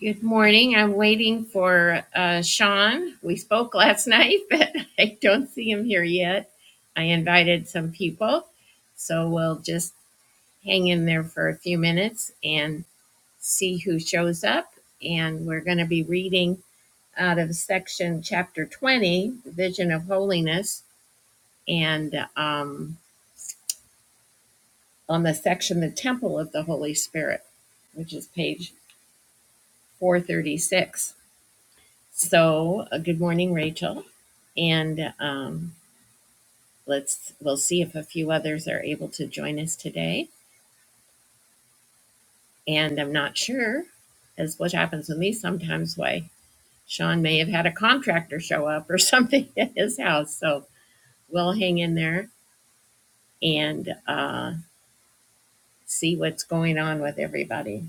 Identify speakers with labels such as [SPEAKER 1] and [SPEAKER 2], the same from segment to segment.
[SPEAKER 1] Good morning. I'm waiting for uh, Sean. We spoke last night, but I don't see him here yet. I invited some people, so we'll just hang in there for a few minutes and see who shows up. And we're going to be reading out of section chapter 20, the Vision of Holiness, and um, on the section, the Temple of the Holy Spirit, which is page 436. So, uh, good morning, Rachel. And um, let's we'll see if a few others are able to join us today. And I'm not sure, as what happens with me sometimes, why Sean may have had a contractor show up or something at his house. So we'll hang in there and uh, see what's going on with everybody.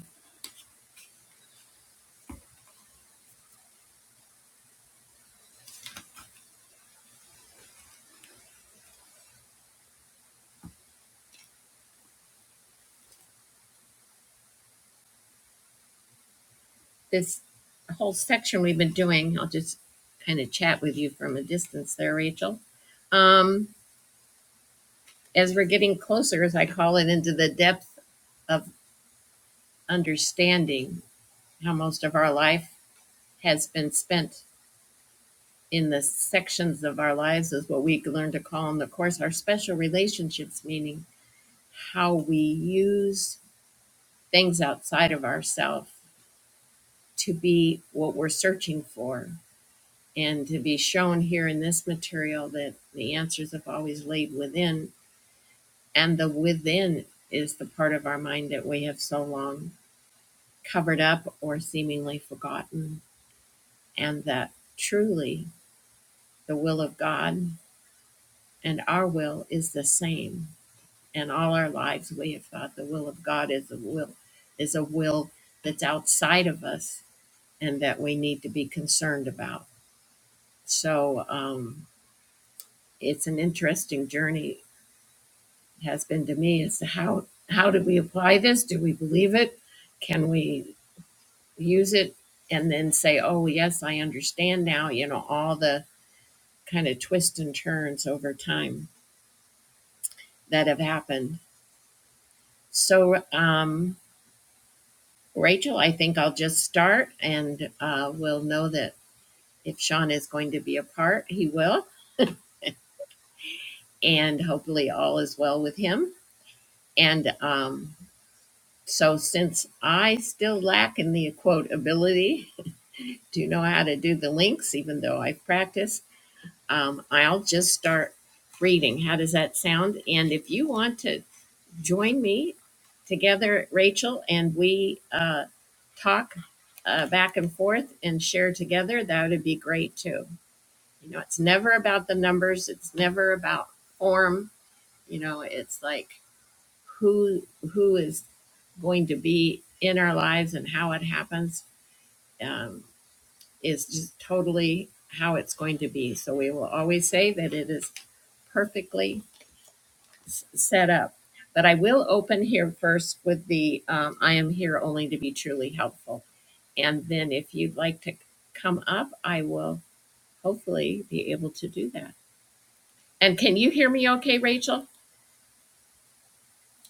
[SPEAKER 1] This whole section we've been doing, I'll just kind of chat with you from a distance there, Rachel. um. as we're getting closer, as I call it, into the depth of understanding how most of our life has been spent in the sections of our lives, is what we learn to call in the course our special relationships, meaning how we use things outside of ourselves to be what we're searching for and to be shown here in this material that the answers have always laid within and the within is the part of our mind that we have so long covered up or seemingly forgotten, and that truly the will of God and our will is the same. And all our lives we have thought the will of God is a will is a will that's outside of us and that we need to be concerned about. So um, it's an interesting journey has been to me as to how how do we apply this? Do we believe it? Can we use it and then say, oh yes, I understand now, you know, all the kind of twists and turns over time that have happened. So, um, Rachel, I think I'll just start and uh, we'll know that if Sean is going to be a part, he will. And hopefully, all is well with him. And um, so, since I still lack in the quote ability to know how to do the links, even though I've practiced, um, I'll just start reading. How does that sound? And if you want to join me together, Rachel, and we uh, talk uh, back and forth and share together, that would be great too. You know, it's never about the numbers. It's never about form. You know, it's like who who is going to be in our lives and how it happens um, is just totally how it's going to be. So we will always say that it is perfectly s- set up. But I will open here first with the um, I am here only to be truly helpful. And then if you'd like to come up, I will hopefully be able to do that. And can you hear me okay, Rachel?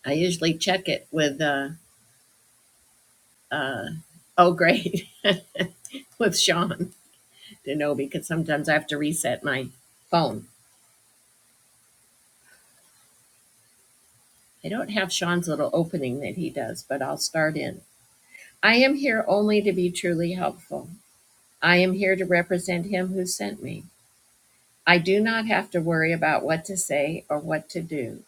[SPEAKER 1] I usually check it with, uh, uh, oh, great, with Sean to know because sometimes I have to reset my phone. I don't have Sean's little opening that he does, but I'll start in. I am here only to be truly helpful. I am here to represent him who sent me. I do not have to worry about what to say or what to do,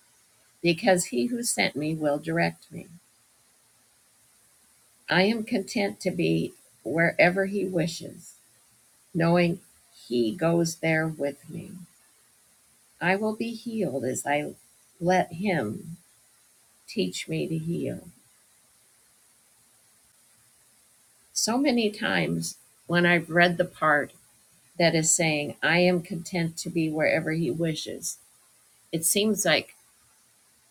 [SPEAKER 1] because he who sent me will direct me. I am content to be wherever he wishes, knowing he goes there with me. I will be healed as I let him teach me to heal. So many times when I've read the part that is saying, I am content to be wherever he wishes, it seems like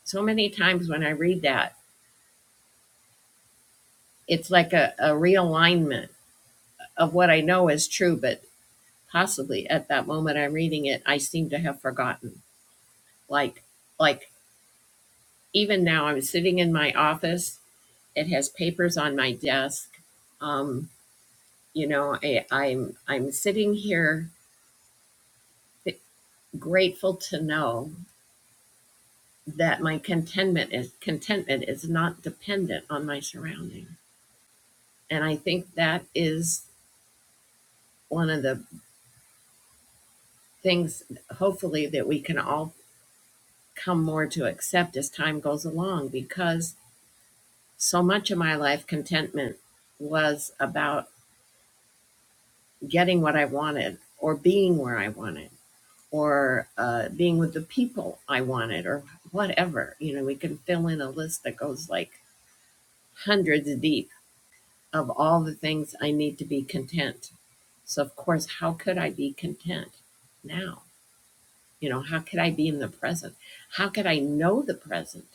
[SPEAKER 1] so many times when I read that, it's like a, a realignment of what I know is true, but possibly at that moment I'm reading it, I seem to have forgotten. Like, like even now, I'm sitting in my office. It has papers on my desk. Um, you know, I, I'm I'm sitting here grateful to know that my contentment is contentment is not dependent on my surrounding, and I think that is one of the things hopefully that we can all come more to accept as time goes along because so much of my life contentment was about getting what I wanted or being where I wanted or uh, being with the people I wanted or whatever. You know, we can fill in a list that goes like hundreds deep of all the things I need to be content. So, of course, how could I be content now? You know, how could I be in the present? How could I know the present?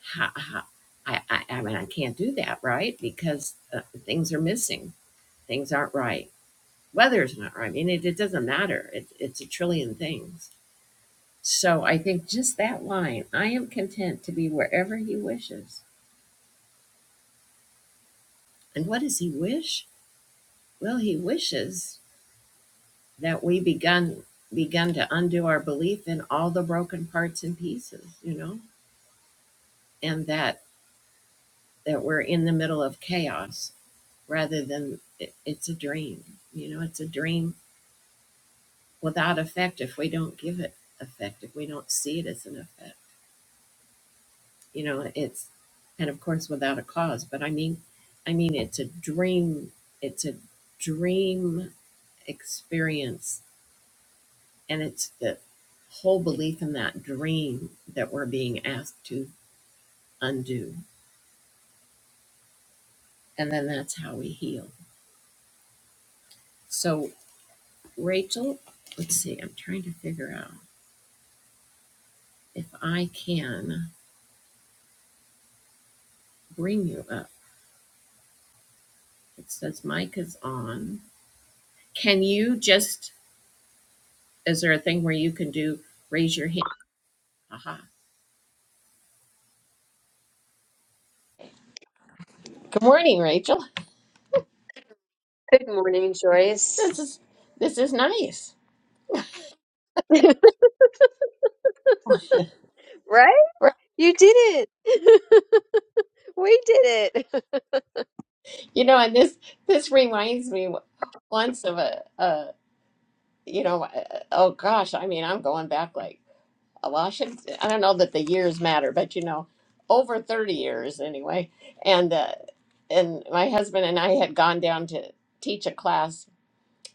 [SPEAKER 1] how, how, I, I, I mean, I can't do that, right? Because uh, things are missing. Things aren't right. Weather's not right. I mean, it, it doesn't matter. It, it's a trillion things. So I think just that line I am content to be wherever he wishes. And what does he wish? Well, he wishes that we begun begun to undo our belief in all the broken parts and pieces, you know, and that that we're in the middle of chaos rather than it, it's a dream. You know, it's a dream without effect if we don't give it effect, if we don't see it as an effect. You know, it's and of course without a cause, but I mean I mean it's a dream it's a dream experience and it's the whole belief in that dream that we're being asked to undo. And then that's how we heal. So Rachel, let's see, I'm trying to figure out if I can bring you up. It says mic is on. Can you just is there a thing where you can do raise your hand? Aha. Good morning, Rachel.
[SPEAKER 2] Good morning, Joyce.
[SPEAKER 1] This is this is nice.
[SPEAKER 2] Right? You did it. we did
[SPEAKER 1] You know, and this this reminds me once of a, a you know, uh, oh gosh, I mean, I'm going back like well, I should I don't know that the years matter, but you know, over 30 years anyway. And uh, and my husband and I had gone down to teach a class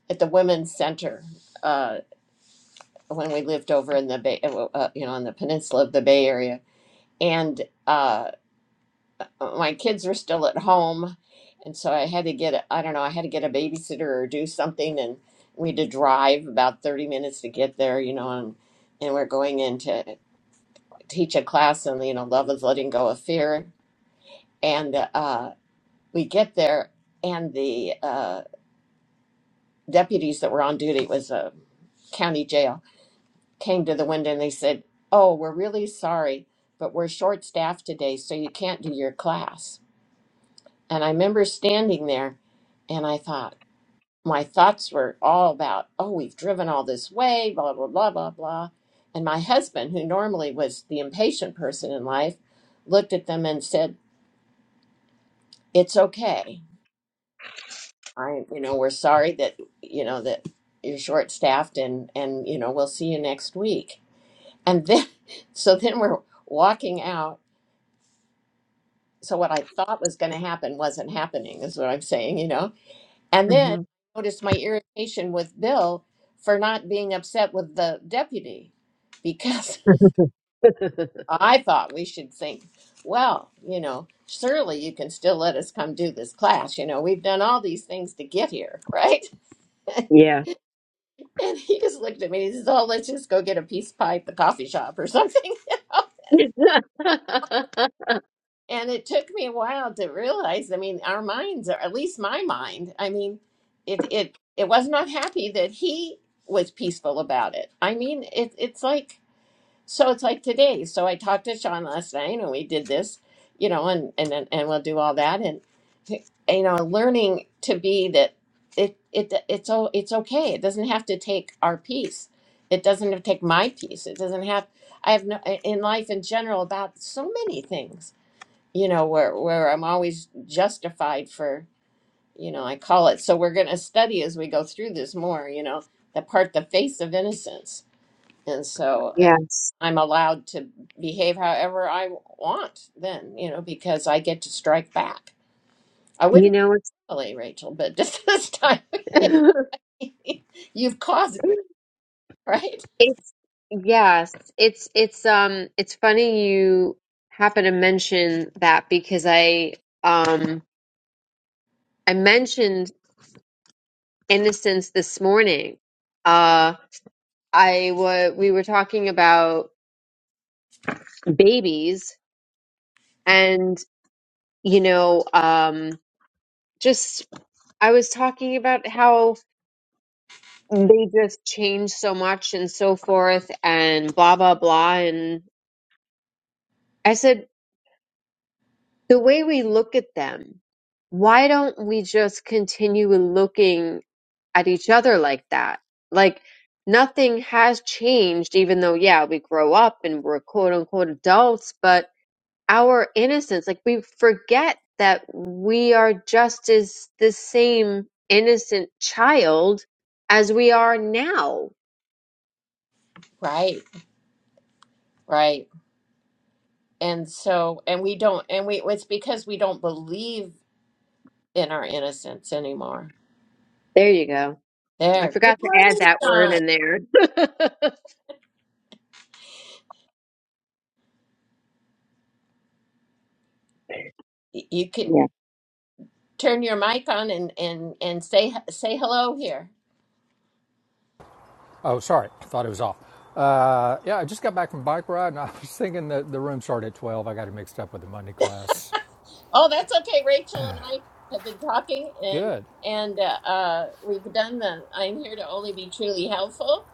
[SPEAKER 1] at the Women's Center uh, when we lived over in the Bay, uh, you know, on the peninsula of the Bay Area. and uh, my kids were still at home, and so I had to get a, I don't know I had to get a babysitter or do something, and we had to drive about thirty minutes to get there, you know, and and we're going in to teach a class on you know love is letting go of fear, and uh, we get there, and the uh, deputies that were on duty it was a county jail came to the window and they said, "Oh, we're really sorry, but we're short staffed today, so you can't do your class." And I remember standing there and I thought, my thoughts were all about, oh, we've driven all this way, blah, blah, blah, blah, blah. And my husband, who normally was the impatient person in life, looked at them and said, it's okay. I, you know, we're sorry that, you know, that you're short staffed and, and, you know, we'll see you next week. And then, so then we're walking out. So what I thought was going to happen wasn't happening, is what I'm saying, you know? And then I noticed my irritation with Bill for not being upset with the deputy because I thought we should think, well, you know, surely you can still let us come do this class. You know, we've done all these things to get here, right?
[SPEAKER 2] Yeah.
[SPEAKER 1] And he just looked at me and he says, oh, let's just go get a peace pipe at the coffee shop or something.
[SPEAKER 2] it.
[SPEAKER 1] And it took me a while to realize, I mean, our minds are at least my mind. I mean, it it it was not happy that he was peaceful about it. I mean, it it's like so it's like today. So I talked to Sean last night and we did this, you know, and and and and we'll do all that and you know, learning to be that it it it's o- it's okay. It doesn't have to take our piece. It doesn't have to take my piece. It doesn't have I have no in life in general about so many things you know where where i'm always justified for you know i call it so we're going to study as we go through this more you know the part the face of innocence and so uh,
[SPEAKER 2] Yes.
[SPEAKER 1] i'm allowed to behave however i want then you know because i get to strike back i
[SPEAKER 2] You
[SPEAKER 1] wouldn't
[SPEAKER 2] know, it's
[SPEAKER 1] really rachel but just this time you've caused me right
[SPEAKER 2] it's yes, it's it's um it's funny you happen to mention that because I um I mentioned innocence this morning. Uh I wa we were talking about babies and you know um just I was talking about how they just change so much and so forth and blah blah blah and I said the way we look at them, why don't we just continue looking at each other like that? Like nothing has changed even though yeah, we grow up and we're quote unquote adults, but our innocence. Like we forget that we are just as the same innocent child as we are now.
[SPEAKER 1] right right and so and we don't and we it's because we don't believe in our innocence anymore
[SPEAKER 2] There you go. I
[SPEAKER 1] There. Good
[SPEAKER 2] forgot to add
[SPEAKER 1] morning,
[SPEAKER 2] that word
[SPEAKER 1] John.
[SPEAKER 2] in there.
[SPEAKER 1] Y- You can
[SPEAKER 2] Yeah.
[SPEAKER 1] turn your mic on and and and say say hello here.
[SPEAKER 3] Oh, sorry. I Thought it was off. Uh, yeah, I just got back from bike ride, and I was thinking that the room started at twelve. I got it mixed up with the Monday class.
[SPEAKER 1] Oh, that's okay. Rachel and I have been talking, and
[SPEAKER 3] Good.
[SPEAKER 1] and uh, uh, we've done the. I'm here to only be truly helpful.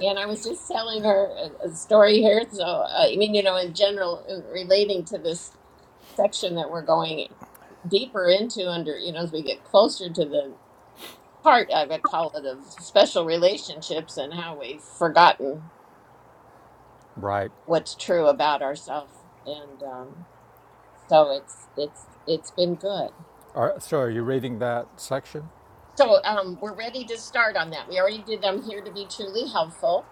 [SPEAKER 1] And I was just telling her a, a story here. So uh, I mean, you know, in general, uh, relating to this section that we're going deeper into under you know as we get closer to the heart i would call it of special relationships and how we've forgotten
[SPEAKER 3] Right.
[SPEAKER 1] what's true about ourselves and um, so it's it's it's been good
[SPEAKER 3] All right. So, are you reading that section?
[SPEAKER 1] so um, we're ready to start on that we already did i'm here to be truly helpful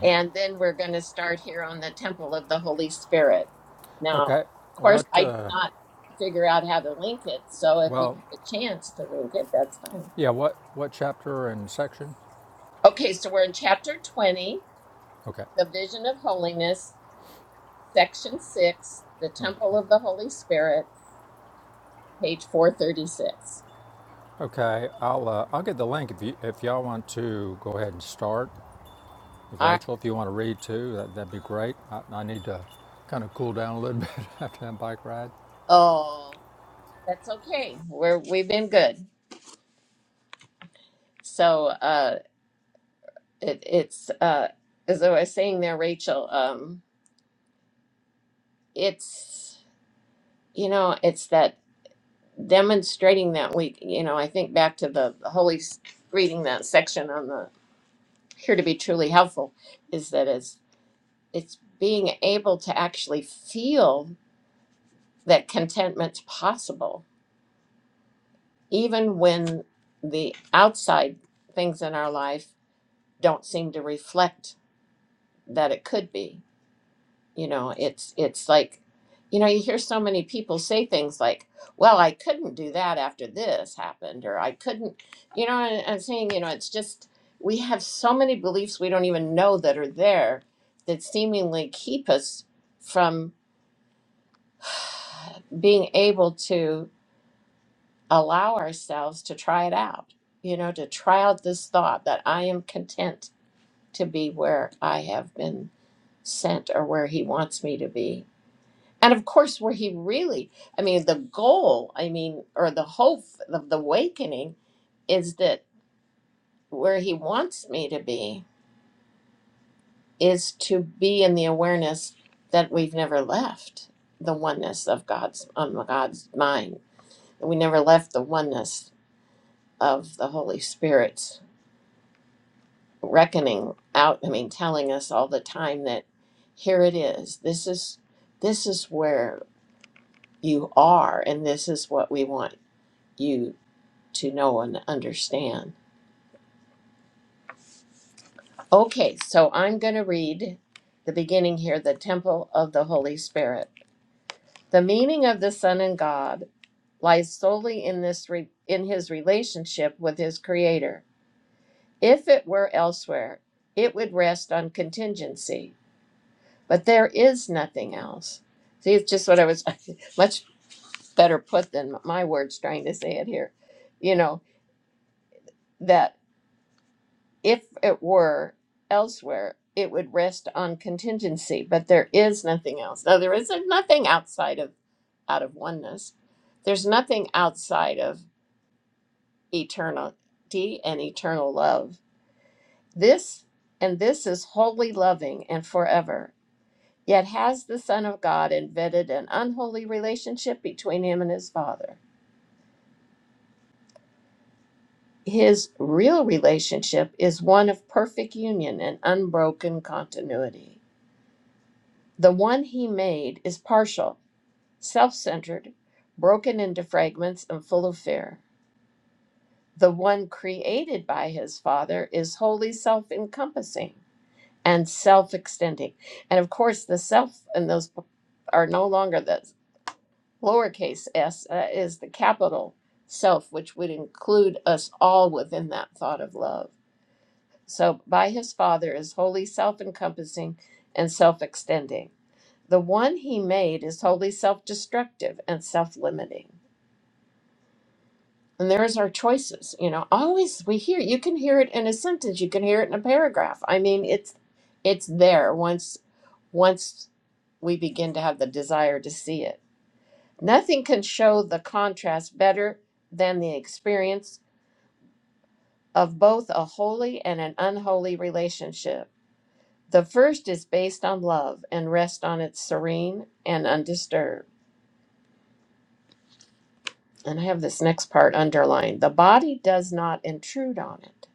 [SPEAKER 1] and then we're going to start here on the temple of the holy spirit now
[SPEAKER 3] Okay.
[SPEAKER 1] of course
[SPEAKER 3] What?
[SPEAKER 1] i did
[SPEAKER 3] Uh,
[SPEAKER 1] not figure out how to link it so if you
[SPEAKER 3] well,
[SPEAKER 1] have a chance to link it that's fine
[SPEAKER 3] yeah. What? What chapter and section?
[SPEAKER 1] okay so we're in chapter 20
[SPEAKER 3] Okay.
[SPEAKER 1] the vision of holiness section 6 the
[SPEAKER 3] Okay.
[SPEAKER 1] temple of the holy spirit page 436
[SPEAKER 3] Okay. I'll uh, I'll get the link if you if y'all want to go ahead and start. Rachel, if you want to read too, that, that'd be great. I, I need to kind of cool down a little bit after that bike ride.
[SPEAKER 1] Oh, that's okay. We're we've been good. So uh it it's uh as I was saying there, Rachel, um it's you know, it's that demonstrating that we you know, I think back to the, the Holy S- reading that section on the here to be truly helpful is that it's it's being able to actually feel that contentment's possible, even when the outside things in our life don't seem to reflect that it could be. You know, it's it's like, you know, you hear so many people say things like, "Well, I couldn't do that after this happened," or "I couldn't," you know. And I'm saying, you know, it's just we have so many beliefs we don't even know that are there that seemingly keep us from being able to allow ourselves to try it out. You know, to try out this thought that I am content to be where I have been sent or where He wants me to be and of course where he really i mean the goal i mean or the hope of the awakening is that where he wants me to be is to be in the awareness that we've never left the oneness of god's um, god's mind we never left the oneness of the holy spirit's reckoning out i mean telling us all the time that here it is this is this is where you are and this is what we want you to know and understand. Okay, so I'm going to read the beginning here the temple of the Holy Spirit. The meaning of the Son and God lies solely in this re- in his relationship with his creator. If it were elsewhere, it would rest on contingency, but there is nothing else. See, it's just what I was much better put than my words trying to say it here. You know, that If it were elsewhere, it would rest on contingency, but there is nothing else. No, there is nothing outside of out of oneness. There's nothing outside of eternity and eternal love. This and this is wholly loving and forever. Yet has the Son of God invented an unholy relationship between him and his Father? His real relationship is one of perfect union and unbroken continuity. The one he made is partial, self centered, broken into fragments, and full of fear. The one created by his father is wholly self encompassing and self extending. And of course, the self and those are no longer the lowercase s, uh, is the capital self, which would include us all within that thought of love. So, by his father is wholly self encompassing and self extending. The one he made is wholly self destructive and self limiting. And there's our choices. You know, always we hear, you can hear it in a sentence, you can hear it in a paragraph. I mean, it's it's there once once we begin to have the desire to see it. Nothing can show the contrast better than the experience of both a holy and an unholy relationship. The first is based on love and rests on its serene and undisturbed. and I have this next part underlined the body does not intrude on it.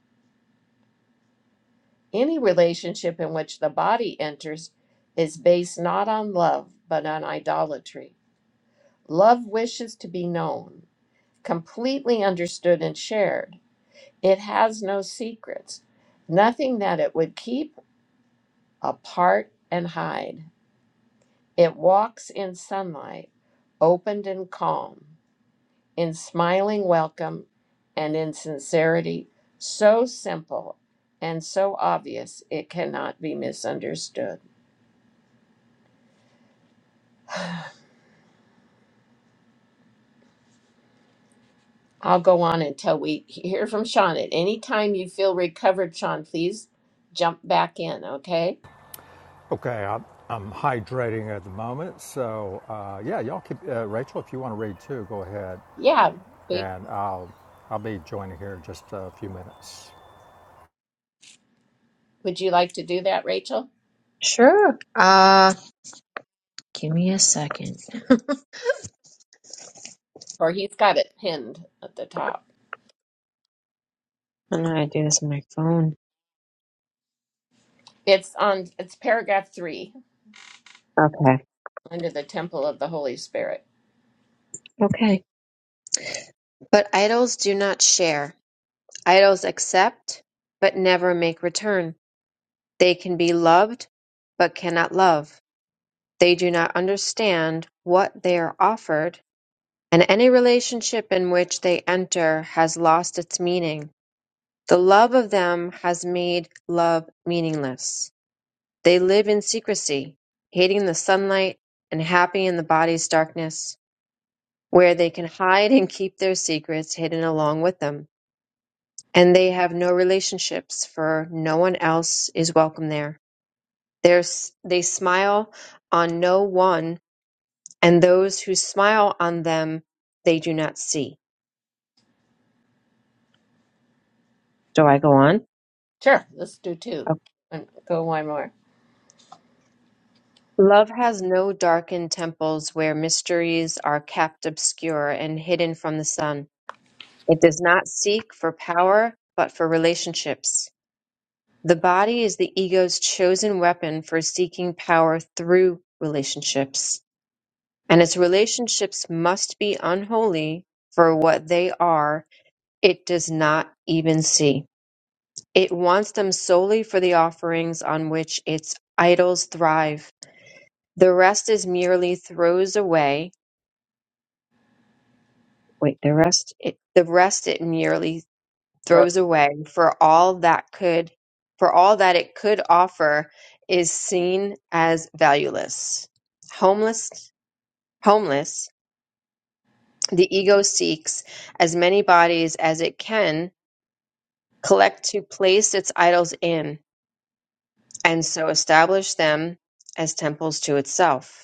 [SPEAKER 1] Any relationship in which the body enters is based not on love, but on idolatry. Love wishes to be known, completely understood, and shared. It has no secrets, nothing that it would keep apart and hide. It walks in sunlight, opened and calm. in smiling welcome and in sincerity so simple and so obvious it cannot be misunderstood. I'll go on until we hear from Sean. At any time you feel recovered, Sean, please jump back in, okay?
[SPEAKER 3] Okay, I'm, I'm hydrating at the moment, so uh, yeah, y'all keep uh, Rachel. If you want to read too, go ahead,
[SPEAKER 1] Yeah. babe,
[SPEAKER 3] and I'll I'll be joining here in just a few minutes.
[SPEAKER 1] Would you like to do that, Rachel?
[SPEAKER 2] Sure. Uh, give me a second. I
[SPEAKER 1] Or he's got it pinned at the top.
[SPEAKER 2] don't know how to do this on my phone.
[SPEAKER 1] It's on it's paragraph three
[SPEAKER 2] Okay.
[SPEAKER 1] under the temple of the Holy Spirit.
[SPEAKER 2] Okay. But idols do not share. Idols accept, but never make return. They can be loved, but cannot love. They do not understand what they are offered, and any relationship in which they enter has lost its meaning. The love of them has made love meaningless. They live in secrecy, hating the sunlight and happy in the body's darkness, where they can hide and keep their secrets hidden along with them. And they have no relationships, for no one else is welcome there. There's, they smile on no one and those who smile on them they do not see. Do I go on?
[SPEAKER 1] Sure, let's do two.
[SPEAKER 2] Okay.
[SPEAKER 1] And go one more.
[SPEAKER 2] Love has no darkened temples where mysteries are kept obscure and hidden from the sun. It does not seek for power, but for relationships. The body is the ego's chosen weapon for seeking power through relationships. And its relationships must be unholy for what they are, it does not even see. It wants them solely for the offerings on which its idols thrive. The rest is merely throws away. Wait, the rest it, the rest it merely
[SPEAKER 1] Sure.
[SPEAKER 2] throws away for all that could for all that it could offer is seen as valueless. Homeless, homeless, the ego seeks as many bodies as it can collect to place its idols in and so establish them as temples to itself.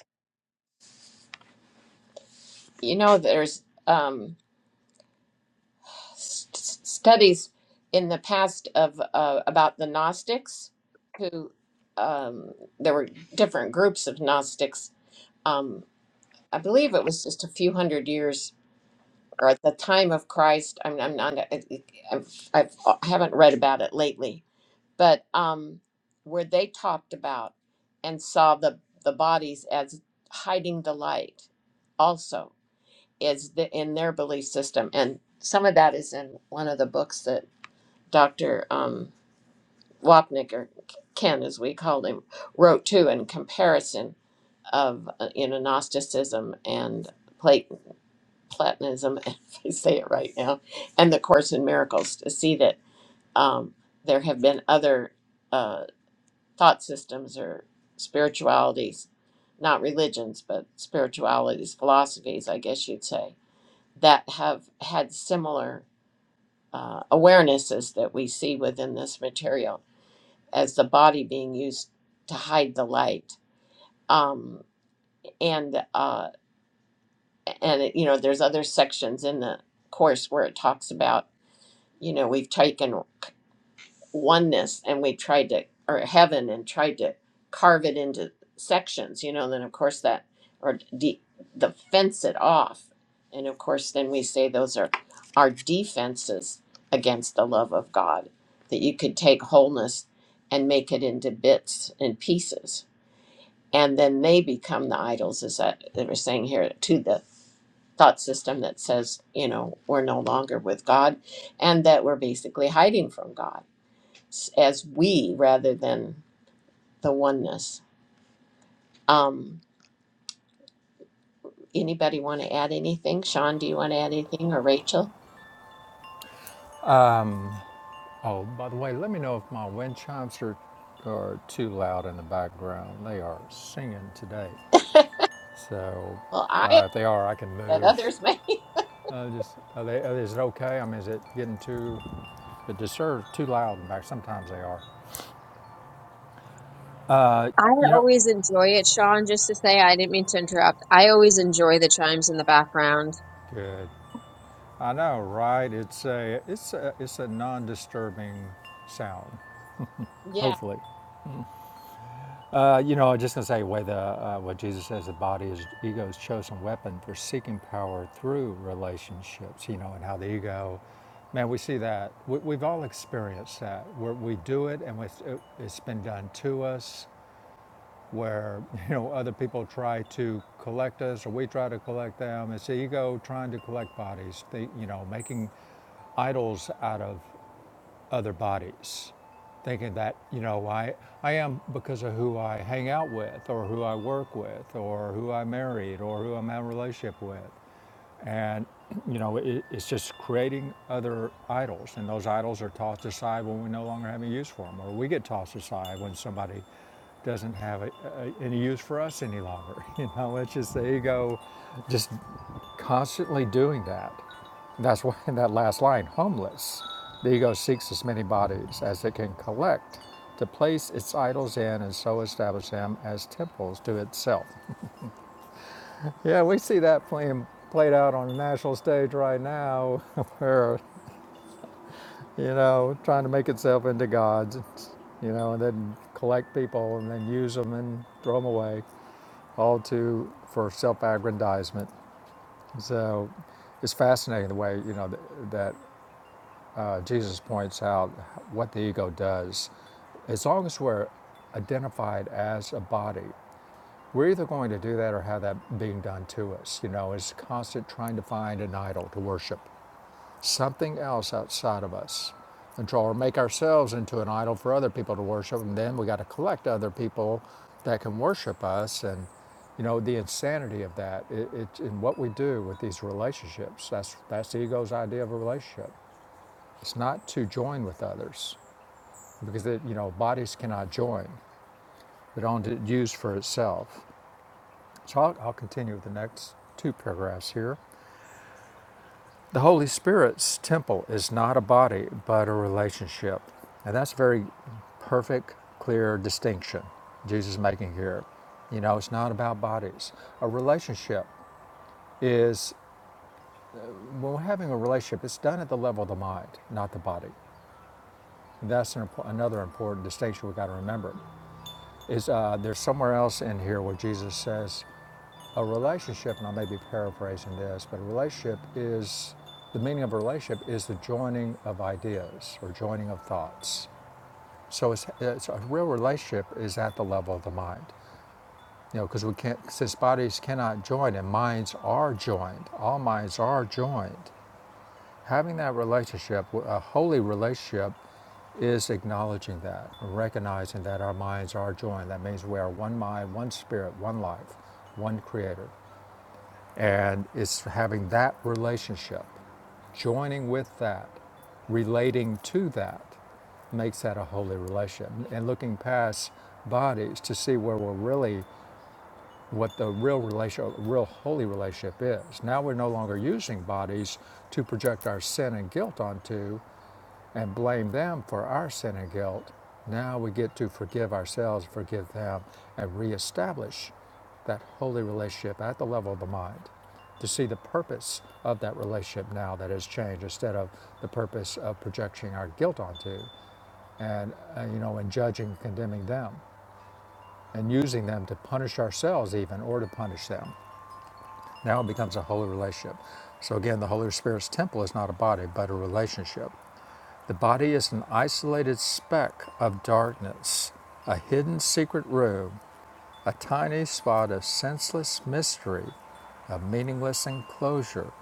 [SPEAKER 1] You know there's um st- studies in the past of uh, about the Gnostics, who um, there were different groups of Gnostics. Um, I believe it was just a few hundred years, or at the time of Christ. I'm, I'm not. I, I've, I've, I haven't read about it lately, but um, where they talked about and saw the the bodies as hiding the light, also is the, in their belief system, and some of that is in one of the books Dr. Um, Wapnick, or Ken as we called him, wrote too in comparison of uh, you know Gnosticism and Plat- Platonism, if I say it right now, and the Course in Miracles to see that um, there have been other uh, thought systems or spiritualities, not religions, but spiritualities, philosophies, I guess you'd say, that have had similar uh, awarenesses that we see within this material as the body being used to hide the light. Um, and uh, and it, you know, there's other sections in the course where it talks about you know we've taken oneness and we tried to or heaven and tried to carve it into sections. You know, And then of course that or de- the fence it off, and of course then we say those are our defenses against the love of God. That you could take wholeness and make it into bits and pieces and then they become the idols as I, they were saying here to the thought system that says you know we're no longer with god and that we're basically hiding from god s- as we rather than the oneness um anybody want to add anything sean do you want to add anything or rachel
[SPEAKER 3] Oh, by the way, let me know if my wind chimes are are too loud in the background. They are singing today, so
[SPEAKER 1] well i
[SPEAKER 3] uh, if they are, I can
[SPEAKER 1] but
[SPEAKER 3] move.
[SPEAKER 1] others may
[SPEAKER 3] Uh, just are they, is it okay? I mean, is it getting too it disturbs too loud in the back? Sometimes they are.
[SPEAKER 2] I
[SPEAKER 3] You know,
[SPEAKER 2] always enjoy it, Sean. Just to say, I didn't mean to interrupt. I always enjoy the chimes in the background.
[SPEAKER 3] good. I know, right? It's a it's a it's a non-disturbing sound.
[SPEAKER 1] yeah
[SPEAKER 3] Hopefully, uh, you know. I'm just gonna say where the uh, what Jesus says the body is ego's chosen weapon for seeking power through relationships. You know, and how the ego, man, we see that. We, we've all experienced that where we do it and it, it's been done to us. Where you know other people try to collect us, or we try to collect them. It's the ego trying to collect bodies. They, you know, making idols out of other bodies, thinking that, you know, I, I am because of who I hang out with or who I work with or who I married or who I'm in a relationship with. And, you know, it, it's just creating other idols. And those idols are tossed aside when we no longer have a use for them, or we get tossed aside when somebody doesn't have a, a, any use for us any longer. You know, it's just the ego just constantly doing that. That's why in that last line, homeless, the ego seeks as many bodies as it can collect to place its idols in and so establish them as temples to itself. Yeah, we see that playing played out on the national stage right now, where you know trying to make itself into gods, you know, and then collect people and then use them and throw them away, all to for self-aggrandizement. So it's fascinating the way you know that uh, Jesus points out what the ego does, as long as we're identified as a body. We're either going to do that or have that being done to us. You know, it's constant trying to find an idol to worship, something else outside of us, control, or make ourselves into an idol for other people to worship. And then we got to collect other people that can worship us. And you know, the insanity of that, it, it, in what we do with these relationships. That's that's the ego's idea of a relationship. It's not to join with others because it, you know bodies cannot join, but only to use for itself. So I'll, continue with the next two paragraphs here. The Holy Spirit's temple is not a body, but a relationship. And that's a very perfect, clear distinction Jesus is making here. You know, it's not about bodies. A relationship is, when we're having a relationship, it's done at the level of the mind, not the body. And that's an, another important distinction we've got to remember. Is uh, there's somewhere else in here where Jesus says A relationship, and I may be paraphrasing this, but a relationship is the meaning of a relationship is the joining of ideas or joining of thoughts. So it's, it's a real relationship is at the level of the mind. You know, because we can't, since bodies cannot join and minds are joined, all minds are joined. Having that relationship, a holy relationship, is acknowledging that, recognizing that our minds are joined. That means we are one mind, one spirit, one life, one creator. And it's having that relationship, joining with that, relating to that, makes that a holy relation. And looking past bodies to see where we're really, what the real relation, real holy relationship is. Now we're no longer using bodies to project our sin and guilt onto and blame them for our sin and guilt, now we get to forgive ourselves, forgive them, and reestablish that holy relationship at the level of the mind. To see the purpose of that relationship now that has changed instead of the purpose of projecting our guilt onto and, uh, you know, and judging, condemning them, and using them to punish ourselves even or to punish them. Now it becomes a holy relationship. So again, the Holy Spirit's temple is not a body, but a relationship the body is an isolated speck of darkness, a hidden secret room, a tiny spot of senseless mystery, of meaningless enclosure,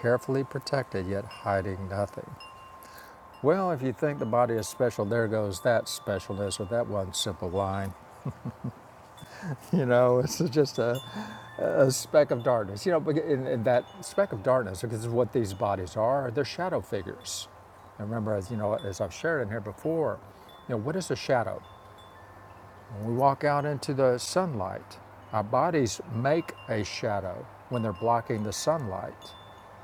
[SPEAKER 3] carefully protected yet hiding nothing. Well, if you think the body is special, there goes that specialness with that one simple line. You know, it's just a, a speck of darkness. You know, but in, in that speck of darkness, because of what these bodies are, they're shadow figures. And remember, as you know, as I've shared in here before, you know, what is a shadow? When we walk out into the sunlight, our bodies make a shadow when they're blocking the sunlight.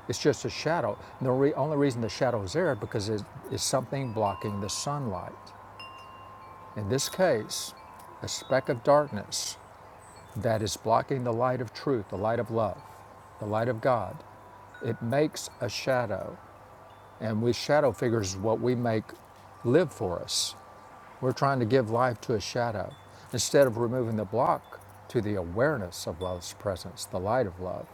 [SPEAKER 3] It's just a shadow. And the re- only reason the shadow is there because it is something blocking the sunlight. In this case, a speck of darkness that is blocking the light of truth, the light of love, the light of God, it makes a shadow. And with shadow figures, what we make live for us. We're trying to give life to a shadow instead of removing the block to the awareness of love's presence, the light of love.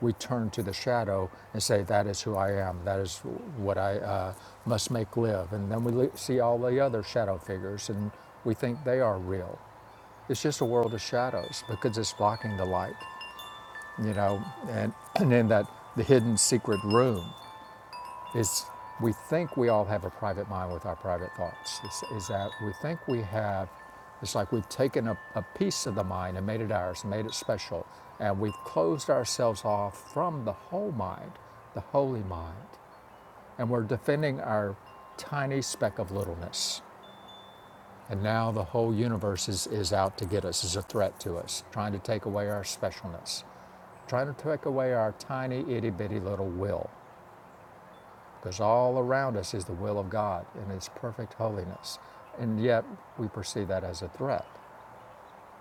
[SPEAKER 3] We turn to the shadow and say, "That is who I am. That is what I uh, must make live." And then we see all the other shadow figures, and we think they are real. It's just a world of shadows because it's blocking the light you know, and, and then that the hidden secret room is we think we all have a private mind with our private thoughts. Is, is that we think we have, it's like we've taken a, a piece of the mind and made it ours, and made it special, and we've closed ourselves off from the whole mind, the holy mind, and we're defending our tiny speck of littleness. And now the whole universe is, is out to get us, is a threat to us, trying to take away our specialness trying to take away our tiny, itty bitty little will, because all around us is the will of God in His perfect holiness. And yet we perceive that as a threat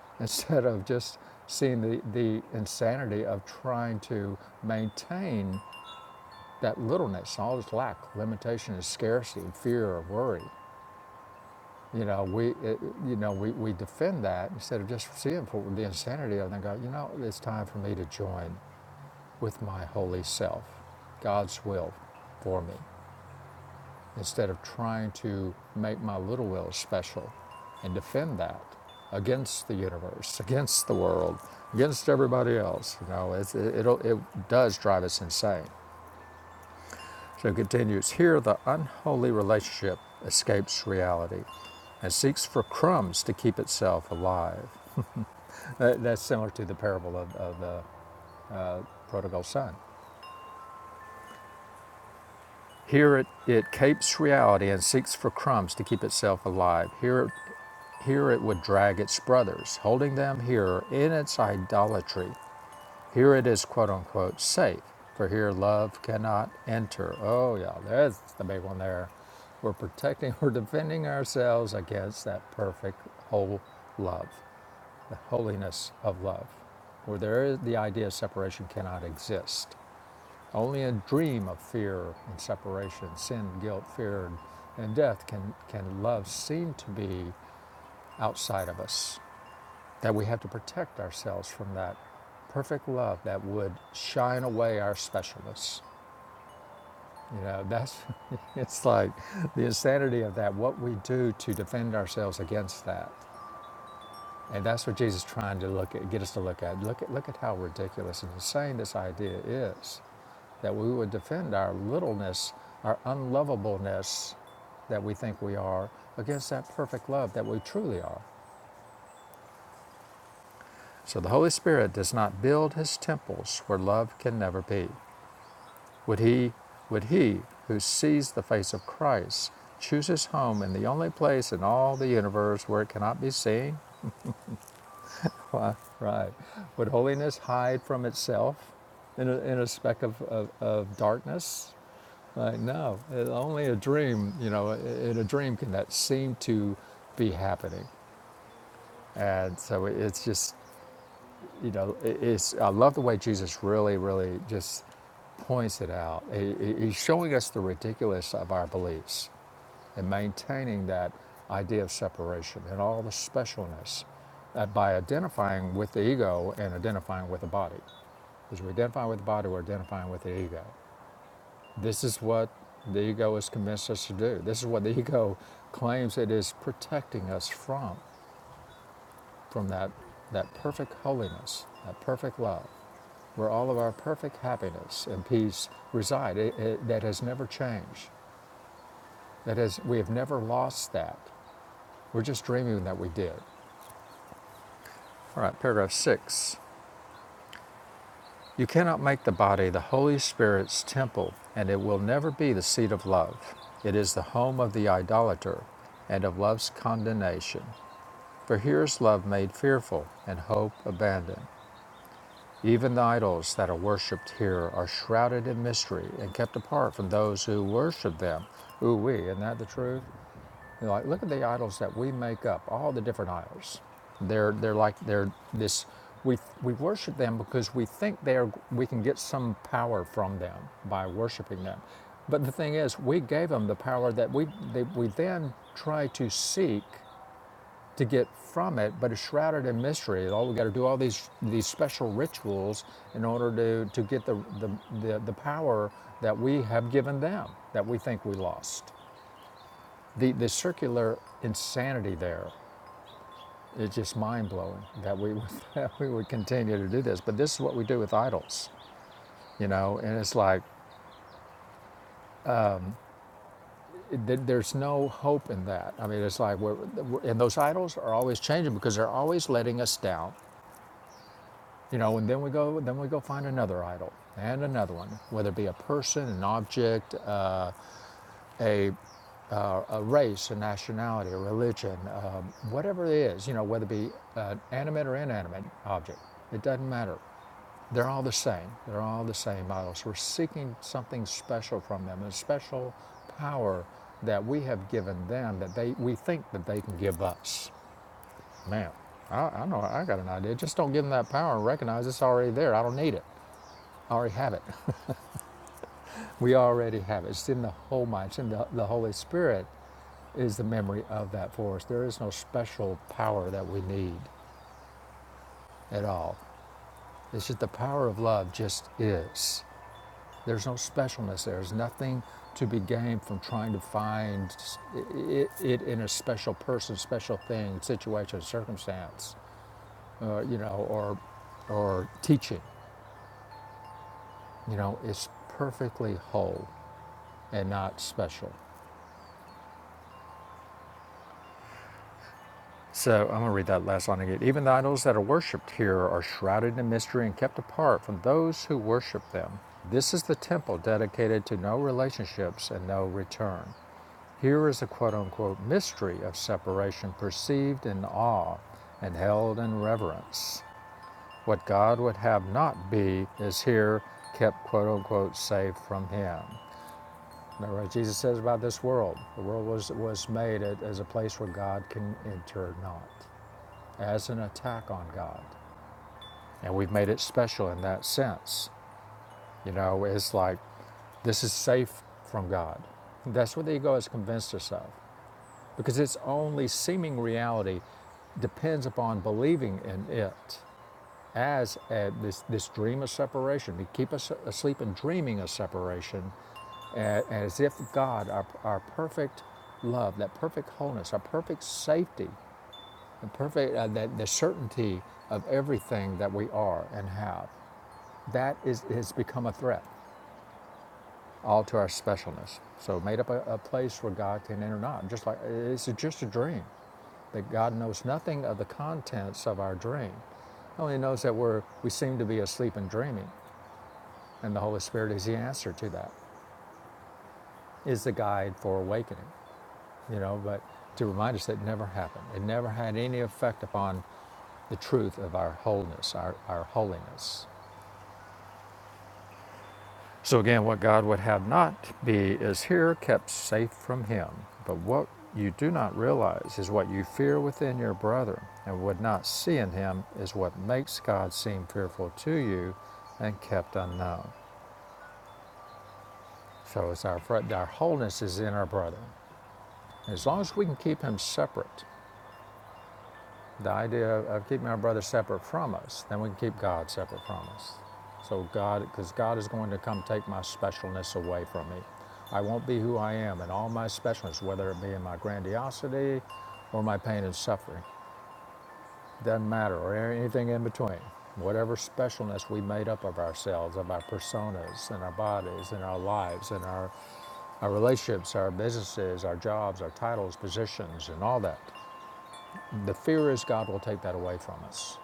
[SPEAKER 3] instead of just seeing the, the insanity of trying to maintain that littleness, all its lack, limitation, and scarcity, and fear, or worry. You know, we, it, you know, we, we defend that instead of just seeing for the insanity of it and go, you know, it's time for me to join. with my holy self, God's will for me, instead of trying to make my little will special and defend that against the universe, against the world, against everybody else. You know, it, it it does drive us insane. So it continues here the unholy relationship escapes reality and seeks for crumbs to keep itself alive. That, that's similar to the parable of, of the prodigal son. Here it, it capes reality and seeks for crumbs to keep itself alive. Here, here it would drag its brothers, holding them here in its idolatry. Here it is, quote unquote, safe, for here love cannot enter. Oh, yeah, there's the big one there. We're protecting, we're defending ourselves against that perfect whole love, the holiness of love, where there is the idea of separation cannot exist. Only a dream of fear and separation, sin, guilt, fear, and death can, can love seem to be outside of us. That we have to protect ourselves from that perfect love that would shine away our specialness. You know, that's it's like the insanity of that, what we do to defend ourselves against that. And that's what Jesus is trying to look at, get us to look at. Look at look at how ridiculous and insane this idea is that we would defend our littleness, our unlovableness that we think we are against that perfect love that we truly are. So the Holy Spirit does not build his temples where love can never be. Would he would he who sees the face of Christ choose his home in the only place in all the universe where it cannot be seen? Right, right. Would holiness hide from itself in a, in a speck of, of, of darkness? Like, no, it, only a dream, you know, in a dream can that seem to be happening. And so it's just, you know, it's, I love the way Jesus really, really just points it out. he- he's showing us the ridiculous of our beliefs and maintaining that idea of separation and all the specialness uh, by identifying with the ego and identifying with the body. Because we identify with the body, we're identifying with the ego. This is what the ego has convinced us to do. This is what the ego claims it is protecting us from, from that, that perfect holiness, that perfect love, where all of our perfect happiness and peace reside, it, it, that has never changed. That has, we have never lost that. We're just dreaming that we did. All right, paragraph six. You cannot make the body the Holy Spirit's temple, and it will never be the seat of love. It is the home of the idolater and of love's condemnation. For here is love made fearful and hope abandoned. Even the idols that are worshipped here are shrouded in mystery and kept apart from those who worship them. Ooh, we, isn't that the truth? You know, like, look at the idols that we make up, all the different idols. They're, they're like, they're this, we, we worship them because we think they are, we can get some power from them by worshiping them. But the thing is, we gave them the power that we, they, we then try to seek to get from it, but it's shrouded in mystery. All we got to do all these these special rituals in order to to get the the, the the power that we have given them that we think we lost. The, the circular insanity there is just mind blowing that we, would- that we would continue to do this. But this is what we do with idols, you know, and it's like th- there's no hope in that. I mean, it's like, we're, we're- and those idols are always changing because they're always letting us down, you know, and then we go, then we go find another idol and another one, whether it be a person, an object, uh, a a race, a nationality, a religion, um, whatever it is, you know, whether it be an animate or inanimate object, it doesn't matter. They're all the same. They're all the same idols. We're seeking something special from them, a special power that we have given them that they we think that they can give us. Man, I, I know I got an idea. Just don't give them that power and recognize it's already there. I don't need it. I already have it. we already have it. It's in the whole mind. It's in the, the Holy Spirit is the memory of that force. There is no special power that we need at all. It's just the power of love just is. There's no specialness. there. There's nothing to be gained from trying to find s- i- i- it in a special person, special thing, situation, circumstance, uh, you know, or or teaching. You know, it's perfectly whole and not special. So I'm going to read that last line again. Even the idols that are worshipped here are shrouded in mystery and kept apart from those who worship them. This is the temple dedicated to no relationships and no return. Here is a quote unquote mystery of separation perceived in awe and held in reverence. What God would have not be is here kept quote unquote safe from him. Remember what Jesus says about this world. The world was, was made as a place where God can enter not as an attack on God. And we've made it special in that sense. You know, it's like this is safe from God. That's what the ego has convinced us of because its only seeming reality depends upon believing in it as a, this, this dream of separation. We keep us asleep and dreaming of separation and, and as if God, our, our perfect love, that perfect wholeness, our perfect safety, the perfect, uh, the, the certainty of everything that we are and have. That is, has become a threat, all to our specialness. So made up a, a place where God can enter not. Just like it's just a dream, that God knows nothing of the contents of our dream. He only knows that we're we seem to be asleep and dreaming, and the Holy Spirit is the answer to that, is the guide for awakening. you know, but to remind us that it never happened. It never had any effect upon the truth of our wholeness, our, our holiness. So again, what God would have not be is here kept safe from him. But what you do not realize is what you fear within your brother and would not see in him is what makes God seem fearful to you and kept unknown. So it's our, our wholeness is in our brother. As long as we can keep him separate, The idea of keeping our brother separate from us, then we can keep God separate from us. So God, because God is going to come take my specialness away from me. I won't be who I am and all my specialness, whether it be in my grandiosity or my pain and suffering. Doesn't matter, or anything in between. Whatever specialness we made up of ourselves, of our personas and our bodies and our lives and our, our relationships, our businesses, our jobs, our titles, positions, and all that. The fear is God will take that away from us.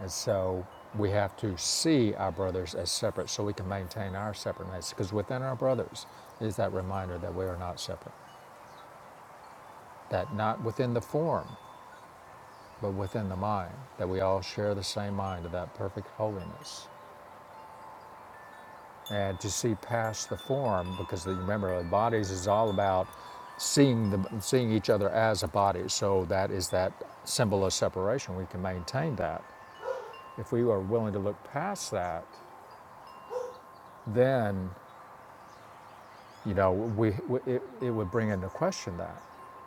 [SPEAKER 3] And so we have to see our brothers as separate so we can maintain our separateness. Because within our brothers is that reminder that we are not separate, that not within the form, but within the mind, that we all share the same mind of that perfect holiness. And to see past the form, because the, remember, the bodies is all about seeing the seeing each other as a body. So that is that symbol of separation. We can maintain that if we are willing to look past that. Then you know, we, we, it, it would bring into question that.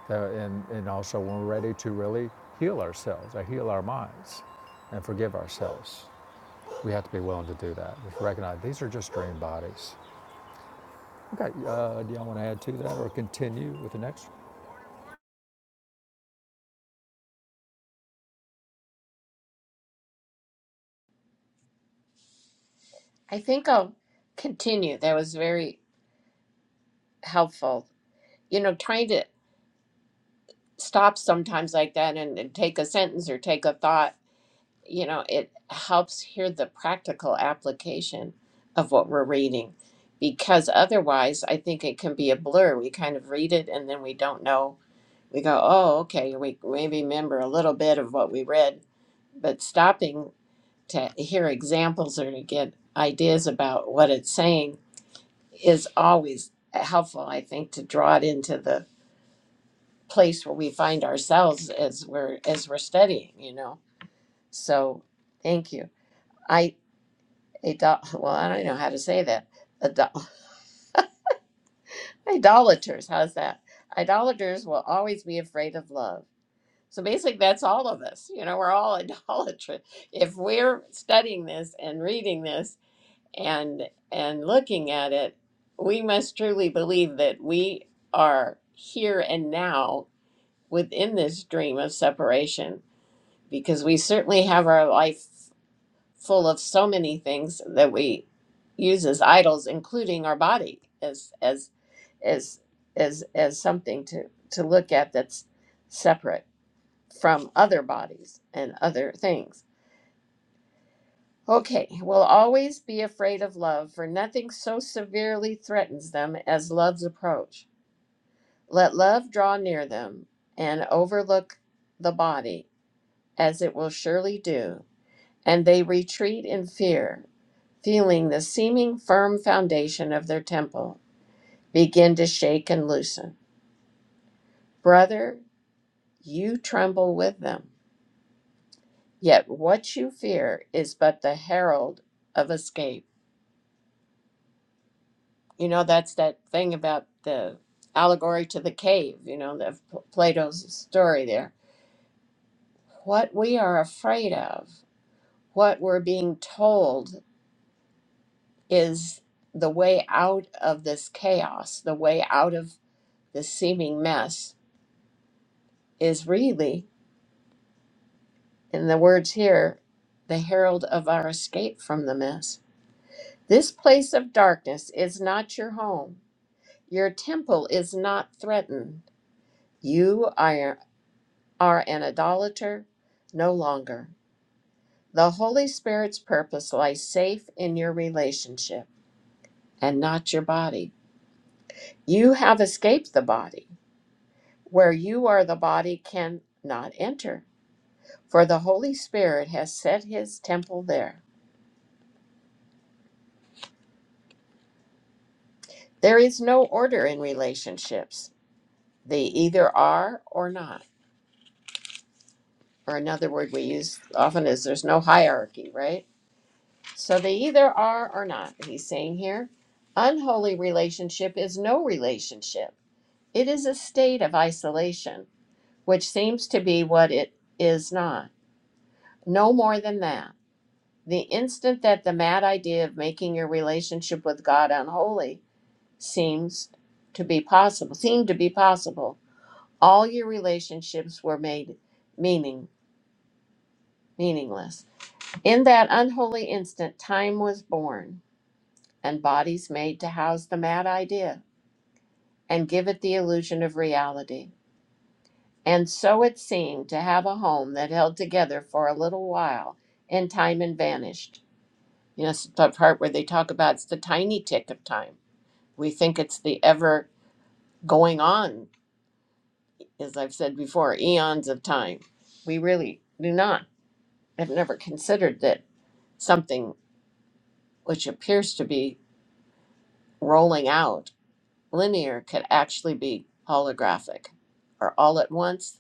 [SPEAKER 3] Uh, and, and also when we're ready to really heal ourselves or heal our minds and forgive ourselves, we have to be willing to do that. Just recognize these are just dream bodies. Okay, uh, do y'all want to add to that or continue with the next?
[SPEAKER 1] i think i'll continue that was very helpful you know trying to stop sometimes like that and, and take a sentence or take a thought you know, it helps hear the practical application of what we're reading because otherwise I think it can be a blur. We kind of read it and then we don't know. We go, oh, okay, we maybe remember a little bit of what we read, but stopping to hear examples or to get ideas about what it's saying is always helpful, I think, to draw it into the place where we find ourselves as we're as we're studying, you know. So thank you. I. Idol- well, I don't know how to say that. Idol- idolaters, how's that? Idolaters will always be afraid of love. So basically, that's all of us. You know, we're all idolaters. If we're studying this and reading this and and looking at it, we must truly believe that we are here and now within this dream of separation, because we certainly have our life full of so many things that we use as idols, including our body, as as as as as something to to look at that's separate from other bodies and other things. Okay, will always be afraid of love, for nothing so severely threatens them as love's approach. Let love draw near them and overlook the body, as it will surely do, and they retreat in fear feeling the seeming firm foundation of their temple begin to shake and loosen. Brother, you tremble with them. Yet what you fear is but the herald of escape. You know, that's that thing about the allegory to the cave, you know, the Plato's story there. What we are afraid of, what we're being told is the way out of this chaos, the way out of this seeming mess is really In the words here, the herald of our escape from the mess. This place of darkness is not your home. Your temple is not threatened. You are, are an idolater no longer. The Holy Spirit's purpose lies safe in your relationship and not your body. You have escaped the body. Where you are, the body cannot enter, for the Holy Spirit has set his temple there. There is no order in relationships. They either are or not. Or another word we use often is there's no hierarchy, right? So they either are or not, he's saying here. Unholy relationship is no relationship, it is a state of isolation, which seems to be what it is not. No more than that. The instant that the mad idea of making your relationship with God unholy seems to be possible, seemed to be possible, all your relationships were made meaning meaningless. In that unholy instant, time was born, and bodies made to house the mad idea and give it the illusion of reality. And so it seemed to have a home that held together for a little while in time and vanished. You know, it's the part where they talk about it's the tiny tick of time. We think it's the ever going on, as I've said before, eons of time. We really do not. I've never considered that something which appears to be rolling out linear could actually be holographic or all at once,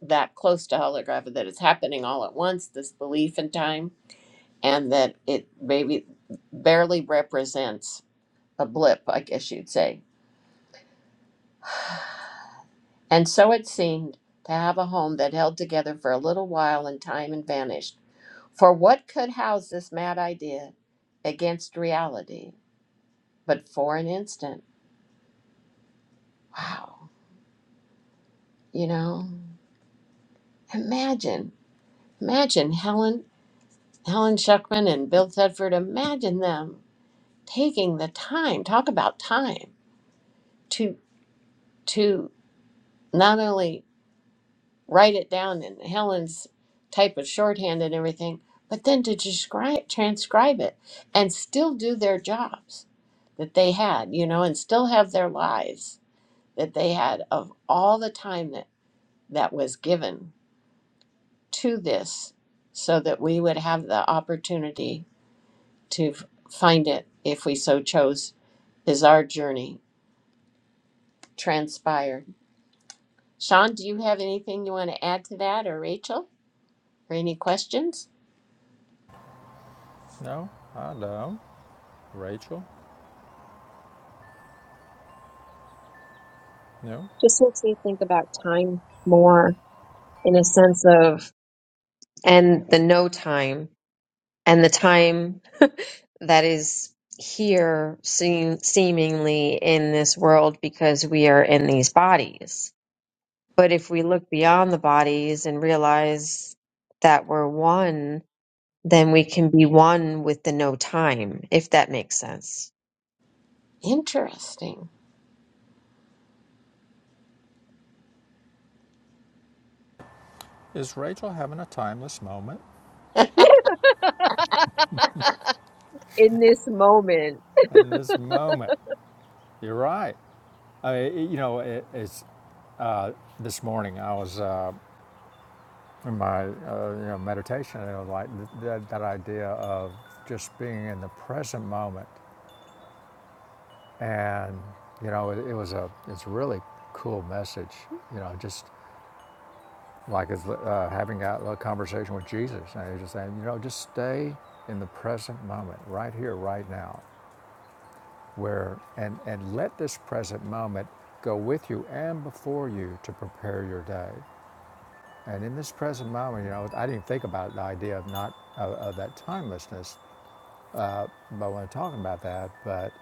[SPEAKER 1] that close to holographic that it's happening all at once, this belief in time, and that it maybe barely represents a blip, I guess you'd say. And so it seemed to have a home that held together for a little while in time and vanished. For what could house this mad idea against reality but for an instant? Wow. You know, imagine, imagine, Helen. Helen Schuckman and Bill Thetford, imagine them taking the time, talk about time, to to not only write it down in Helen's type of shorthand and everything, but then to describe transcribe it and still do their jobs that they had, you know, and still have their lives that they had of all the time that, that was given to this so that we would have the opportunity to f- find it if we so chose is our journey transpired. Sean, do you have anything you want to add to that or Rachel? Or any questions?
[SPEAKER 3] No, I don't. Rachel, no.
[SPEAKER 2] Just makes me think about time more in a sense of, and the no time, and the time that is here seem, seemingly in this world because we are in these bodies. But if we look beyond the bodies and realize that we're one, then we can be one with the no time, if that makes sense.
[SPEAKER 1] Interesting.
[SPEAKER 3] Is Rachel having a timeless moment?
[SPEAKER 2] In this moment,
[SPEAKER 3] In this moment, you're right. I, you know, it, it's this morning I was. Uh, in my uh, you know meditation, you know, like that, that idea of just being in the present moment, and you know, it, it was a it's a really cool message, you know, just like it's, uh, having a, a conversation with Jesus, and he's just saying, you know, just stay in the present moment, right here, right now, where and and let this present moment go with you and before you to prepare your day. And in this present moment, you know, I didn't think about the idea of not of, of that timelessness But when I'm talking about that, but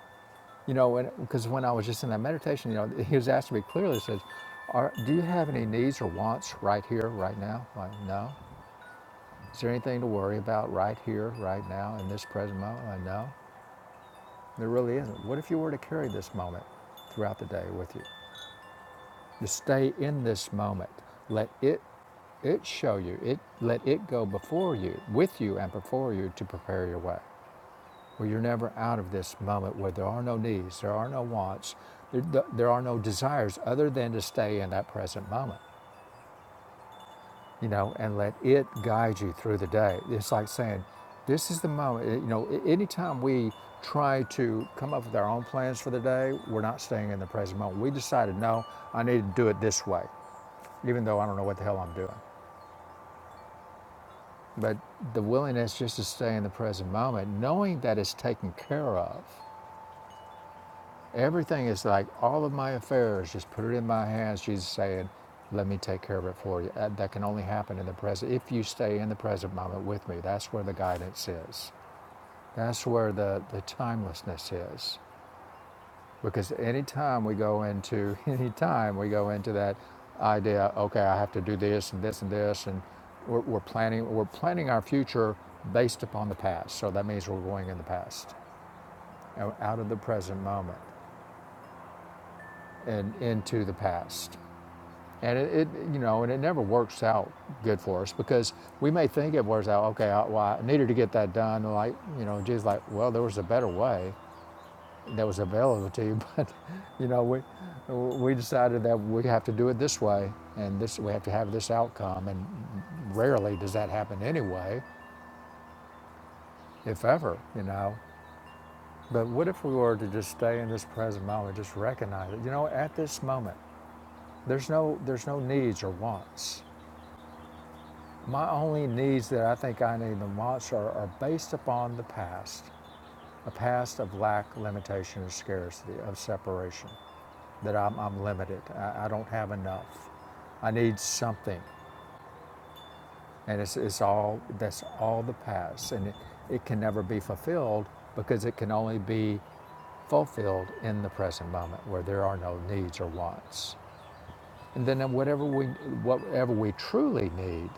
[SPEAKER 3] you know, because when, when I was just in that meditation, you know, he was asking me clearly, he says, Are, Do you have any needs or wants right here, right now? Like, no. Is there anything to worry about right here, right now, in this present moment? Like, no. There really isn't. What if you were to carry this moment throughout the day with you? Just stay in this moment. Let it it show you. It let it go before you, with you and before you to prepare your way. where you're never out of this moment where there are no needs, there are no wants, there, there are no desires other than to stay in that present moment, you know, and let it guide you through the day. It's like saying, this is the moment, eh, you know, anytime we try to come up with our own plans for the day, we're not staying in the present moment. We decided, no, I need to do it this way, even though I don't know what the hell I'm doing. But the willingness just to stay in the present moment, knowing that it's taken care of, Everything is like all of my affairs, just put it in my hands. Jesus saying, Let me take care of it for you. Uh, That, can only happen in the present. If you stay in the present moment with me, that's where the guidance is. That's where the, the timelessness is. Because anytime we go into, any time, we go into that idea, okay, I have to do this and this and this, and we're, we're planning, we're planning our future based upon the past. So that means we're going in the past, out of the present moment and into the past. And it, it, you know, and it never works out good for us because we may think it works out, okay, I, well, I needed to get that done. And like, you know, Jesus, like, well, there was a better way that was available to you, but, you know, we, we decided that we have to do it this way and this, we have to have this outcome. And rarely does that happen anyway, if ever, you know. But what if we were to just stay in this present moment, just recognize it? You know, at this moment, there's no, there's no needs or wants My only needs that I think I need the most are, are based upon the past, a past of lack, limitation, or scarcity, of separation, that I'm, I'm limited. I, I don't have enough. I need something. And it's, it's all, that's all the past. And it, it can never be fulfilled because it can only be fulfilled in the present moment where there are no needs or wants. And then whatever we, whatever we truly need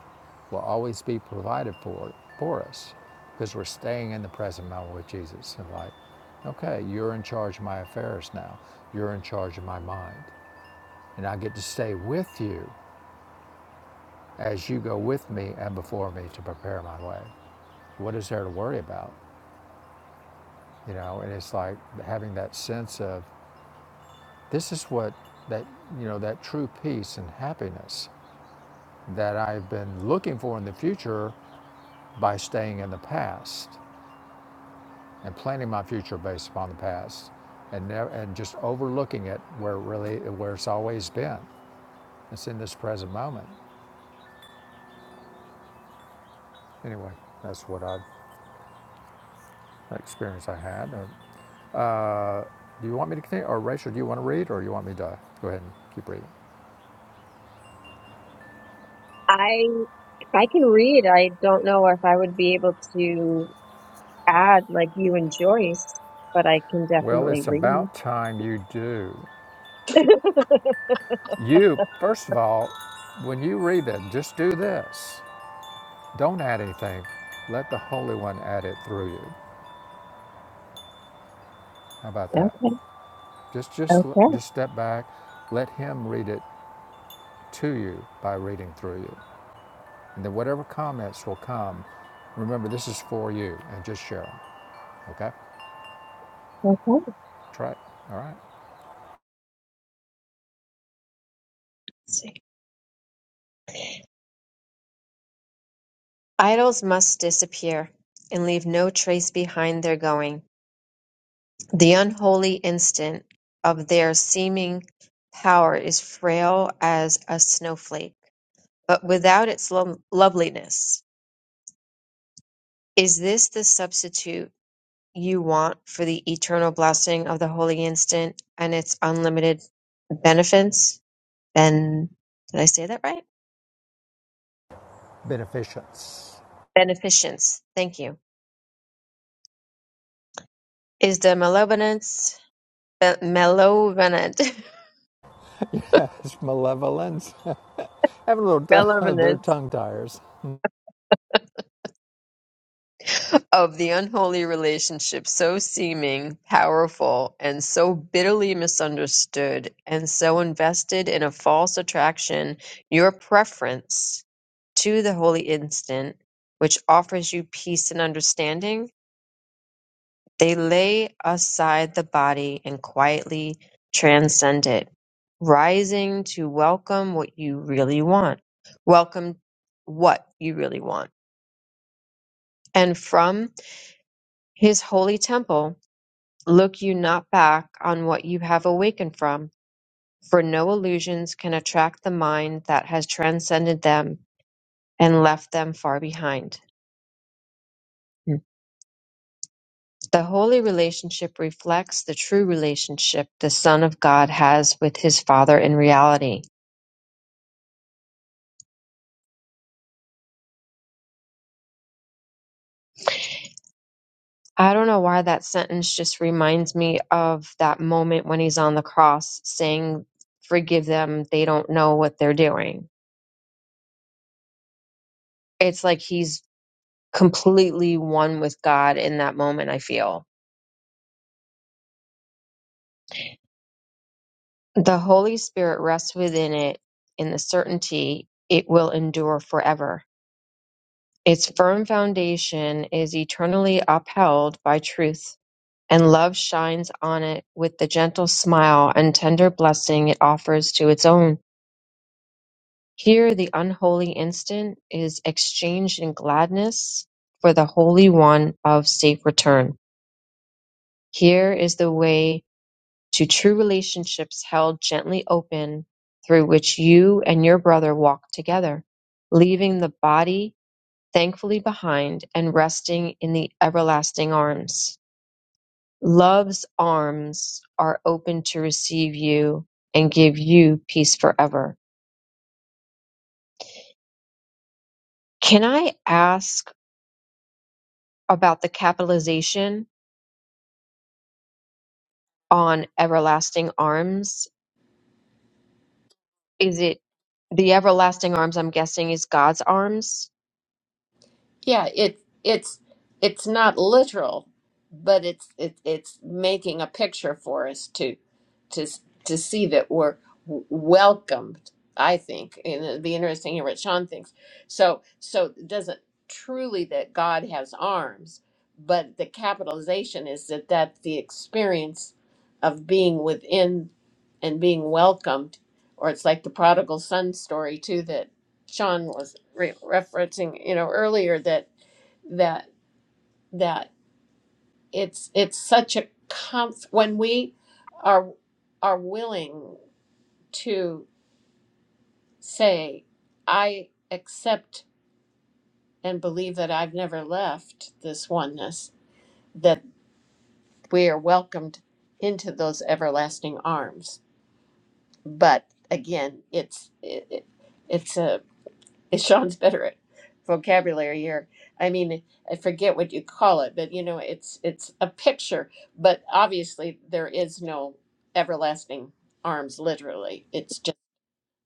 [SPEAKER 3] will always be provided for, for us because we're staying in the present moment with Jesus and like, okay, you're in charge of my affairs now. You're in charge of my mind. And I get to stay with you as you go with me and before me to prepare my way. What is there to worry about? You know, and it's like having that sense of this is what that, you know, that true peace and happiness that I've been looking for in the future by staying in the past and planning my future based upon the past and, never, and just overlooking it where it really where it's always been. It's in this present moment. Anyway, that's what I that experience I had. Uh, uh, do you want me to continue, or Rachel? Do you want to read, or do you want me to go ahead and keep reading?
[SPEAKER 2] I if I can read, I don't know if I would be able to add like you and Joyce, but I can
[SPEAKER 3] Well,
[SPEAKER 2] definitely
[SPEAKER 3] it's
[SPEAKER 2] read.
[SPEAKER 3] about time you do. You first of all, when you read that, just do this. Don't add anything. Let the Holy One add it through you. How about that?
[SPEAKER 2] Okay,
[SPEAKER 3] Just, just,
[SPEAKER 2] okay,
[SPEAKER 3] just step back, let Him read it to you by reading through you. And then whatever comments will come, remember this is for you and just share them. Okay?
[SPEAKER 2] okay. Let's
[SPEAKER 3] Try it. All right?
[SPEAKER 2] see. Idols must disappear and leave no trace behind their going. The unholy instant of their seeming power is frail as a snowflake. but without its lo- loveliness. Is this the substitute you want for the eternal blessing of the holy instant and its unlimited beneficence? Ben, did I say that right?
[SPEAKER 3] Beneficence.
[SPEAKER 2] Beneficence. Thank you. Is the malevolence, be- malevolent,
[SPEAKER 3] Yes, malevolence. Having a little, t- they're
[SPEAKER 2] malevolent
[SPEAKER 3] tongue tires.
[SPEAKER 2] of the unholy relationship so seeming powerful and so bitterly misunderstood and so invested in a false attraction your preference to the holy instant which offers you peace and understanding they lay aside the body and quietly transcend it rising to welcome what you really want welcome what you really want and from his holy temple Look you not back on what you have awakened from, for no illusions can attract the mind that has transcended them and left them far behind. The holy relationship reflects the true relationship the Son of God has with his Father in reality. I don't know why that sentence just reminds me of that moment when he's on the cross saying, Forgive them, they don't know what they're doing. It's like he's completely one with God in that moment, I feel The Holy Spirit rests within it in the certainty it will endure forever. Its firm foundation is eternally upheld by truth, and love shines on it with the gentle smile and tender blessing it offers to its own. Here, the unholy instant is exchanged in gladness for the holy one of safe return. Here is the way to true relationships held gently open through which you and your brother walk together, leaving the body thankfully behind and resting in the everlasting arms. Love's arms are open to receive you and give you peace forever. Can I ask about the capitalization on everlasting arms? Is it the everlasting arms, I'm guessing, is God's arms?
[SPEAKER 1] Yeah, it it's it's not literal, but it's it, it's making a picture for us to to to see that we're w- welcomed. I think, and it'd be interesting to hear what Sean thinks. So so it doesn't truly that God has arms, but the capitalization is that that's the experience of being within and being welcomed, or it's like the prodigal son story too Sean was re- referencing, you know, earlier that that that it's it's such a comf when we are are willing to say, I accept and believe that I've never left this oneness, that we are welcomed into those everlasting arms. But again, it's it, it- it's a Sean's better at vocabulary here. I mean, I forget what you call it, but you know, it's it's a picture, but obviously there is no everlasting arms literally. It's just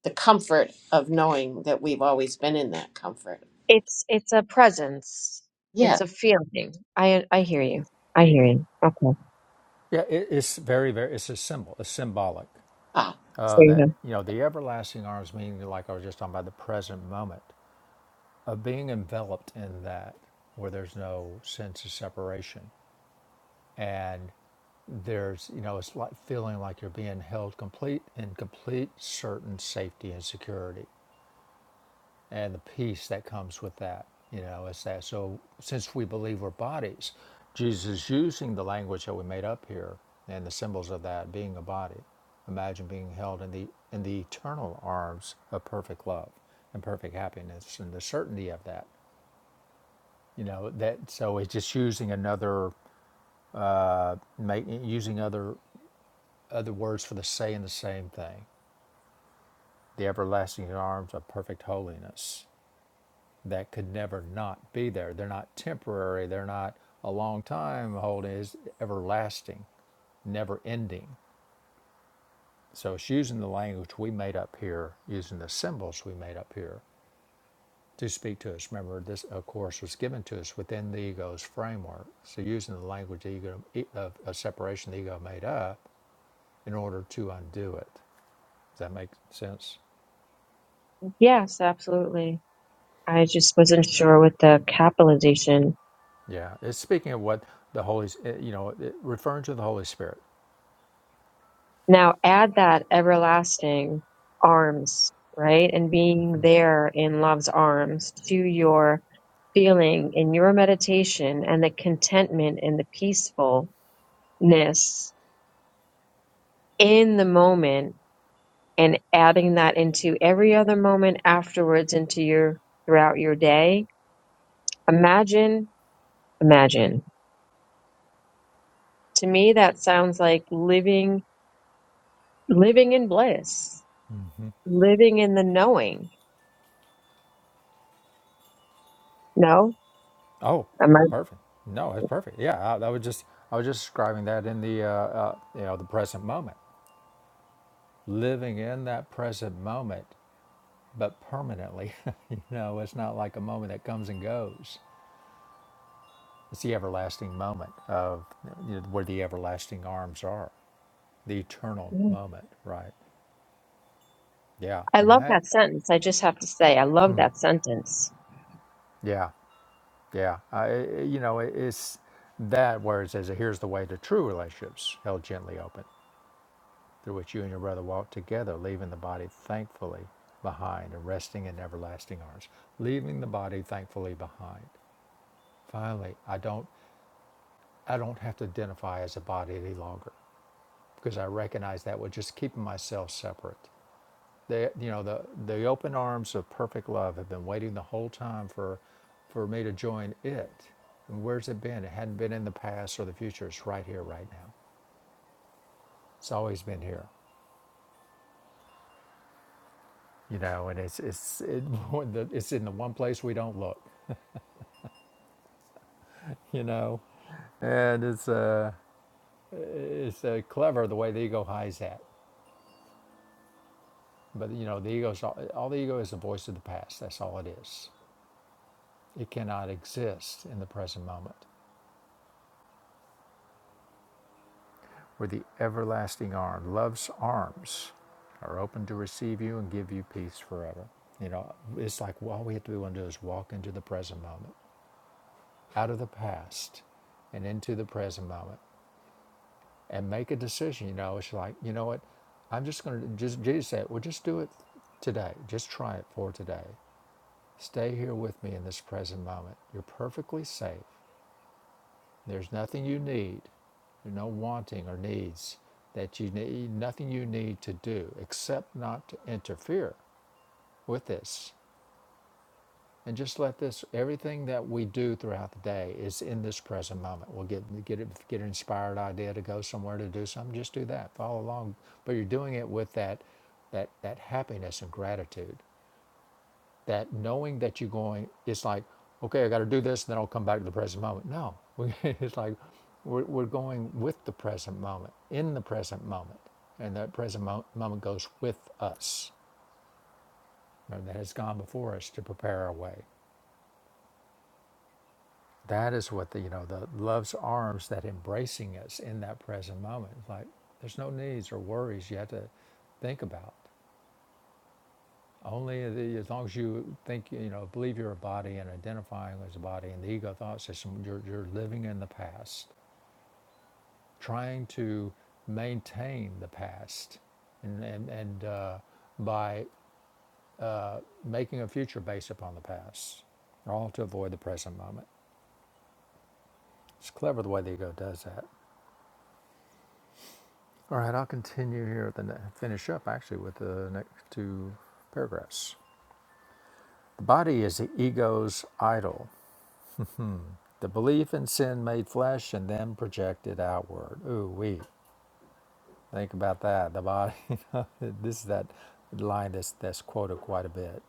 [SPEAKER 1] the comfort of knowing that we've always been in that comfort.
[SPEAKER 2] It's it's a presence.
[SPEAKER 1] Yeah.
[SPEAKER 2] It's a feeling. I I hear you. I hear you. Okay.
[SPEAKER 3] Yeah, it, it's very, very, it's a symbol, it's symbolic.
[SPEAKER 1] Ah.
[SPEAKER 3] Uh,
[SPEAKER 2] There you
[SPEAKER 3] that,
[SPEAKER 2] go.
[SPEAKER 3] you know, the everlasting arms, meaning, like I was just talking about, the present moment of being enveloped in that where there's no sense of separation. and there's you know it's like feeling like you're being held complete in complete certain safety and security and the peace that comes with that you know is that so since we believe we're bodies jesus is using the language that we made up here and the symbols of that being a body imagine being held in the in the eternal arms of perfect love and perfect happiness and the certainty of that you know that so it's just using another make, using other other words for the saying the same thing the everlasting arms of perfect holiness that could never not be there they're not temporary they're not a long time holding is everlasting never ending so it's using the language we made up here using the symbols we made up here to speak to us remember this of course was given to us within the ego's framework so using the language the ego of a separation the ego made up in order to undo it does that make sense
[SPEAKER 2] Yes, absolutely. I just wasn't sure with the capitalization.
[SPEAKER 3] Yeah, it's speaking of what the Holy, S- eh, you know, it, referring to the Holy Spirit.
[SPEAKER 2] Now add that everlasting arms, right? And being there in love's arms to your feeling in your meditation and the contentment and the peacefulness in the moment and adding that into every other moment afterwards into your throughout your day imagine imagine to me that sounds like living living in bliss living in the knowing no
[SPEAKER 3] Oh,
[SPEAKER 2] am i
[SPEAKER 3] perfect. No, it's perfect. Yeah, I, I was just, I was just describing that in the, uh, uh, you know, the present moment, living in that present moment, but permanently. you know, it's not like a moment that comes and goes. It's the everlasting moment of you know, where the everlasting arms are, the eternal moment, right? Yeah,
[SPEAKER 2] i
[SPEAKER 3] and
[SPEAKER 2] love
[SPEAKER 3] that,
[SPEAKER 2] that sentence i just have to say i love that sentence
[SPEAKER 3] yeah. Yeah, I, you know, it's that where it says, here's the way to true relationships held gently open, through which you and your brother walk together, leaving the body thankfully behind and resting in everlasting arms. Leaving the body thankfully behind. Finally, I don't, I don't have to identify as a body any longer because I recognize that with just keeping myself separate. They, you know, the, the open arms of perfect love have been waiting the whole time for, for me to join it. And where's it been? It hadn't been in the past or the future. It's right here, right now. It's always been here, you know. And it's it's it, it's in the one place we don't look, you know. And it's uh it's uh, clever the way the ego hides that. But you know, the ego's all, all the ego is the voice of the past. That's all it is. It cannot exist in the present moment. For the everlasting arm, love's arms are open to receive you and give you peace forever. You know, it's like all we have to to do is walk into the present moment, out of the past and into the present moment and make a decision. You know, it's like, you know what? I'm just going to, just Jesus said, well, just do it today. Just try it for today. Stay here with me in this present moment. You're perfectly safe. There's nothing you need, there's no wanting or needs that you need, nothing you need to do except not to interfere with this. And just let this, everything that we do throughout the day is in this present moment. We'll get, get, it- get an inspired idea to go somewhere to do something, just do that, follow along. But you're doing it with that, that, that happiness and gratitude that knowing that you're going, it's like, okay, I got to do this, then I'll come back to the present moment. No, we, it's like we're, we're going with the present moment, in the present moment, and that present mo- moment goes with us. and that has gone before us to prepare our way. That is what the you know the love's arms that embracing us in that present moment. It's Like there's no needs or worries you have to think about. Only the, as long as you think, you know, believe you're a body and identifying as a body and the ego thought system, you're, you're living in the past, trying to maintain the past and, and, and uh, by making a future based upon the past, all to avoid the present moment. It's clever the way the ego does that. All right, I'll continue here, at the ne- finish up actually with the next two paragraphs. The body is the ego's idol The belief in sin made flesh and then projected outward. Ooh, we think about that. The body. this is that line that's that's quoted quite a bit.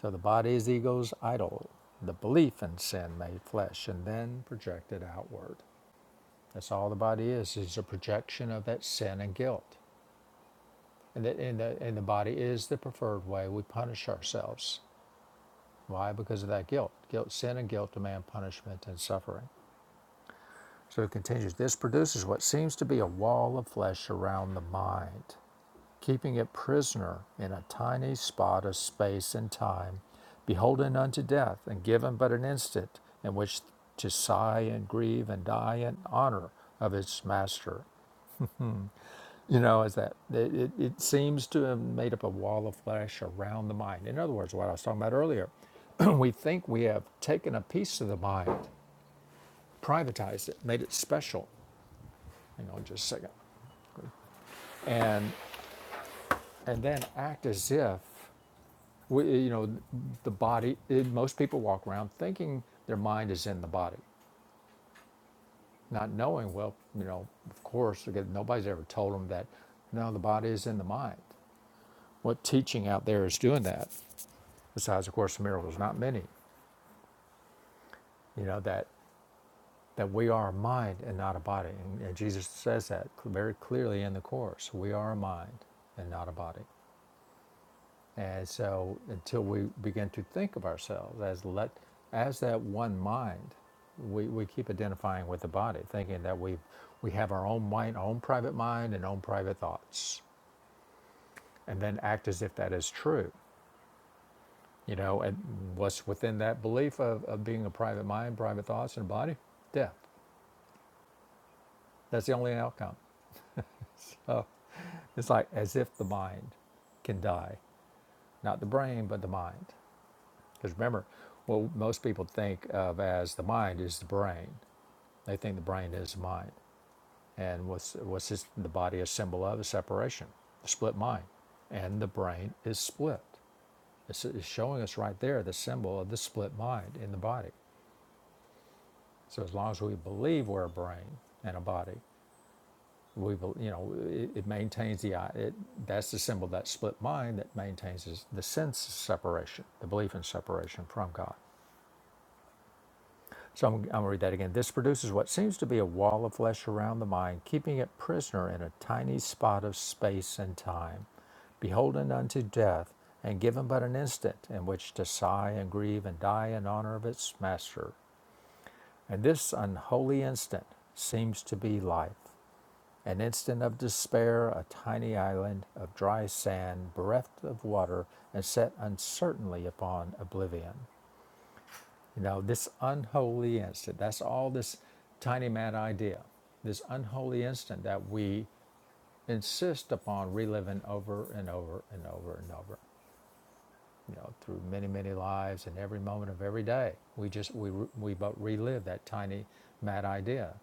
[SPEAKER 3] So the body is the ego's idol. The belief in sin made flesh and then projected outward. That's all the body is. Is a projection of that sin and guilt. And the, and the and the body is the preferred way we punish ourselves. Why? Because of that guilt. Guilt, sin, and guilt demand punishment and suffering. So it continues this produces what seems to be a wall of flesh around the mind, keeping it prisoner in a tiny spot of space and time, beholden unto death, and given but an instant in which to sigh and grieve and die in honor of its master. You know, is that it, it, seems to have made up a wall of flesh around the mind. In other words, what I was talking about earlier, we think we have taken a piece of the mind, privatized it, made it special. Hang on just a second. and and then act as if we, you know the body it, most people walk around thinking their mind is in the body not knowing well you know of course again, nobody's ever told them that no the body is in the mind what teaching out there is doing that besides of course the miracles not many you know that that we are a mind and not a body and, and jesus says that very clearly in the course we are a mind and not a body And so until we begin to think of ourselves as let as that one mind, we, we keep identifying with the body, thinking that we we have our own mind, our own private mind and own private thoughts. And then act as if that is true. You know, and what's within that belief of, of being a private mind, private thoughts and a body? Death. That's the only outcome. Oh, it's like as if the mind can die. Not the brain, but the mind. Because remember, what most people think of as the mind is the brain. They think the brain is the mind. And what's, what's this, the body a symbol of? A separation, a split mind. And the brain is split. It's, it's showing us right there the symbol of the split mind in the body. So as long as we believe we're a brain and a body, we, you know, it, it maintains the, it, that's the symbol, that split mind that maintains the sense of separation, the belief in separation from God. So I'm, I'm going to read that again. This produces what seems to be a wall of flesh around the mind, keeping it prisoner in a tiny spot of space and time, beholden unto death, and given but an instant in which to sigh and grieve and die in honor of its master. And this unholy instant seems to be life. An instant of despair, a tiny island of dry sand, bereft of water, and set uncertainly upon oblivion. You know, this unholy instant, that's all this tiny mad idea, this unholy instant that we insist upon reliving over and over and over and over, you know, through many, many lives and every moment of every day. We just, we, we but relive that tiny mad idea,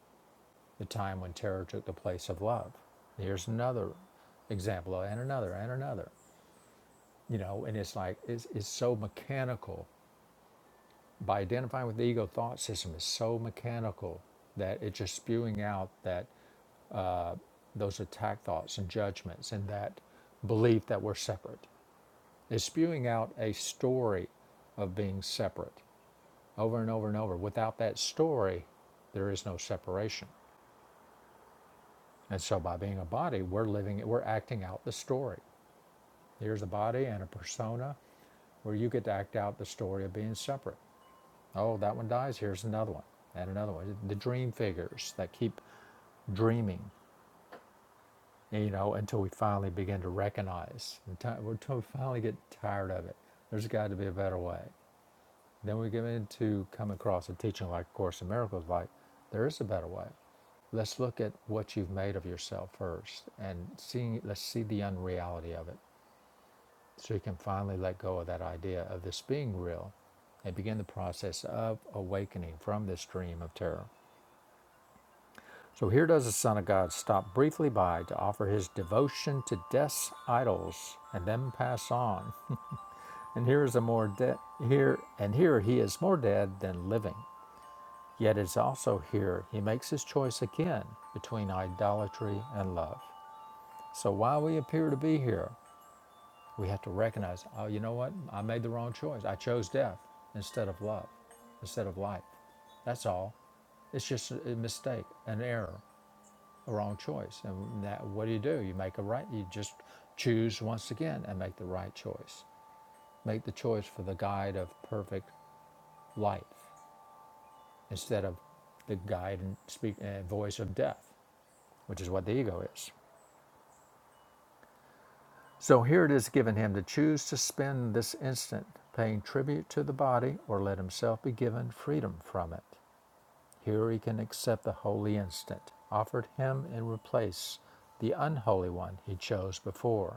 [SPEAKER 3] the time when terror took the place of love. Here's another example, and another, and another, you know, and it's like, it's, it's so mechanical by identifying with the ego thought system is so mechanical that it's just spewing out that those attack thoughts and judgments and that belief that we're separate it's spewing out a story of being separate over and over and over without that story there is no separation and so by being a body we're living it we're acting out the story here's a body and a persona where you get to act out the story of being separate oh that one dies here's another one and another one the dream figures that keep dreaming, you know, until we finally begin to recognize, until we finally get tired of it. There's got to be a better way. Then we get into come across a teaching like A Course in Miracles, like there is a better way. Let's look at what you've made of yourself first, and seeing let's see the unreality of it, so you can finally let go of that idea of this being real, and begin the process of awakening from this dream of terror. So here does the Son of God stop briefly by to offer his devotion to death's idols and then pass on. And here is a more de- here and here he is more dead than living. Yet it's also here he makes his choice again between idolatry and love. So while we appear to be here, we have to recognize, oh, you know what? I made the wrong choice. I chose death instead of love, instead of life. That's all. It's just a a mistake, an error. a wrong choice. And that, what do you do? You make a right, you just choose once again and make the right choice. Make the choice for the guide of perfect life instead of the guide and speak and voice of death, which is what the ego is. So here it is given him to choose to spend this instant paying tribute to the body or let himself be given freedom from it. Here he can accept the holy instant offered him and replace the unholy one he chose before.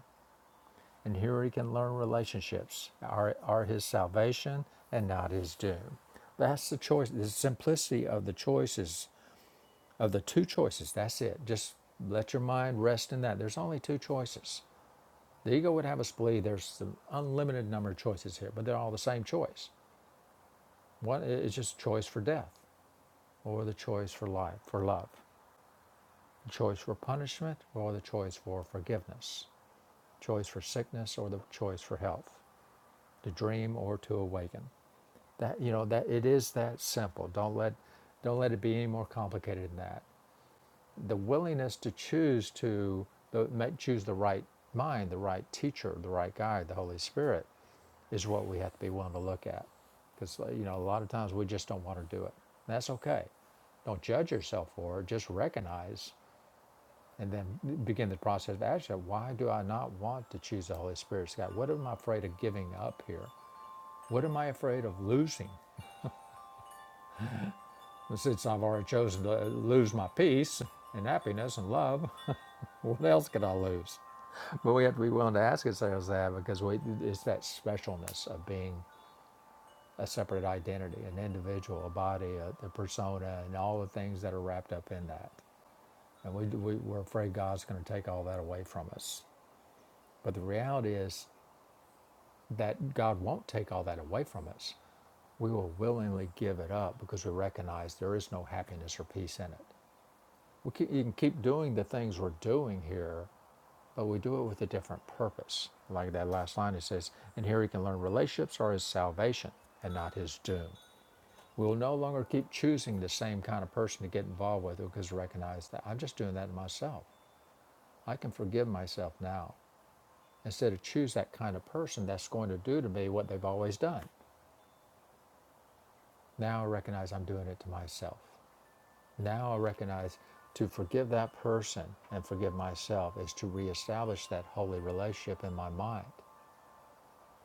[SPEAKER 3] and here he can learn relationships are, are his salvation and not his doom. That's the choice, the simplicity of the choices, of the two choices. That's it. Just let your mind rest in that. There's only two choices. The ego would have us believe there's an unlimited number of choices here, but they're all the same choice. One is just choice for death, or the choice for life, for love, the choice for punishment, or the choice for forgiveness, choice for sickness, or the choice for health, to dream or to awaken. That you know that it is that simple. Don't let don't let it be any more complicated than that. The willingness to choose to the, choose the right mind, the right teacher, the right guide, the Holy Spirit, is what we have to be willing to look at. Because you know a lot of times we just don't want to do it. And that's okay. Don't judge yourself for it. Just recognize and then begin the process of action. Why do I not want to choose the Holy Spirit's guide? What am I afraid of giving up here? What am I afraid of losing? since I've already chosen to lose my peace and happiness and love, what else could I lose? But we have to be willing to ask ourselves that because we, it's that specialness of being a separate identity, an individual, a body, a, the persona, and all the things that are wrapped up in that. And we, we, we're afraid God's going to take all that away from us. But the reality is that God won't take all that away from us. We will willingly give it up because we recognize there is no happiness or peace in it. we keep, you can keep doing the things we're doing here, but we do it with a different purpose. Like that last line, it says, and here he can learn relationships are his salvation and not his doom. We will no longer keep choosing the same kind of person to get involved with because we recognize that I'm just doing that to myself. I can forgive myself now instead of choose that kind of person that's going to do to me what they've always done. Now I recognize I'm doing it to myself. Now I recognize to forgive that person and forgive myself is to reestablish that holy relationship in my mind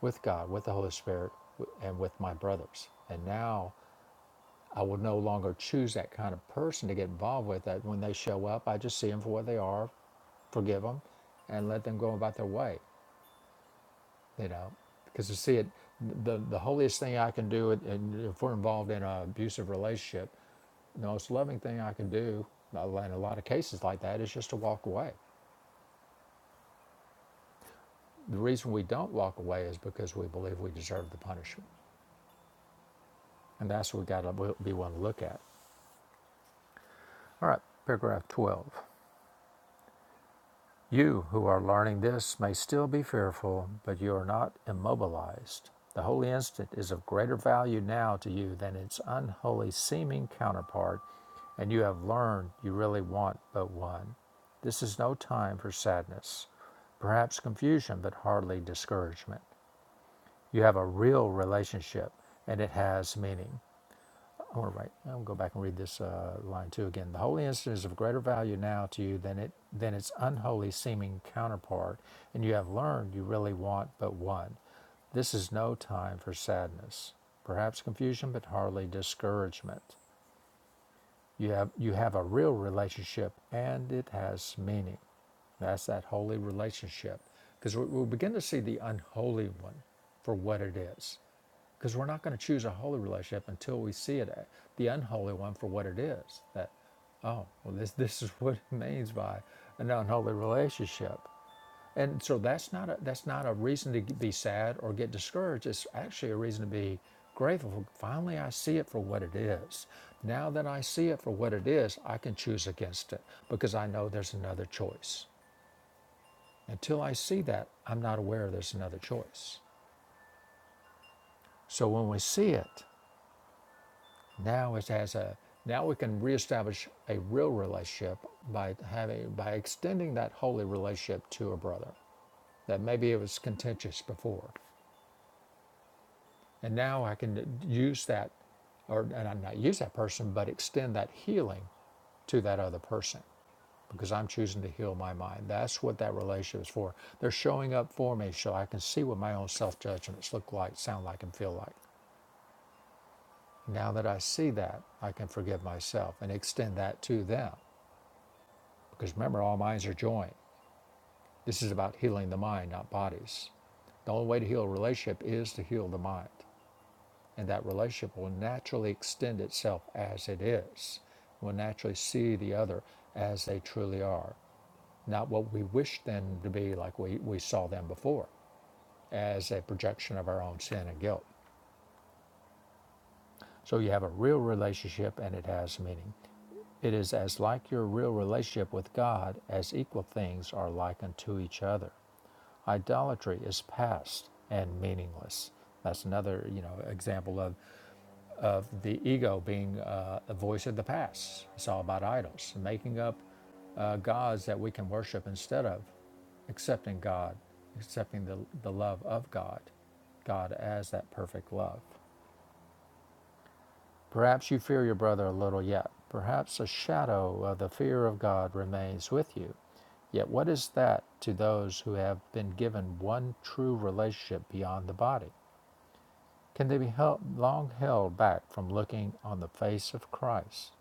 [SPEAKER 3] with God, with the Holy Spirit, and with my brothers. And now I will no longer choose that kind of person to get involved with. That when they show up, I just see them for what they are, forgive them, and let them go about their way. you know because to see it the, the holiest thing i can do and if we're involved in an abusive relationship the most loving thing i can do uh, in a lot of cases like that is just to walk away the reason we don't walk away is because we believe we deserve the punishment and that's what we got to be willing to look at all right paragraph 12 You who are learning this may still be fearful, but you are not immobilized. The holy instant is of greater value now to you than its unholy seeming counterpart, and you have learned you really want but one. This is no time for sadness, perhaps confusion, but hardly discouragement. You have a real relationship, and it has meaning. All right, I'll go back and read this uh, line two again. The holy instant is of greater value now to you than it than its unholy seeming counterpart, and you have learned you really want but one. This is no time for sadness, perhaps confusion, but hardly discouragement. You have you have a real relationship, and it has meaning. That's that holy relationship, because we, we begin to see the unholy one for what it is. Because we're not going to choose a holy relationship until we see it, uh, the unholy one, for what it is. That, oh, well, this this is what it means by an unholy relationship. And so that's not a, that's not a reason to be sad or get discouraged. It's actually a reason to be grateful. finally, I see it for what it is. Now that I see it for what it is, I can choose against it because I know there's another choice. Until I see that, I'm not aware there's another choice. So when we see it, Now it has a now we can reestablish a real relationship by having by extending that holy relationship to a brother that maybe it was contentious before, and now I can use that, or and I not use that person, but extend that healing to that other person because I'm choosing to heal my mind. That's what that relationship is for. They're showing up for me so I can see what my own self judgments look like, sound like, and feel like. Now that I see that, I can forgive myself and extend that to them Because remember, all minds are joined. This is about healing the mind, not bodies. The only way to heal a relationship is to heal the mind. And that relationship will naturally extend itself as it is, will naturally see the other as they truly are, not what we wish them to be like we, we saw them before, as a projection of our own sin and guilt. So you have a real relationship and it has meaning. It is as like your real relationship with God as equal things are like unto each other. Idolatry is past and meaningless. That's another, you know, example of, of the ego being uh, a voice of the past. It's all about idols, making up uh, gods that we can worship instead of accepting God, accepting the, the love of God, God as that perfect love. Perhaps you fear your brother a little yet. Perhaps a shadow of the fear of God remains with you. Yet what is that to those who have been given one true relationship beyond the body? Can they be held, long held back from looking on the face of Christ?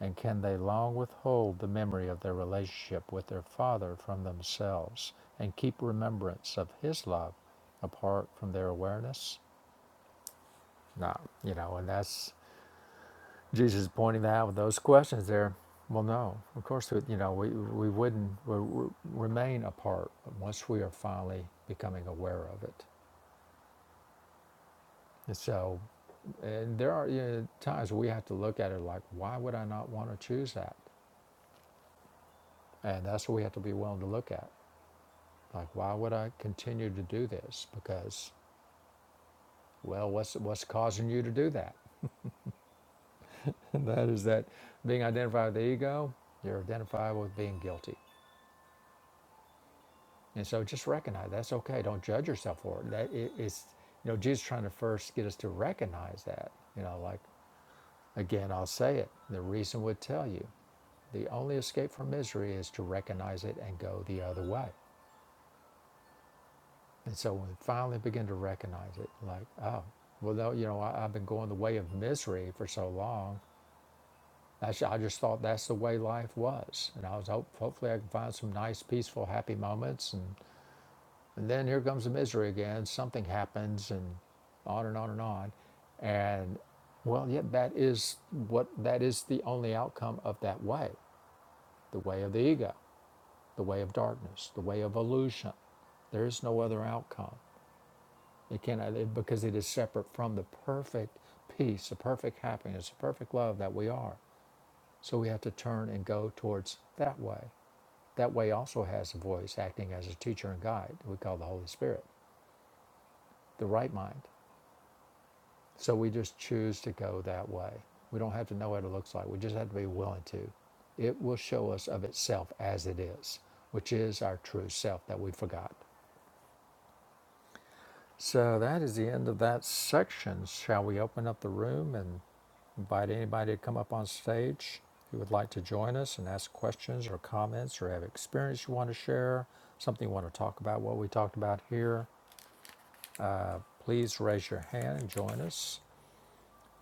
[SPEAKER 3] And can they long withhold the memory of their relationship with their Father from themselves and keep remembrance of His love apart from their awareness? No, you know, and that's Jesus is pointing that out with those questions there. Well, no, of course, we, you know, we, we wouldn't we, we remain apart once we are finally becoming aware of it. And so, and there are you know, times we have to look at it like, why would I not want to choose that? And that's what we have to be willing to look at. Like, why would I continue to do this? Because, well, what's, what's causing you to do that? And that is that being identified with the ego, you're identified with being guilty. And so just recognize that's okay. Don't judge yourself for it. That it, it's you know Jesus trying to first get us to recognize that. You know, like again, I'll say it. The reason would tell you. The only escape from misery is to recognize it and go the other way. And so when we finally begin to recognize it, like, oh, well, no, you know, I, I've been going the way of misery for so long. I, sh- I just thought that's the way life was. And I was hope, hopefully I can find some nice, peaceful, happy moments and. And then here comes the misery again. Something happens, and on and on and on. And well, yeah, that is what that is the only outcome of that way the way of the ego, the way of darkness, the way of illusion. There is no other outcome. It cannot, it- because it is separate from the perfect peace, the perfect happiness, the perfect love that we are. So we have to turn and go towards that way. That way also has a voice acting as a teacher and guide, we call the Holy Spirit, the right mind. So we just choose to go that way. We don't have to know what it looks like. We just have to be willing to. It will show us of itself as it is, which is our true self that we forgot. So that is the end of that section. Shall we open up the room and invite anybody to come up on stage who would like to join us and ask questions or comments or have experience you want to share, something you want to talk about, what we talked about here? Uh, please raise your hand and join us.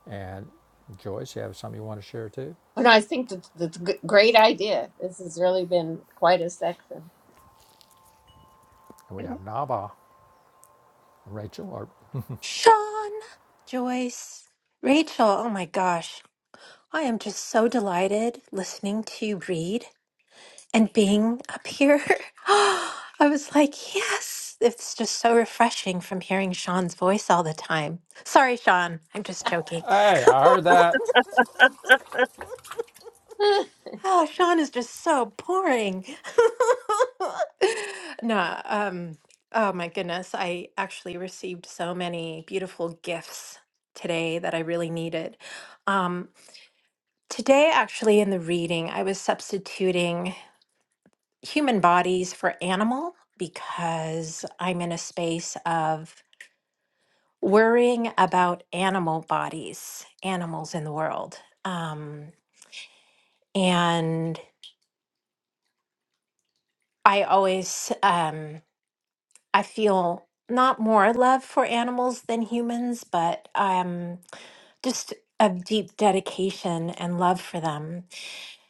[SPEAKER 3] And Joyce, you have something you want to share too?
[SPEAKER 1] And I think that that's a g- great idea. This has really been quite a section.
[SPEAKER 3] we have Nava, Rachel, or
[SPEAKER 4] Sean, Joyce, Rachel, oh my gosh. I am just so delighted listening to you read and being up here. I was like, yes, it's just so refreshing from hearing Sean's voice all the time. Sorry, Sean, I'm just joking.
[SPEAKER 3] hey, I heard that.
[SPEAKER 1] Huh.
[SPEAKER 4] Oh, Sean is just so boring. No, um, oh my goodness. I actually received so many beautiful gifts today that I really needed. Um, today, actually, in the reading, I was substituting human bodies for animal because I'm in a space of worrying about animal bodies, animals in the world. Um, and I always, um, I feel not more love for animals than humans, but um, just a deep dedication and love for them.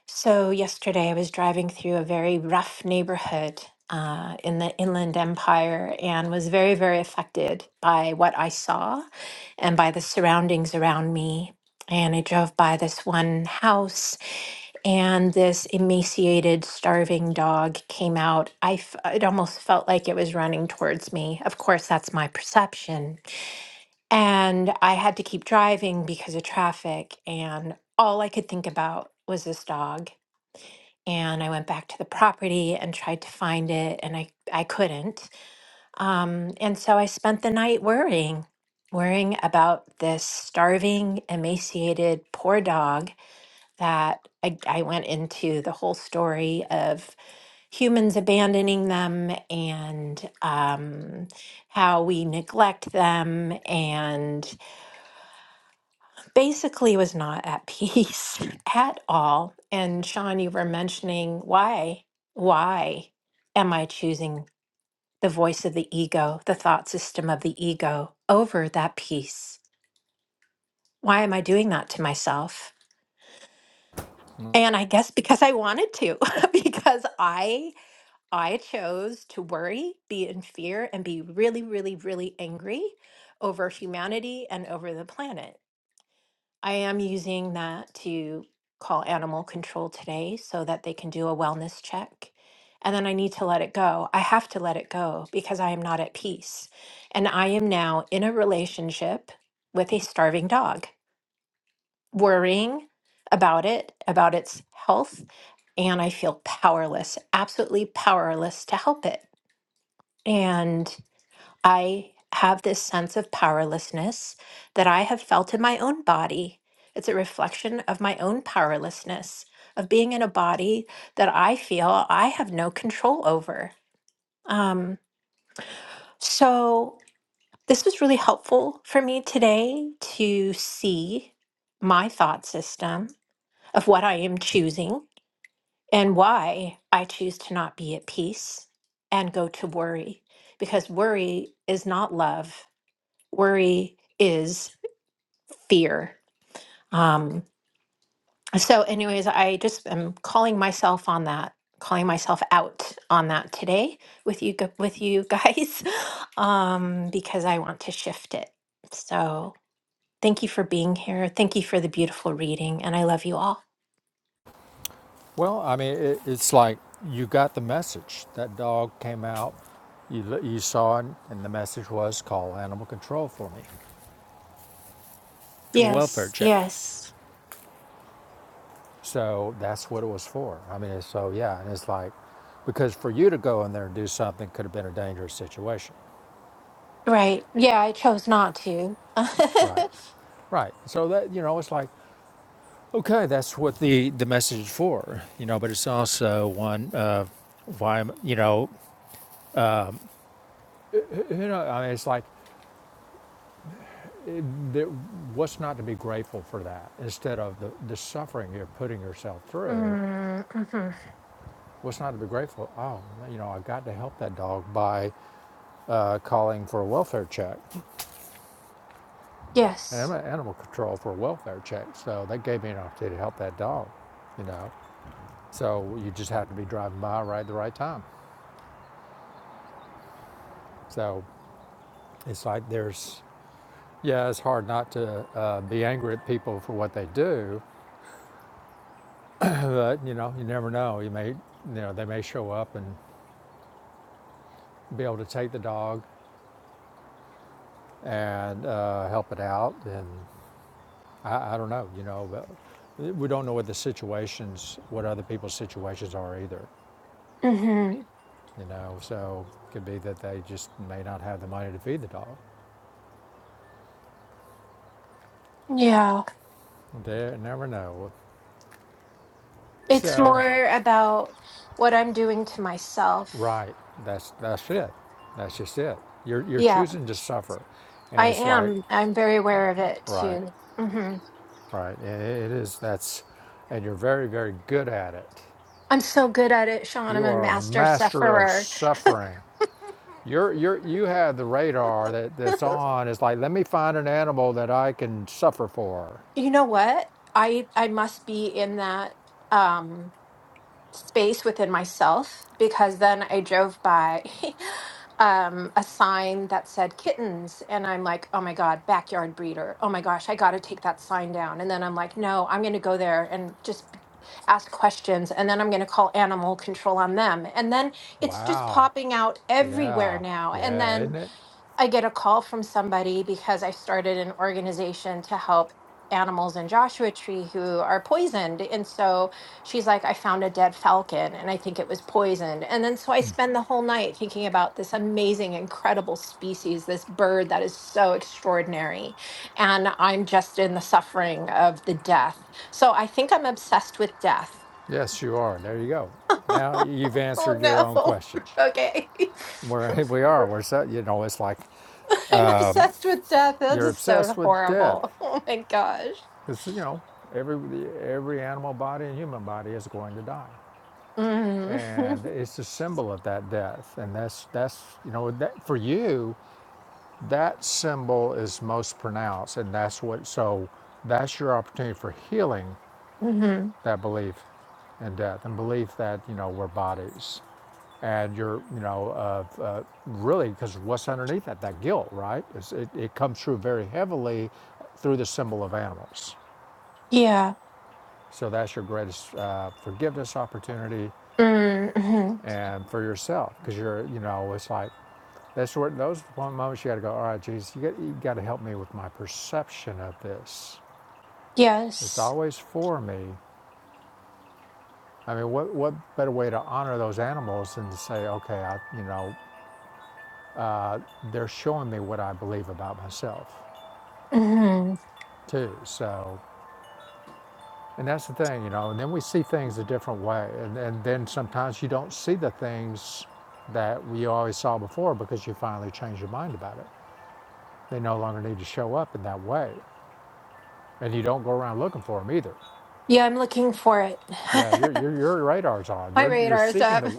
[SPEAKER 4] So, yesterday I was driving through a very rough neighborhood uh, in the Inland Empire and was very, very affected by what I saw and by the surroundings around me. And I drove by this one house and this emaciated, starving dog came out. I f- it almost felt like it was running towards me. Of course, that's my perception. And I had to keep driving because of traffic, and all I could think about was this dog. And I went back to the property and tried to find it, and I, I couldn't. Um, and so I spent the night worrying, worrying about this starving, emaciated, poor dog that I, I went into the whole story of humans abandoning them and um, how we neglect them, and basically was not at peace at all. And Sean, you were mentioning why, why am I choosing the voice of the ego, the thought system of the ego over that peace? Why am I doing that to myself? And I guess because I wanted to, because I I chose to worry, be in fear, and be really, really, really angry over humanity and over the planet. I am using that to call animal control today so that they can do a wellness check. And then I need to let it go. I have to let it go because I am not at peace. And I am now in a relationship with a starving dog, worrying about it, about its health, and I feel powerless, absolutely powerless to help it. And I have this sense of powerlessness that I have felt in my own body. It's a reflection of my own powerlessness, of being in a body that I feel I have no control over. Um, so, this was really helpful for me today to see my thought system of what I am choosing and why I choose to not be at peace and go to worry, because worry is not love worry is fear. Um, so, anyways, I just am calling myself on that, calling myself out on that today with you gu- with you guys, um, because I want to shift it. So, thank you for being here. Thank you for the beautiful reading, and I love you all.
[SPEAKER 3] Well, I mean, it, it's like you got the message. That dog came out. You you saw it, and the message was call animal control for me for welfare
[SPEAKER 4] Yes,
[SPEAKER 3] check.
[SPEAKER 4] yes.
[SPEAKER 3] So that's what it was for. I mean, so yeah, and it's like because for you to go in there and do something could have been a dangerous situation,
[SPEAKER 4] Right. Yeah, I chose not to.
[SPEAKER 3] right? Right. So that you know, it's like, okay, that's what the the message is for, you know. But it's also one of why you know You know, I mean, it's like, what's not to be grateful for that? Instead of the, the suffering you're putting yourself through,
[SPEAKER 4] mm-hmm.
[SPEAKER 3] what's not to be grateful? Oh, you know, I got to help that dog by uh, calling for a welfare check. And I'm
[SPEAKER 4] Yes.
[SPEAKER 3] at animal control for a welfare check, so that gave me an opportunity to help that dog, you know. So you just have to be driving by right at the right time. So it's like there's, yeah, it's hard not to uh, be angry at people for what they do, But you know, you never know. You may, you know, they may show up and be able to take the dog and uh, help it out. And I, I don't know, you know, but we don't know what the situations, what other people's situations are either.
[SPEAKER 4] hmm
[SPEAKER 3] You know, so it could be that they just may not have the money to feed the dog.
[SPEAKER 4] Yeah.
[SPEAKER 3] They never know.
[SPEAKER 4] It's
[SPEAKER 3] So,
[SPEAKER 4] more about what I'm doing to myself.
[SPEAKER 3] right, that's that's it. That's just it. You're you're
[SPEAKER 4] Yeah,
[SPEAKER 3] choosing to suffer, and
[SPEAKER 4] I
[SPEAKER 3] it's like,
[SPEAKER 4] am. I'm very aware of it
[SPEAKER 3] right,
[SPEAKER 4] too. hmm
[SPEAKER 3] Right, it is that's, and you're very, very good at it.
[SPEAKER 4] I'm so good at it, Sean. I'm
[SPEAKER 3] You
[SPEAKER 4] a
[SPEAKER 3] are a
[SPEAKER 4] master
[SPEAKER 3] master of
[SPEAKER 4] sufferer.
[SPEAKER 3] suffering. You're you're you have the radar that that's on. It's like let me find an animal that I can suffer for.
[SPEAKER 4] You know what? I I must be in that. Um, space within myself because then I drove by um, a sign that said kittens. And I'm like, oh my God, backyard breeder. Oh my gosh, I got to take that sign down. And then I'm like, no, I'm going to go there and just ask questions. And then I'm going to call animal control on them. And then it's just
[SPEAKER 3] Wow,
[SPEAKER 4] popping out everywhere
[SPEAKER 3] yeah,
[SPEAKER 4] now. And
[SPEAKER 3] yeah,
[SPEAKER 4] then
[SPEAKER 3] isn't it?
[SPEAKER 4] I get a call from somebody because I started an organization to help animals in Joshua Tree who are poisoned. And so she's like, I found a dead falcon and I think it was poisoned. And then so I spend the whole night thinking about this amazing, incredible species, this bird that is so extraordinary. And I'm just in the suffering of the death. So I think I'm obsessed with death.
[SPEAKER 3] Yes, you are. There you go. Now you've
[SPEAKER 4] Oh
[SPEAKER 3] answered your own
[SPEAKER 4] no.
[SPEAKER 3] question.
[SPEAKER 4] okay.
[SPEAKER 3] Where we are, we're so, you know, it's like
[SPEAKER 4] I'm obsessed with death. That
[SPEAKER 3] you're
[SPEAKER 4] is
[SPEAKER 3] obsessed
[SPEAKER 4] so
[SPEAKER 3] with death.
[SPEAKER 4] horrible. Oh my gosh.
[SPEAKER 3] It's you know, every every animal body and human body is going to die.
[SPEAKER 4] hmm
[SPEAKER 3] and it's the symbol of that death and that's that's you know that for you that symbol is most pronounced and that's what so that's your opportunity for healing
[SPEAKER 4] hmm
[SPEAKER 3] that belief in death and belief that you know we're bodies and you're you know of uh, really because what's underneath that that guilt right is it, it comes through very heavily through the symbol of animals
[SPEAKER 4] Yeah.
[SPEAKER 3] so that's your greatest uh, forgiveness opportunity
[SPEAKER 4] hmm
[SPEAKER 3] and for yourself because you're you know it's like That's where those one moments you got to go. All right, Jesus, you got you got to help me with my perception of this. It's
[SPEAKER 4] Yes.
[SPEAKER 3] always for me. I mean, what what better way to honor those animals than to say, okay, I you know, uh, they're showing me what I believe about myself
[SPEAKER 4] hmm
[SPEAKER 3] too. So, and that's the thing, you know. And then we see things a different way, and and then sometimes you don't see the things that you always saw before because you finally change your mind about it. They no longer need to show up in that way, and you don't go around looking for them either.
[SPEAKER 4] Yeah, I'm looking for it.
[SPEAKER 3] Yeah, your your your radar's on.
[SPEAKER 4] My
[SPEAKER 3] You're you're
[SPEAKER 4] radar is
[SPEAKER 3] seeking
[SPEAKER 4] up.
[SPEAKER 3] the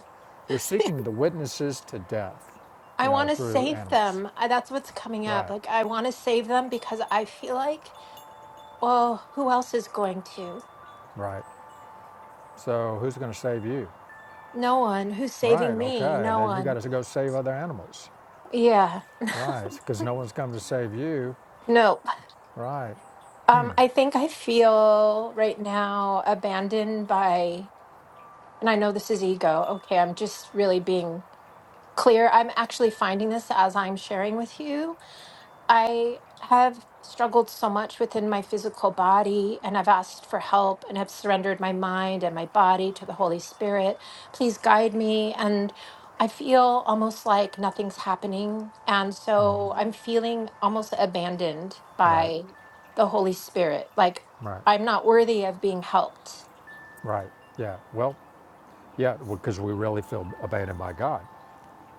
[SPEAKER 3] you're seeking the witnesses to death, you
[SPEAKER 4] I
[SPEAKER 3] know,
[SPEAKER 4] want to
[SPEAKER 3] through
[SPEAKER 4] save
[SPEAKER 3] animals.
[SPEAKER 4] them. I, that's what's coming up.
[SPEAKER 3] Right,
[SPEAKER 4] Like, I want to save them because I feel like, well, who else is going to?
[SPEAKER 3] right. So who's going to save you?
[SPEAKER 4] No one. Who's
[SPEAKER 3] Right.
[SPEAKER 4] saving me?
[SPEAKER 3] Okay.
[SPEAKER 4] No
[SPEAKER 3] Then you
[SPEAKER 4] one.
[SPEAKER 3] got to go save other animals.
[SPEAKER 4] Yeah.
[SPEAKER 3] Right, because no one's come to save you.
[SPEAKER 4] Nope.
[SPEAKER 3] Right,
[SPEAKER 4] Um, I think I feel right now abandoned by, and I know this is ego. Okay, I'm just really being clear. I'm actually finding this as I'm sharing with you. I have struggled so much within my physical body, and I've asked for help and have surrendered my mind and my body to the Holy Spirit. Please guide me. And I feel almost like nothing's happening. And so I'm feeling almost abandoned
[SPEAKER 3] right,
[SPEAKER 4] by the Holy Spirit. Like
[SPEAKER 3] right,
[SPEAKER 4] I'm not worthy of being helped.
[SPEAKER 3] right. Yeah. Well, yeah, because we really feel abandoned by God.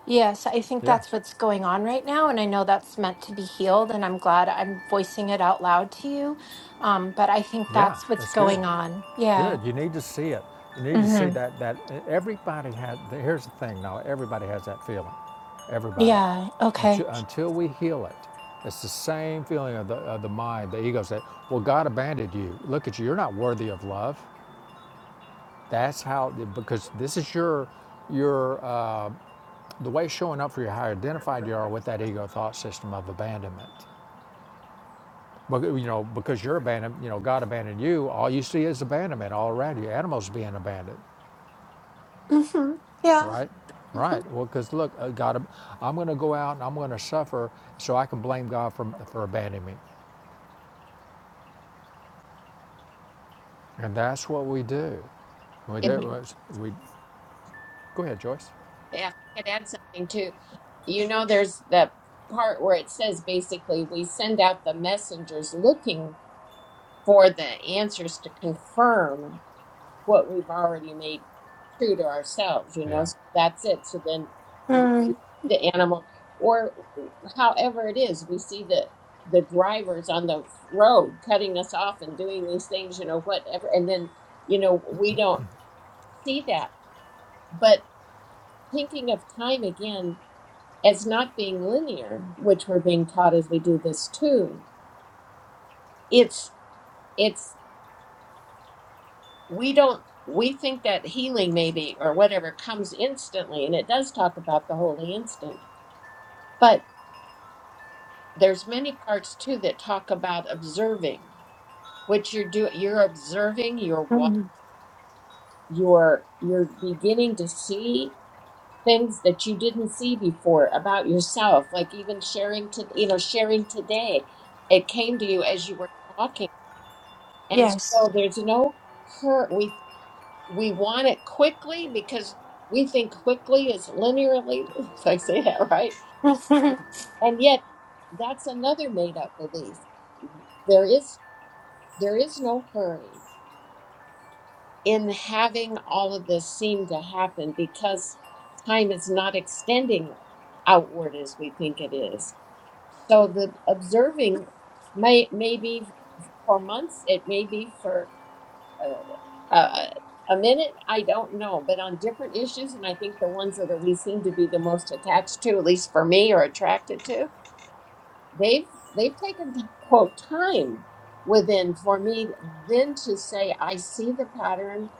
[SPEAKER 4] Yes, I think
[SPEAKER 3] Yeah,
[SPEAKER 4] that's what's going on right now. And I know that's meant to be healed. And I'm glad I'm voicing it out loud to you. Um, but I think
[SPEAKER 3] yeah.
[SPEAKER 4] that's what's
[SPEAKER 3] That's good.
[SPEAKER 4] going on. Yeah.
[SPEAKER 3] Good. You need to see it. You need to see
[SPEAKER 4] hmm
[SPEAKER 3] that that e, everybody has. Here's the thing. Now everybody has that feeling. Everybody,
[SPEAKER 4] Yeah. Okay.
[SPEAKER 3] until, until we heal it, it's the same feeling of the of the mind. The ego said, "Well, God abandoned you. Look at you. You're not worthy of love." That's how because this is your your uh, the way showing up for you. How identified you are with that ego thought system of abandonment. But you know, because you're abandoned, you know, God abandoned you. All you see is abandonment all around you. Animals being abandoned.
[SPEAKER 4] hmm Yeah.
[SPEAKER 3] Right? Right. Well, because look, uh, God, I'm going to go out and I'm going to suffer so I can blame God for, for abandoning me. And that's what we do. We
[SPEAKER 1] if
[SPEAKER 3] do. We, go ahead, Joyce.
[SPEAKER 1] if I could add something too, you know, there's that part where it says basically we send out the messengers looking for the answers to confirm what we've already made true to ourselves, you know?
[SPEAKER 3] Yeah.
[SPEAKER 1] So that's it. So then we, we
[SPEAKER 4] hmm
[SPEAKER 1] see the animal, or however it is, we see the the drivers on the road cutting us off and doing these things, you know, whatever. And then, you know, we don't see that. But thinking of time again as not being linear, which we're being taught as we do this too, it's it's we don't we think that healing maybe or whatever comes instantly and it does talk about the holy instant but there's many parts too that talk about observing Which you're doing you're observing you're wa- you're you're beginning to see things that you didn't see before about yourself like even sharing to you know sharing today it came to you as you were talking and
[SPEAKER 4] Yes.
[SPEAKER 1] so there's no hurt. we want it quickly because we think quickly is linearly, if I say that right. And yet that's another made up belief. There is there is no hurry in having all of this seem to happen because time is not extending outward as we think it is. So the observing may may be for months, it may be for uh, uh, a minute, I don't know, but on different issues, and I think the ones that are, we seem to be the most attached to, at least for me, or attracted to, they've they've taken the quote time within for me then to say, I see the pattern.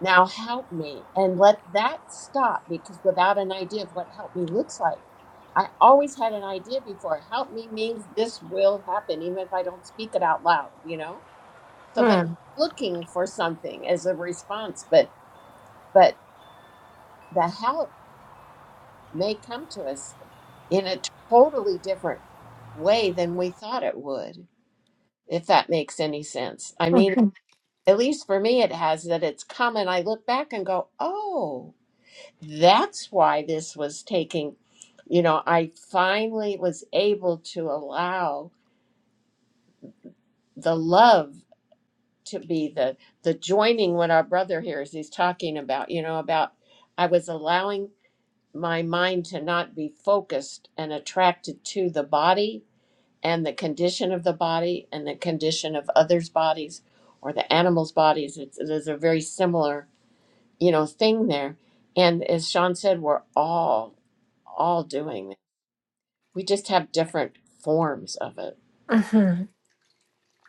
[SPEAKER 1] Now help me and let that stop because without an idea of what help me looks like, I always had an idea before. Help me means this will happen, even if I don't speak it out loud, you know? So then
[SPEAKER 4] hmm
[SPEAKER 1] looking for something as a response, but but the help may come to us in a totally different way than we thought it would, if that makes any sense. I mean, at least for me it has that it's come and I look back and go, "Oh, that's why this was taking, you know, I finally was able to allow the love to be the the joining what our brother here is he's talking about, you know, about I was allowing my mind to not be focused and attracted to the body and the condition of the body and the condition of others' bodies or the animals' bodies. It's, it is a very similar, you know, thing there. And as Sean said, we're all all doing that. We just have different forms of it.
[SPEAKER 4] hmm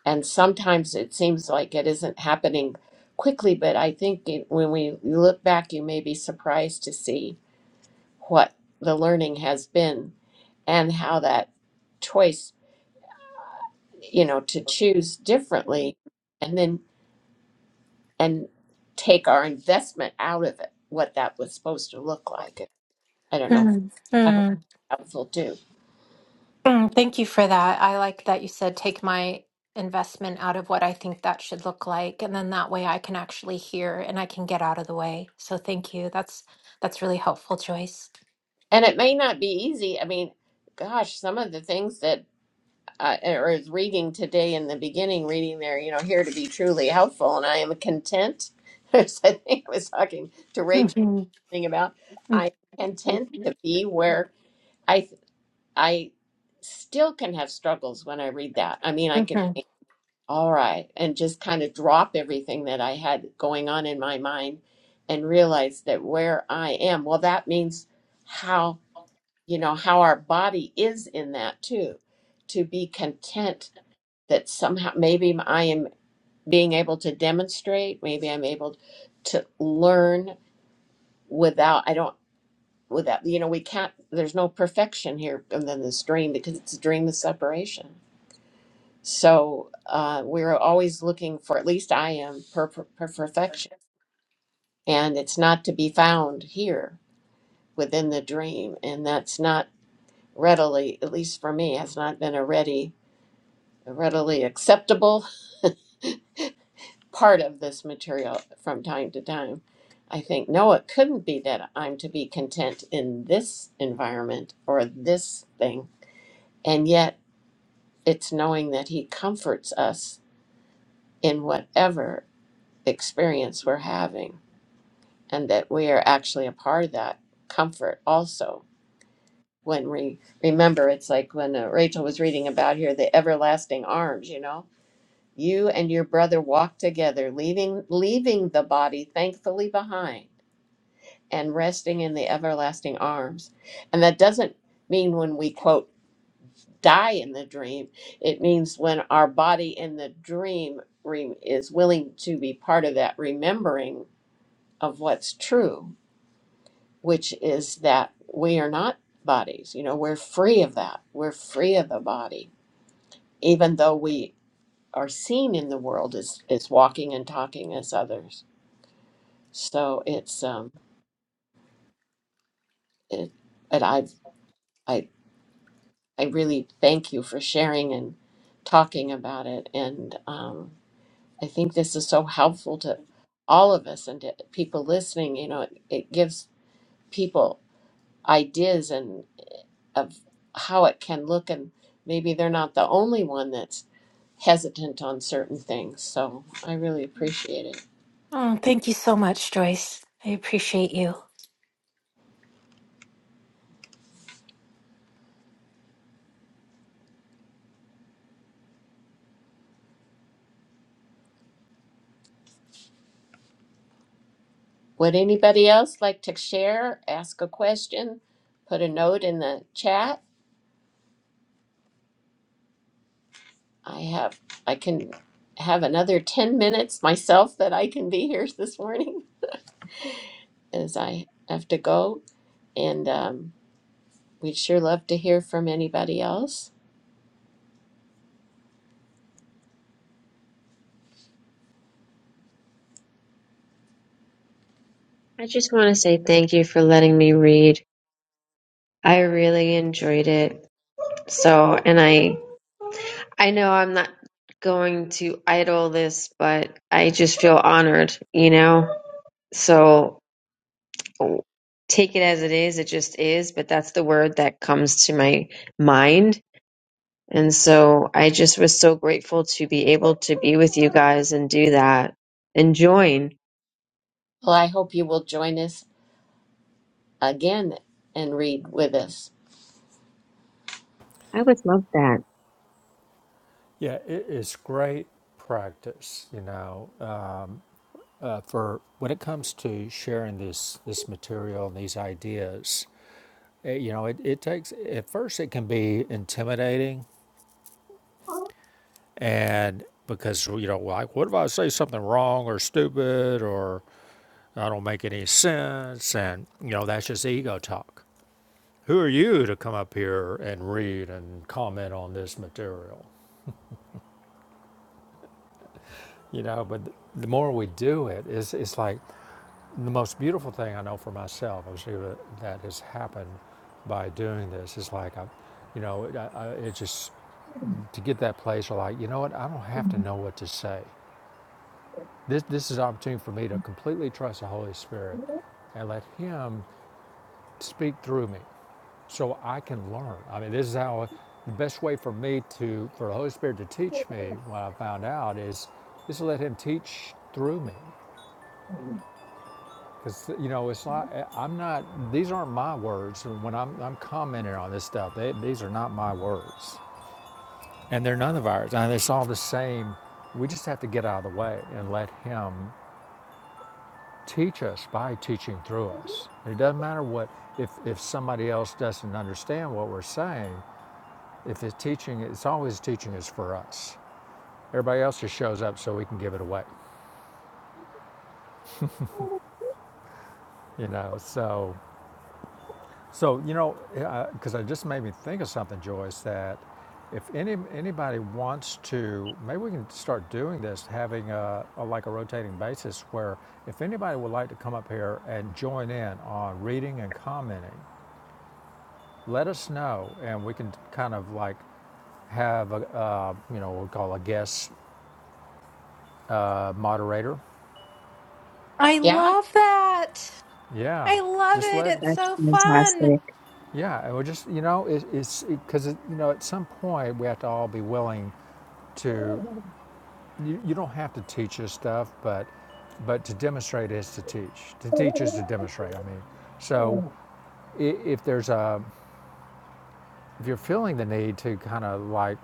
[SPEAKER 1] And sometimes it seems like it isn't happening quickly, but I think it, when we look back, you may be surprised to see what the learning has been and how that choice, you know, to choose differently and then and take our investment out of it, what that was supposed to look like. I don't know. I hope
[SPEAKER 4] hmm
[SPEAKER 1] that's helpful too.
[SPEAKER 4] Mm, Thank you for that. I like that you said take my investment out of what I think that should look like, and then that way I can actually hear and I can get out of the way. So thank you. That's that's really helpful, Joyce.
[SPEAKER 1] And it may not be easy. I mean, gosh, some of the things that I or is reading today in the beginning, reading there, you know, here to be truly helpful, and I am content. As I think I was talking to Rachel
[SPEAKER 4] hmm
[SPEAKER 1] about, I am content to be where. I. I still can have struggles when I read that. I mean, I can
[SPEAKER 4] hmm
[SPEAKER 1] think, all right, and just kind of drop everything that I had going on in my mind and realize that where I am, well, that means how, you know, how our body is in that too, to be content that somehow maybe I am being able to demonstrate, maybe I'm able to learn without, I don't. Without, you know, we can't, there's no perfection here. And then this dream, because it's a dream of separation. So uh, we're always looking for, at least I am, per, per, per perfection. And it's not to be found here within the dream. And that's not readily, at least for me, has not been a ready, a readily acceptable part of this material from time to time. I think, no, it couldn't be that I'm to be content in this environment or this thing. And yet it's knowing that He comforts us in whatever experience we're having and that we are actually a part of that comfort also when we remember it's like when uh, rachel was reading about here the everlasting arms you know you and your brother walk together leaving leaving the body thankfully behind and resting in the everlasting arms and that doesn't mean when we quote die in the dream it means when our body in the dream re- is willing to be part of that remembering of what's true which is that we are not bodies. You know, we're free of that. We're free of the body, even though we are seen in the world as, as walking and talking as others. So it's um it and I I I really thank you for sharing and talking about it. And um I think this is so helpful to all of us and to people listening. You know, it, it gives people ideas of how it can look and maybe they're not the only one that's hesitant on certain things so i really appreciate it
[SPEAKER 4] Oh, thank you so much, Joyce. I appreciate you.
[SPEAKER 1] would anybody else like to share ask a question put a note in the chat i have i can have another 10 minutes myself that i can be here this morning as i have to go and um, we'd sure love to hear from anybody else
[SPEAKER 2] i just want to say thank you for letting me read i really enjoyed it So, and I I know I'm not going to idle this, but I just feel honored, you know? So take it as it is, it just is, but that's the word that comes to my mind. And so I just was so grateful to be able to be with you guys and do that and join.
[SPEAKER 1] well i hope you will join us again and read with us
[SPEAKER 2] I would love that.
[SPEAKER 3] Yeah, it is great practice, you know, um, uh, for when it comes to sharing this, this material and these ideas. eh, you know, it, it takes, at first, it can be intimidating and because you know like what if i say something wrong or stupid or I don't make any sense. And, you know, that's just ego talk. Who are you to come up here and read and comment on this material? You know, but the more we do it, it's, it's like the most beautiful thing I know for myself, obviously, that, that has happened by doing this It's like, I, you know, I, I, it just to get that place where, like, you know what, I don't have to know what to say. This, this is an opportunity for me to completely trust the Holy Spirit and let Him speak through me. so I can learn. I mean, this is how the best way for me to, for the Holy Spirit to teach me what I found out is, is to let Him teach through me. Because, you know, it's like, I'm not, these aren't my words. When I'm, I'm commenting on this stuff, they, these are not my words. And they're none of ours. And it's all the same. We just have to get out of the way and let Him teach us by teaching through us. And it doesn't matter what, if, if somebody else doesn't understand what we're saying, If it's teaching, it's always teaching is for us. Everybody else just shows up so we can give it away, you know. So, so you know, because uh, it just made me think of something, Joyce. That if any anybody wants to, maybe we can start doing this, having a, a like a rotating basis, where if anybody would like to come up here and join in on reading and commenting, let us know, and we can kind of like have a uh, you know we'll call a guest uh, moderator
[SPEAKER 4] I
[SPEAKER 1] yeah
[SPEAKER 4] love that.
[SPEAKER 3] Yeah,
[SPEAKER 4] I love
[SPEAKER 3] just
[SPEAKER 4] it.
[SPEAKER 3] let.
[SPEAKER 4] It's
[SPEAKER 2] That's
[SPEAKER 4] so fun.
[SPEAKER 2] fantastic.
[SPEAKER 3] Yeah, or just you know, it, it's because it, it, you know at some point we have to all be willing to. You, you don't have to teach us stuff, but but to demonstrate is to teach. To teach is to demonstrate. I mean, so if there's a if you're feeling the need to kind of like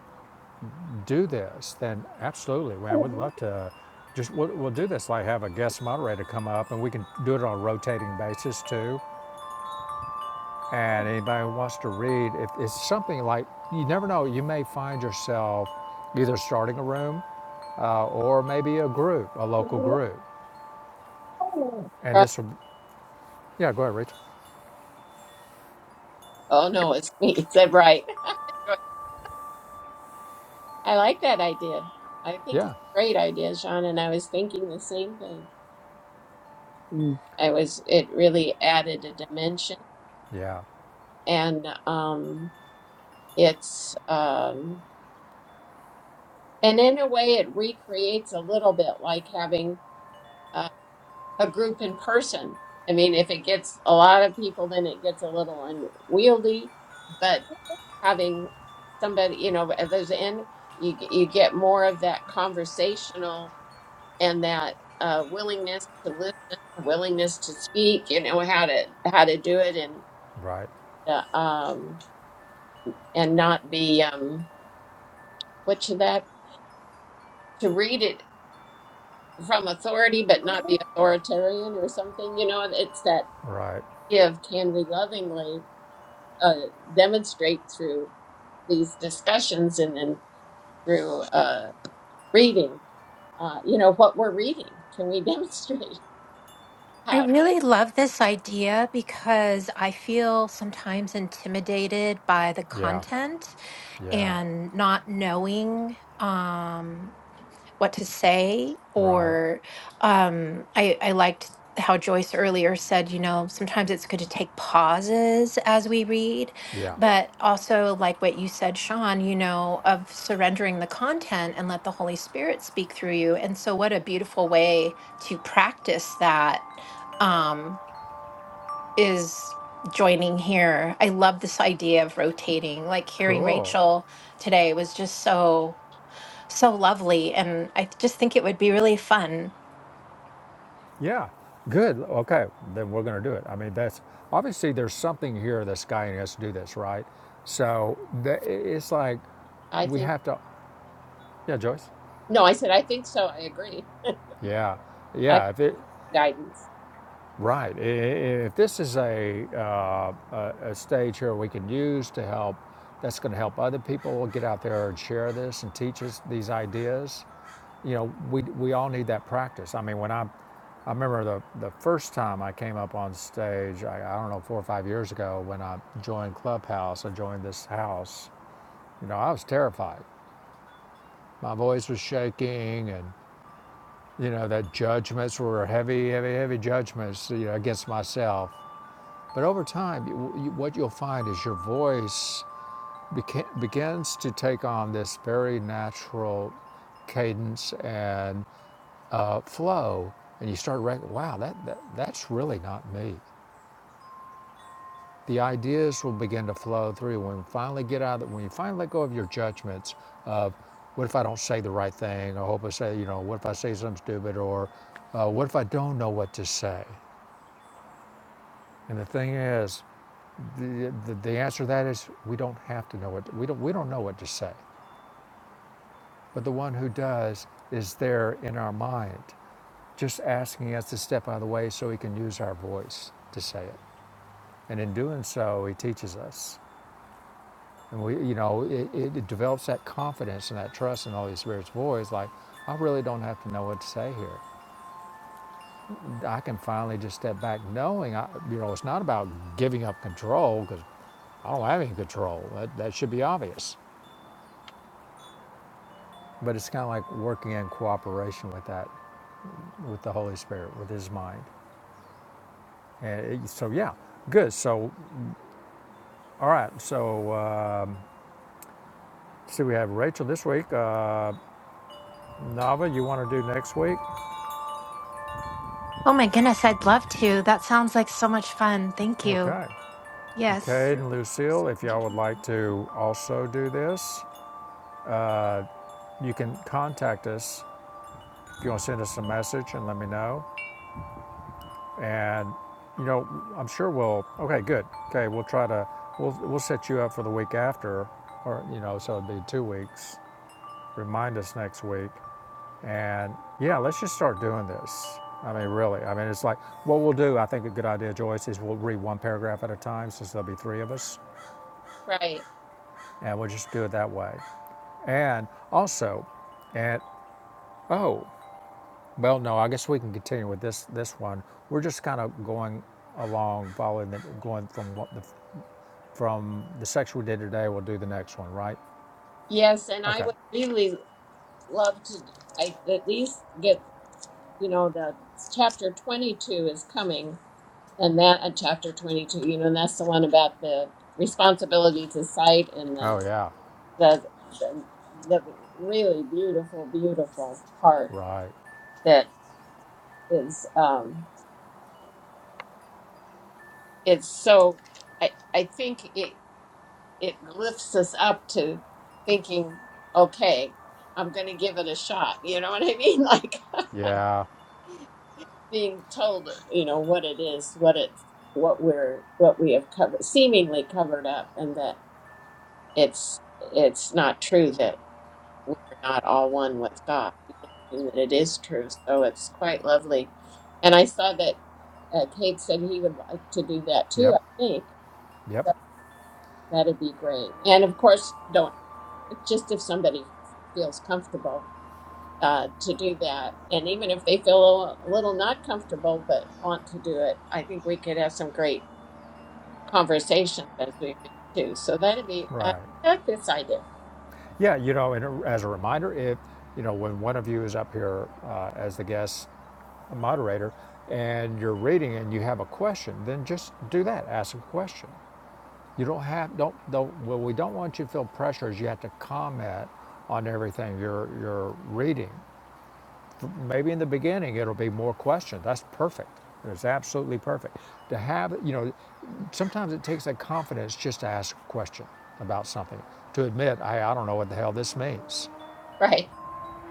[SPEAKER 3] do this, then absolutely, man, we'd love to. Just we'll, we'll do this. Like have a guest moderator come up, and we can do it on a rotating basis too and anybody who wants to read, if it's something like you never know, you may find yourself either starting a room uh, or maybe a group, a local group, and this will, yeah, go ahead, Rachel.
[SPEAKER 1] Oh no, it's me. Is right? Right. I like that idea. I think it's
[SPEAKER 3] Yeah,
[SPEAKER 1] a great idea, Sean, and I was thinking the same thing.
[SPEAKER 2] Mm.
[SPEAKER 1] I was it really added a dimension
[SPEAKER 3] yeah,
[SPEAKER 1] and um it's um and in a way it recreates a little bit like having uh, a group in person. I mean, if it gets a lot of people then it gets a little unwieldy, but having somebody, you know, at those end you you get more of that conversational and that uh, willingness to listen, willingness to speak, you know how to how to do it, and
[SPEAKER 3] right,
[SPEAKER 1] uh, um, and not be um, what should that to read it from authority, but not be authoritarian or something. You know, it's that
[SPEAKER 3] right,
[SPEAKER 1] give. Can we lovingly uh, demonstrate through these discussions and then through uh, reading? Uh, you know what we're reading. Can we demonstrate
[SPEAKER 4] I
[SPEAKER 1] how?
[SPEAKER 4] really love this idea because I feel sometimes intimidated by the
[SPEAKER 3] yeah,
[SPEAKER 4] content
[SPEAKER 3] yeah,
[SPEAKER 4] and not knowing. Um, what to say
[SPEAKER 3] right,
[SPEAKER 4] or um I I liked how Joyce earlier said, you know, sometimes it's good to take pauses as we read,
[SPEAKER 3] yeah,
[SPEAKER 4] but also like what you said, Sean, you know, of surrendering the content and let the Holy Spirit speak through you. And so what a beautiful way to practice that um is joining here. I love this idea of rotating, like hearing
[SPEAKER 3] cool,
[SPEAKER 4] Rachel today was just so so lovely. And I just think it would be really fun.
[SPEAKER 3] yeah, good. Okay, then we're gonna do it. I mean, that's obviously there's something here that's guiding us to do this, right? So the, it's like
[SPEAKER 1] I
[SPEAKER 3] we
[SPEAKER 1] think
[SPEAKER 3] have to, yeah, Joyce.
[SPEAKER 1] no. I said I think so. I agree.
[SPEAKER 3] Yeah,
[SPEAKER 1] I
[SPEAKER 3] yeah. If it,
[SPEAKER 1] guidance.
[SPEAKER 3] right. I- i- If this is a, uh, a a stage here we can use to help, that's going to help other people get out there and share this and teach us these ideas. You know, we we all need that practice. I mean, when I, I remember the the first time I came up on stage. I, I don't know four or five years ago when I joined Clubhouse. I joined this house. You know, I was terrified. My voice was shaking and You know, the judgments were heavy, heavy, heavy judgments you know, against myself. But over time, you, you, what you'll find is your voice beca- begins to take on this very natural cadence and uh, flow, and you start rec- wow, that, that that's really not me. The ideas will begin to flow through when you finally get out of the, when you finally let go of your judgments of what if I don't say the right thing, or hope I say you know what if I say something stupid, or uh, what if I don't know what to say. And the thing is, the, the, the answer to that is we don't have to know what we don't we don't know what to say. But the one who does is there in our mind, just asking us to step out of the way so he can use our voice to say it. And in doing so, he teaches us. And we, you know, it, it, develops that confidence and that trust in the Holy Spirit's voice. Like, I really don't have to know what to say here. I can finally just step back, knowing, I, you know, it's not about giving up control because I don't have any control. That, that should be obvious. But it's kind of like working in cooperation with that, with the Holy Spirit, with His mind. And so, yeah, good. So, all right. So, um see, we have Rachel this week. Uh, Nava, you want to do next week?
[SPEAKER 4] Oh my goodness, I'd love to. That sounds like so much fun. Thank you.
[SPEAKER 3] Okay.
[SPEAKER 4] Yes.
[SPEAKER 3] Cade and Lucille, if y'all would like to also do this, you can contact us. If you want to send us a message and let me know. And, you know, I'm sure we'll, okay, good. Okay, we'll try to, we'll, we'll set you up for the week after, or, you know, so it'd be two weeks Remind us next week. And yeah, let's just start doing this. I mean, really. I mean, it's like what we'll do. I think a good idea, Joyce, is we'll read one paragraph at a time since there'll be three of us,
[SPEAKER 1] Right.
[SPEAKER 3] and we'll just do it that way. And also, and oh, well, no, I guess we can continue with this this one. We're just kind of going along, following the going from what the from the section we did today. We'll do the next one, right?
[SPEAKER 1] Yes, and I
[SPEAKER 3] Okay.
[SPEAKER 1] would really love to I at least get, you know, the chapter 22 is coming and that uh, chapter 22, you know, and that's the one about the responsibility to sight and
[SPEAKER 3] Oh
[SPEAKER 1] the
[SPEAKER 3] yeah,
[SPEAKER 1] the the, the really beautiful beautiful part
[SPEAKER 3] right.
[SPEAKER 1] that is um it's so I I think it it lifts us up to thinking okay, I'm going to give it a shot. You know what I mean? Like
[SPEAKER 3] Yeah.
[SPEAKER 1] being told, you know, what it is, what it's, what we're, what we have covered, seemingly covered up, and that it's, it's not true that we're not all one with God, you know, and that it is true. So it's quite lovely. And I saw that uh, Kate said he would like to do that too,
[SPEAKER 3] Yep.
[SPEAKER 1] I think.
[SPEAKER 3] Yep.
[SPEAKER 1] So that'd be great. And of course, don't, just if somebody feels comfortable uh, to do that. And even if they feel a little not comfortable but want to do it, I think we could have some great conversations as we read too. So that'd be I
[SPEAKER 3] Right.
[SPEAKER 1] like this idea,
[SPEAKER 3] Yeah, you know, and uh, as a reminder, if, you know, when one of you is up here uh, as the guest moderator and you're reading and you have a question, then just do that. Ask a question. You don't have, don't, don't, well, we don't want you to feel pressure as you have to comment on everything you're, you're reading. Maybe in the beginning it'll be more questions. That's perfect. It's absolutely perfect. To have, you know, sometimes it takes that confidence just to ask a question about something, to admit, hey, I don't know what the hell this means
[SPEAKER 1] right?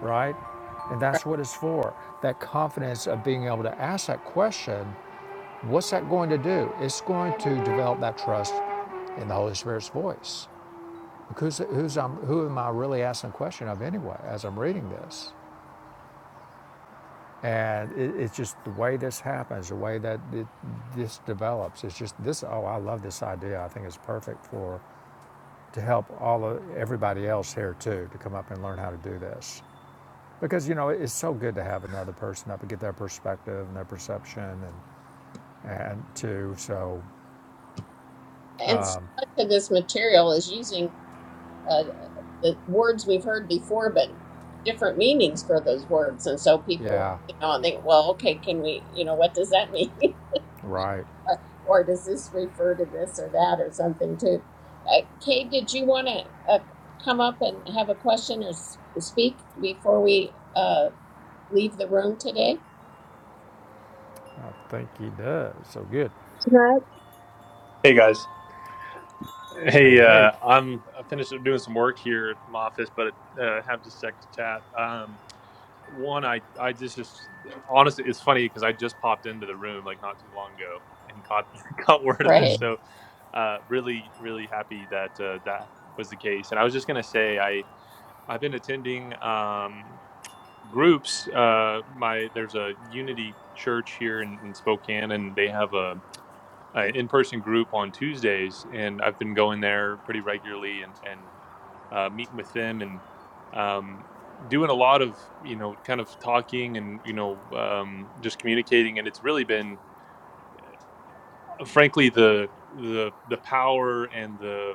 [SPEAKER 3] right? And
[SPEAKER 1] Right.
[SPEAKER 3] that's what it's for. That confidence of being able to ask that question, what's that going to do? It's going to develop that trust in the Holy Spirit's voice. Because who's I'm, who am I really asking a question of anyway as I'm reading this? And it, it's just the way this happens, the way that it, this develops. It's just this. Oh, I love this idea. I think it's perfect for to help all of, everybody else here too to come up and learn how to do this. because you know it's so good to have another person up and get their perspective and their perception and and too so
[SPEAKER 1] And so much of this material is using uh, the words we've heard before, but different meanings for those words. And so people,
[SPEAKER 3] yeah
[SPEAKER 1] you know, think, well, okay, can we, you know, what does that mean?
[SPEAKER 3] right
[SPEAKER 1] uh, or does this refer to this or that or something too? Uh, Kay, did you want to uh, come up and have a question or s- speak before we uh, leave the room today?
[SPEAKER 3] i think he does so good
[SPEAKER 2] Can I,
[SPEAKER 5] Hey guys.
[SPEAKER 3] hey
[SPEAKER 5] Hey,
[SPEAKER 3] hey
[SPEAKER 5] uh, I'm I finished up doing some work here at my office, but uh, have just a sec to chat. Um, one, I I just just honestly, it's funny because I just popped into the room like not too long ago and caught caught word of this.
[SPEAKER 1] Right.
[SPEAKER 5] So, uh, really really happy that uh, that was the case. And I was just gonna say I I've been attending um, groups. Uh, my there's a Unity church here in, in Spokane, and they have a uh, in-person group on Tuesdays, and I've been going there pretty regularly and and uh, meeting with them and um, doing a lot of you know kind of talking and you know um, just communicating, and it's really been uh, frankly the the the power and the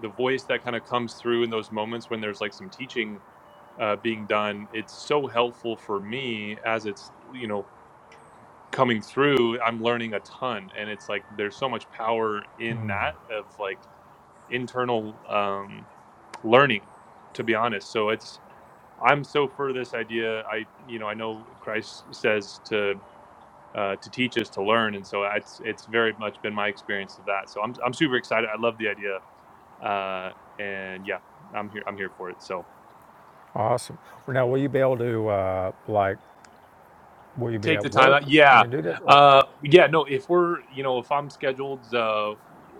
[SPEAKER 5] the voice that kind of comes through in those moments when there's like some teaching uh, being done. It's so helpful for me as it's you know coming through i'm learning a ton and it's like there's so much power in that of like internal um learning to be honest so it's i'm so for this idea i you know i know christ says to uh, to teach us to learn and so it's it's very much been my experience of that so i'm, I'm super excited i love the idea uh and yeah i'm here i'm here for it so
[SPEAKER 3] awesome now will you be able to uh like will you be
[SPEAKER 5] take the
[SPEAKER 3] at
[SPEAKER 5] time out.
[SPEAKER 3] work
[SPEAKER 5] Yeah.
[SPEAKER 3] when you do this or
[SPEAKER 5] Uh, yeah, no, if we're, you know, if I'm scheduled, uh,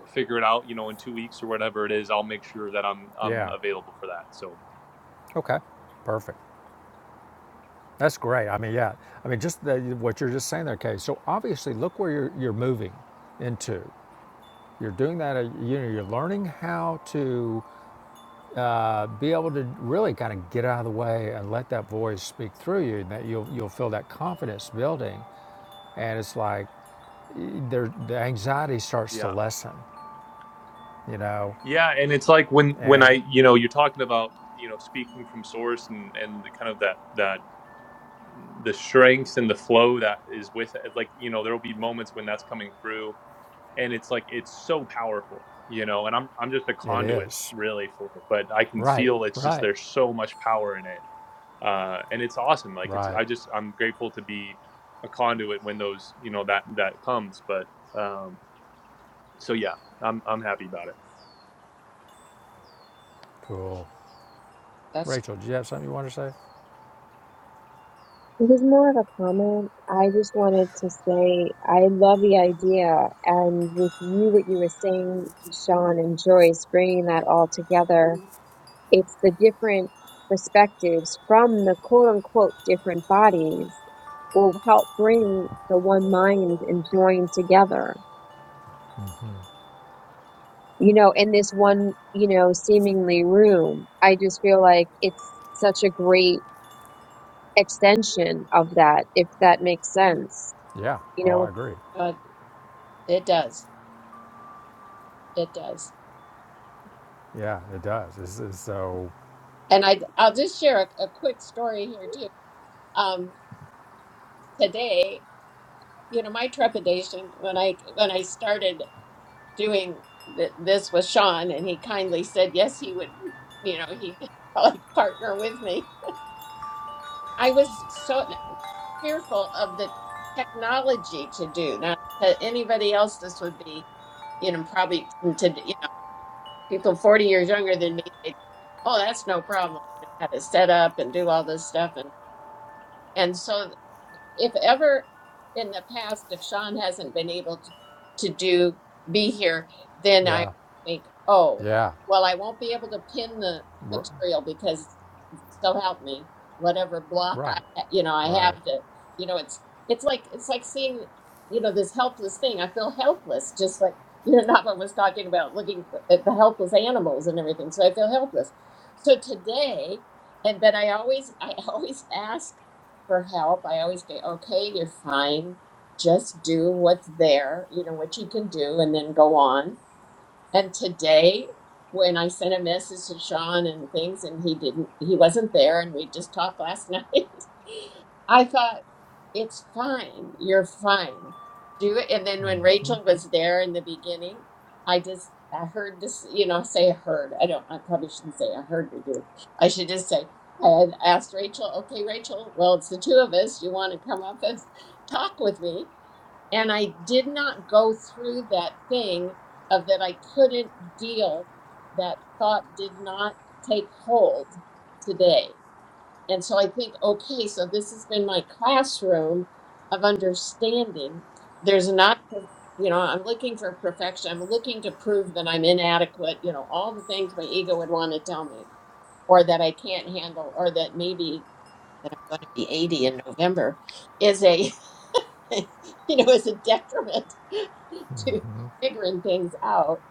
[SPEAKER 5] figure it out, you know, in two weeks or whatever it is, I'll make sure that I'm, I'm
[SPEAKER 3] yeah
[SPEAKER 5] available for that. So
[SPEAKER 3] okay perfect that's great i mean yeah i mean just the, what you're just saying there kay so obviously look where you're you're moving into you're doing that uh, you know you're learning how to uh, be able to really kind of get out of the way and let that voice speak through you, and that you'll you'll feel that confidence building, and it's like y- there the anxiety starts to
[SPEAKER 5] yeah.
[SPEAKER 3] lessen, you know,
[SPEAKER 5] Yeah. And it's like when, when I,
[SPEAKER 3] and
[SPEAKER 5] you know, you're talking about, you know, speaking from source and, and the kind of that, that, the strengths and the flow that is with it. Like, you know, there'll be moments when that's coming through and it's like it's so powerful you know and i'm i'm just a
[SPEAKER 3] it
[SPEAKER 5] conduit
[SPEAKER 3] is
[SPEAKER 5] really for it but i can
[SPEAKER 3] right,
[SPEAKER 5] feel it's just
[SPEAKER 3] right,
[SPEAKER 5] there's so much power in it uh and it's awesome like it's
[SPEAKER 3] right,
[SPEAKER 5] i just i'm grateful to be a conduit when those you know that that comes but um so yeah i'm i'm happy about it
[SPEAKER 3] cool.
[SPEAKER 1] That's
[SPEAKER 3] Rachel, do you have something you want to say?
[SPEAKER 2] it was more of a comment. I just wanted to say I love the idea. And with you, what you were saying, Sean and Joyce, bringing that all together, it's the different perspectives from the quote unquote different bodies will help bring the one mind and join together. you know, in this one, you know, seemingly room. I just feel like it's such a great extension of that, if that makes sense.
[SPEAKER 3] Yeah.
[SPEAKER 2] You
[SPEAKER 3] Oh,
[SPEAKER 2] know,
[SPEAKER 3] I agree.
[SPEAKER 1] good. It does. It does.
[SPEAKER 3] Yeah, it does. It's, it's so.
[SPEAKER 1] And I, I'll just share a, a quick story here too. Um, today, you know, my trepidation when I when I started doing th- this with Sean, and he kindly said yes, he would. You know, he like partner with me I was so fearful of the technology to do. Now, to anybody else, this would be, you know, probably to, you know, people 40 years younger than me, they, oh, that's no problem. You know, how to set up and do all this stuff. And, and so if ever in the past, if Sean hasn't been able to, to do be here, then I
[SPEAKER 3] Yeah.
[SPEAKER 1] think, oh,
[SPEAKER 3] Yeah.
[SPEAKER 1] well, I won't be able to pin the
[SPEAKER 3] R-
[SPEAKER 1] material because so help me, whatever block
[SPEAKER 3] right.
[SPEAKER 1] I, you know, I
[SPEAKER 3] Right.
[SPEAKER 1] have to, you know, it's it's like it's like seeing, you know, this helpless thing. I feel helpless, just like you know, Nava was talking about looking for- at the helpless animals and everything. So I feel helpless. So today, and but I always I always ask for help. I always say, okay, you're fine. Just do what's there, you know, what you can do, and then go on and today, when I sent a message to Sean and things, and he didn't, he wasn't there, and we just talked last night, I thought, it's fine. You're fine. Do it. And then when Rachel was there in the beginning, I just, I heard this, you know, say I heard. I don't, I probably shouldn't say I heard to do. I should just say, I had asked Rachel, okay, Rachel, well, it's the two of us. You want to come up and talk with me? And I did not go through that thing of that I couldn't deal, that thought did not take hold today. And so I think, okay, so this has been my classroom of understanding. There's not, you know, I'm looking for perfection. I'm looking to prove that I'm inadequate, you know, all the things my ego would want to tell me, or that I can't handle, or that maybe that I'm going to be 80 in November is a, you know, is a detriment to figuring things out.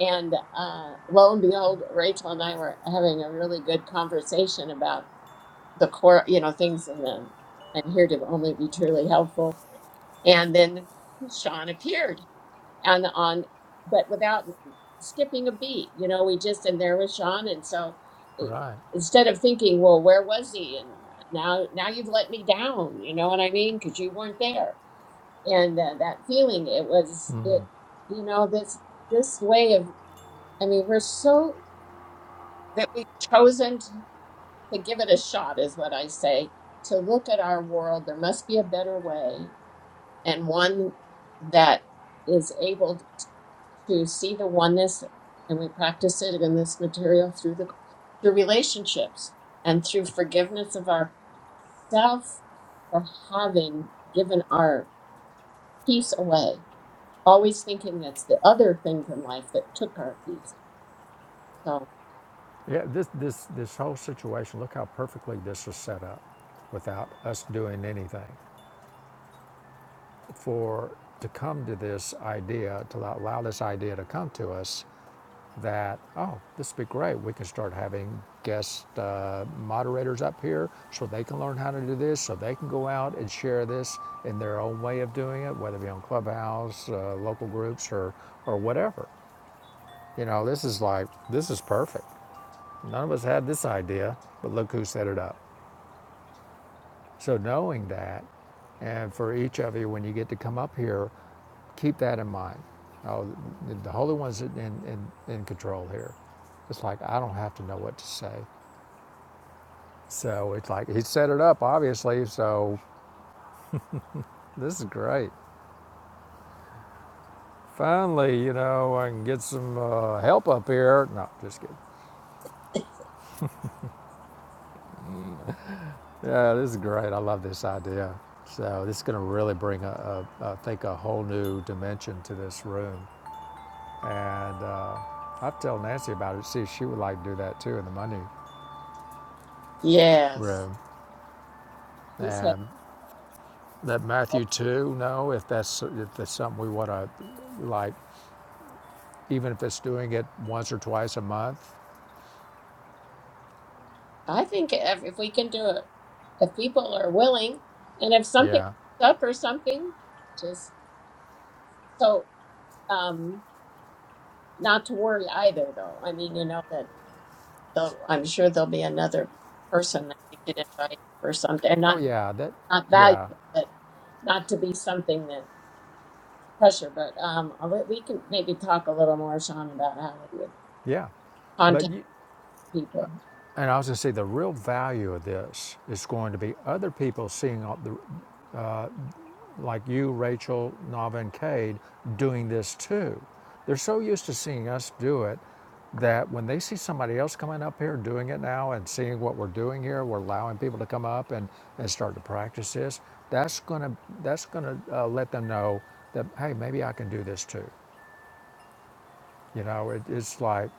[SPEAKER 1] And uh, lo and behold, Rachel and I were having a really good conversation about the core, you know, things in the and here to only be truly helpful. And then Sean appeared and on, but without skipping a beat, you know, we just and there was Sean, and so it,
[SPEAKER 3] Right.
[SPEAKER 1] instead of thinking, well, where was he? And now, now you've let me down, you know what I mean? Because you weren't there, and uh, that feeling, it was it, you know, this this way of, I mean, we're so that we've chosen to give it a shot is what I say. To look at our world, there must be a better way, and one that is able to see the oneness, and we practice it in this material through the through relationships and through forgiveness of ourself for having given our peace away. Always thinking that's the other things in life that took our peace. So
[SPEAKER 3] Yeah, this this this whole situation. Look how perfectly this was set up, without us doing anything. For to come to this idea, to allow this idea to come to us, that oh, this would be great. We can start having guest uh, moderators up here, so they can learn how to do this, so they can go out and share this in their own way of doing it, whether it be on Clubhouse, uh, local groups, or or whatever. You know, this is like this is perfect. None of us had this idea, but look who set it up. So knowing that, and for each of you when you get to come up here, keep that in mind. Oh, the- Holy One's in, in, in control here. It's like I don't have to know what to say. So it's like he set it up, obviously. So this is great. Finally, you know, I can get some uh, help up here. No, just kidding. Yeah, this is great. I love this idea. So this is going to really bring a, a, I think, a whole new dimension to this room. And uh, I've told Nancy about it. See, if she would like to do that too in the money
[SPEAKER 1] yes,
[SPEAKER 3] room.
[SPEAKER 1] she's had.
[SPEAKER 3] And let Matthew too know if that's if that's something we want to like, even if it's doing it once or twice a month.
[SPEAKER 1] I think if, if we can do it, if people are willing, and if something
[SPEAKER 3] Yeah.
[SPEAKER 1] comes up or something, just so um, not to worry either, though. I mean, you know that they'll, I'm sure there'll be another person that we could invite or something, and
[SPEAKER 3] Oh
[SPEAKER 1] not
[SPEAKER 3] yeah. That.
[SPEAKER 1] not
[SPEAKER 3] Yeah.
[SPEAKER 1] valuable, but not to be something that pressure. But um, I would- we can maybe talk a little more, Sean, about how we would
[SPEAKER 3] Yeah. But
[SPEAKER 1] contact
[SPEAKER 3] you,
[SPEAKER 1] people.
[SPEAKER 3] and I was going to say the real value of this is going to be other people seeing the like you, Rachel, Nava, and Cade doing this too. They're so used to seeing us do it that when they see somebody else coming up here doing it now and seeing what we're doing here, we're allowing people to come up and, and start to practice this. That's gonna that's gonna uh, let them know that hey, maybe I can do this too. You know, it, it's like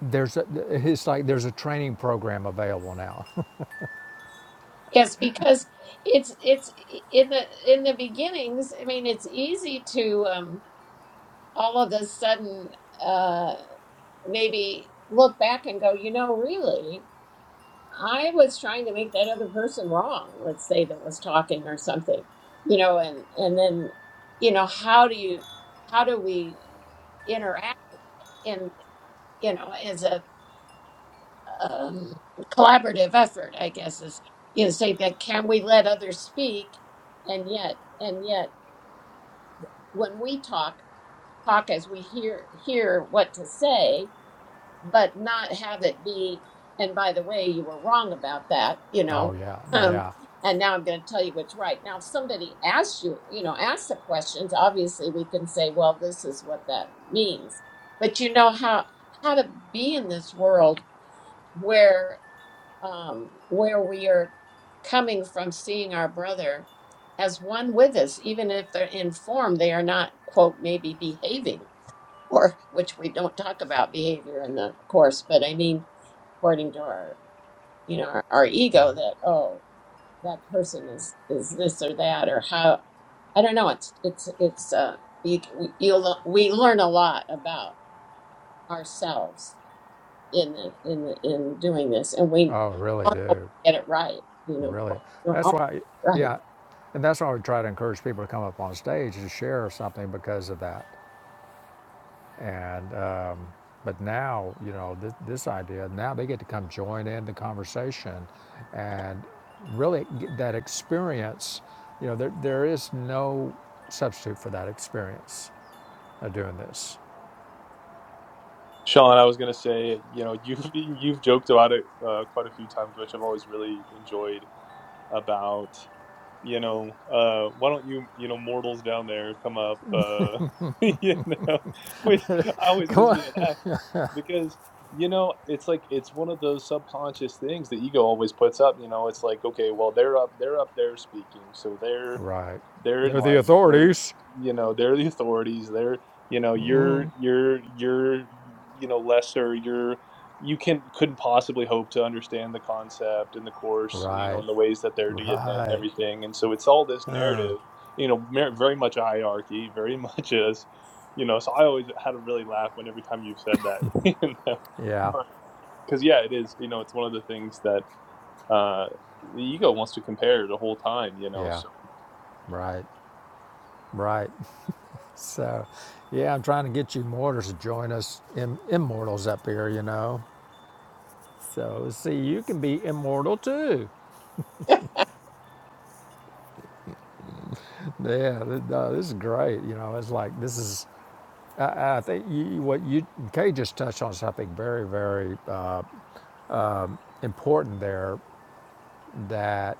[SPEAKER 3] there's a, it's like there's a training program available now.
[SPEAKER 1] Yes, because it's it's in the in the beginnings. I mean, it's easy to um, all of a sudden uh, maybe look back and go, you know, really, I was trying to make that other person wrong. Let's say that was talking or something, you know, and and then you know how do you how do we interact in you know as a um, collaborative effort, I guess, is you know say that can we let others speak, and yet and yet when we talk, talk as we hear hear what to say, but not have it be. And by the way, you were wrong about that, you know.
[SPEAKER 3] oh yeah,
[SPEAKER 1] Um,
[SPEAKER 3] yeah.
[SPEAKER 1] and now I'm going to tell you what's right. Now, if somebody asks you, you know, asks the questions, obviously we can say, well, this is what that means. But you know how how to be in this world where um, where we are coming from seeing our brother as one with us, even if they're in form, they are not, quote, maybe behaving, or which we don't talk about behavior in the course, but I mean, according to our, you know, our, our ego that, oh, that person is, is this or that, or how, I don't know. It's, it's, it's, uh, you, we, you, we learn a lot about ourselves in the, in the, in doing this, and we
[SPEAKER 3] Oh, really
[SPEAKER 1] don't always
[SPEAKER 3] do.
[SPEAKER 1] get it right. You know, we
[SPEAKER 3] Really,
[SPEAKER 1] don't
[SPEAKER 3] that's
[SPEAKER 1] always
[SPEAKER 3] why,
[SPEAKER 1] get it right.
[SPEAKER 3] yeah, and that's why we try to encourage people to come up on stage to share something because of that. And um, but now, you know, th- this idea now they get to come join in the conversation, and really get that experience. You know, there there is no substitute for that experience of doing this.
[SPEAKER 5] Sean, I was gonna say, you know, you've you've joked about it uh, quite a few times, which I've always really enjoyed. about you know, uh, why don't you, you know, mortals down there come up, uh, you know, which always gives
[SPEAKER 3] Come
[SPEAKER 5] me a
[SPEAKER 3] on.
[SPEAKER 5] laugh because, you know, it's like it's one of those subconscious things the ego always puts up, you know, it's like, okay, well, they're up they're up there speaking, so they're
[SPEAKER 3] Right,
[SPEAKER 5] they're
[SPEAKER 3] they're the
[SPEAKER 5] enlightened, they're
[SPEAKER 3] authorities.
[SPEAKER 5] you know, they're the authorities, they're you know, you're you're you're you know, lesser, you're you can couldn't possibly hope to understand the concept and the course, you know,
[SPEAKER 3] Right,
[SPEAKER 5] and the ways that they're getting it and
[SPEAKER 3] right.
[SPEAKER 5] everything. And so it's all this narrative, you know, mer- very much a hierarchy, very much as you know so i always had a really laugh when every time you've said that you know?
[SPEAKER 3] Yeah,
[SPEAKER 5] but because yeah it is you know it's one of the things that uh the ego wants to compare the whole time you know
[SPEAKER 3] yeah.
[SPEAKER 5] so
[SPEAKER 3] Right, right. So, yeah, I'm trying to get you mortals to join us Im- immortals up here, you know. So, see, you can be immortal too. Yeah, no, this is great. You know, it's like this is. I, I think you, what you Kay just touched on something very, very uh, important there. That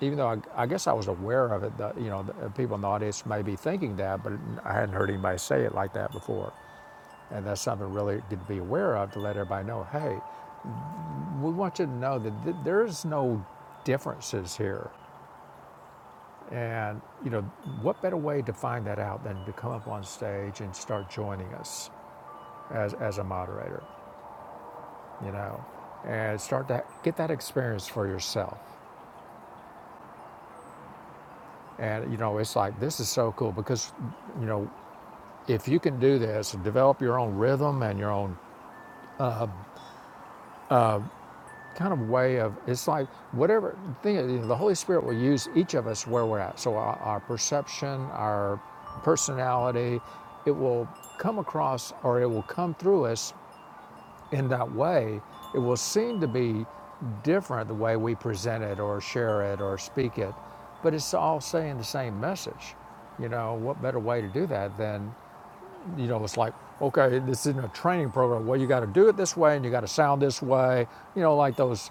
[SPEAKER 3] even though I, I guess I was aware of it, the, you know, the people in the audience may be thinking that, but I hadn't heard anybody say it like that before. And that's something really good to be aware of to let everybody know. Hey, We want you to know that th- there's no differences here. And, you know, what better way to find that out than to come up on stage and start joining us as, as a moderator, you know, and start to get that experience for yourself. And, you know, it's like, this is so cool because, you know, if you can do this and develop your own rhythm and your own kind of way of it's like whatever thing you know, the Holy Spirit will use each of us where we're at. So our, our perception, our personality, it will come across or it will come through us in that way. It will seem to be different the way we present it or share it or speak it, but it's all saying the same message. You know, what better way to do that than you know, it's like, okay, this isn't a training program. Well, you got to do it this way and you got to sound this way. You know, like those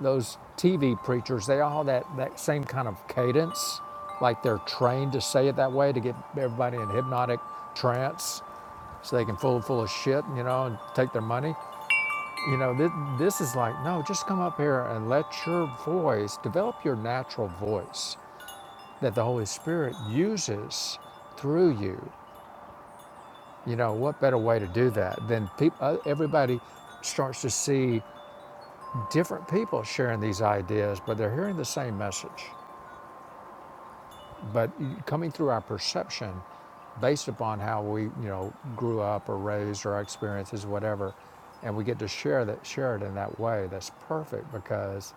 [SPEAKER 3] those TV preachers, they all have that that same kind of cadence, like they're trained to say it that way to get everybody in hypnotic trance so they can fool 'em full of shit, you know, and take their money. You know, this, this is like, no, just come up here and let your voice, develop your natural voice that the Holy Spirit uses through you you know, what better way to do that than people? everybody starts to see different people sharing these ideas, but they're hearing the same message. But coming through our perception based upon how we, you know, grew up or raised or our experiences, whatever, and we get to share that share it in that way, that's perfect because,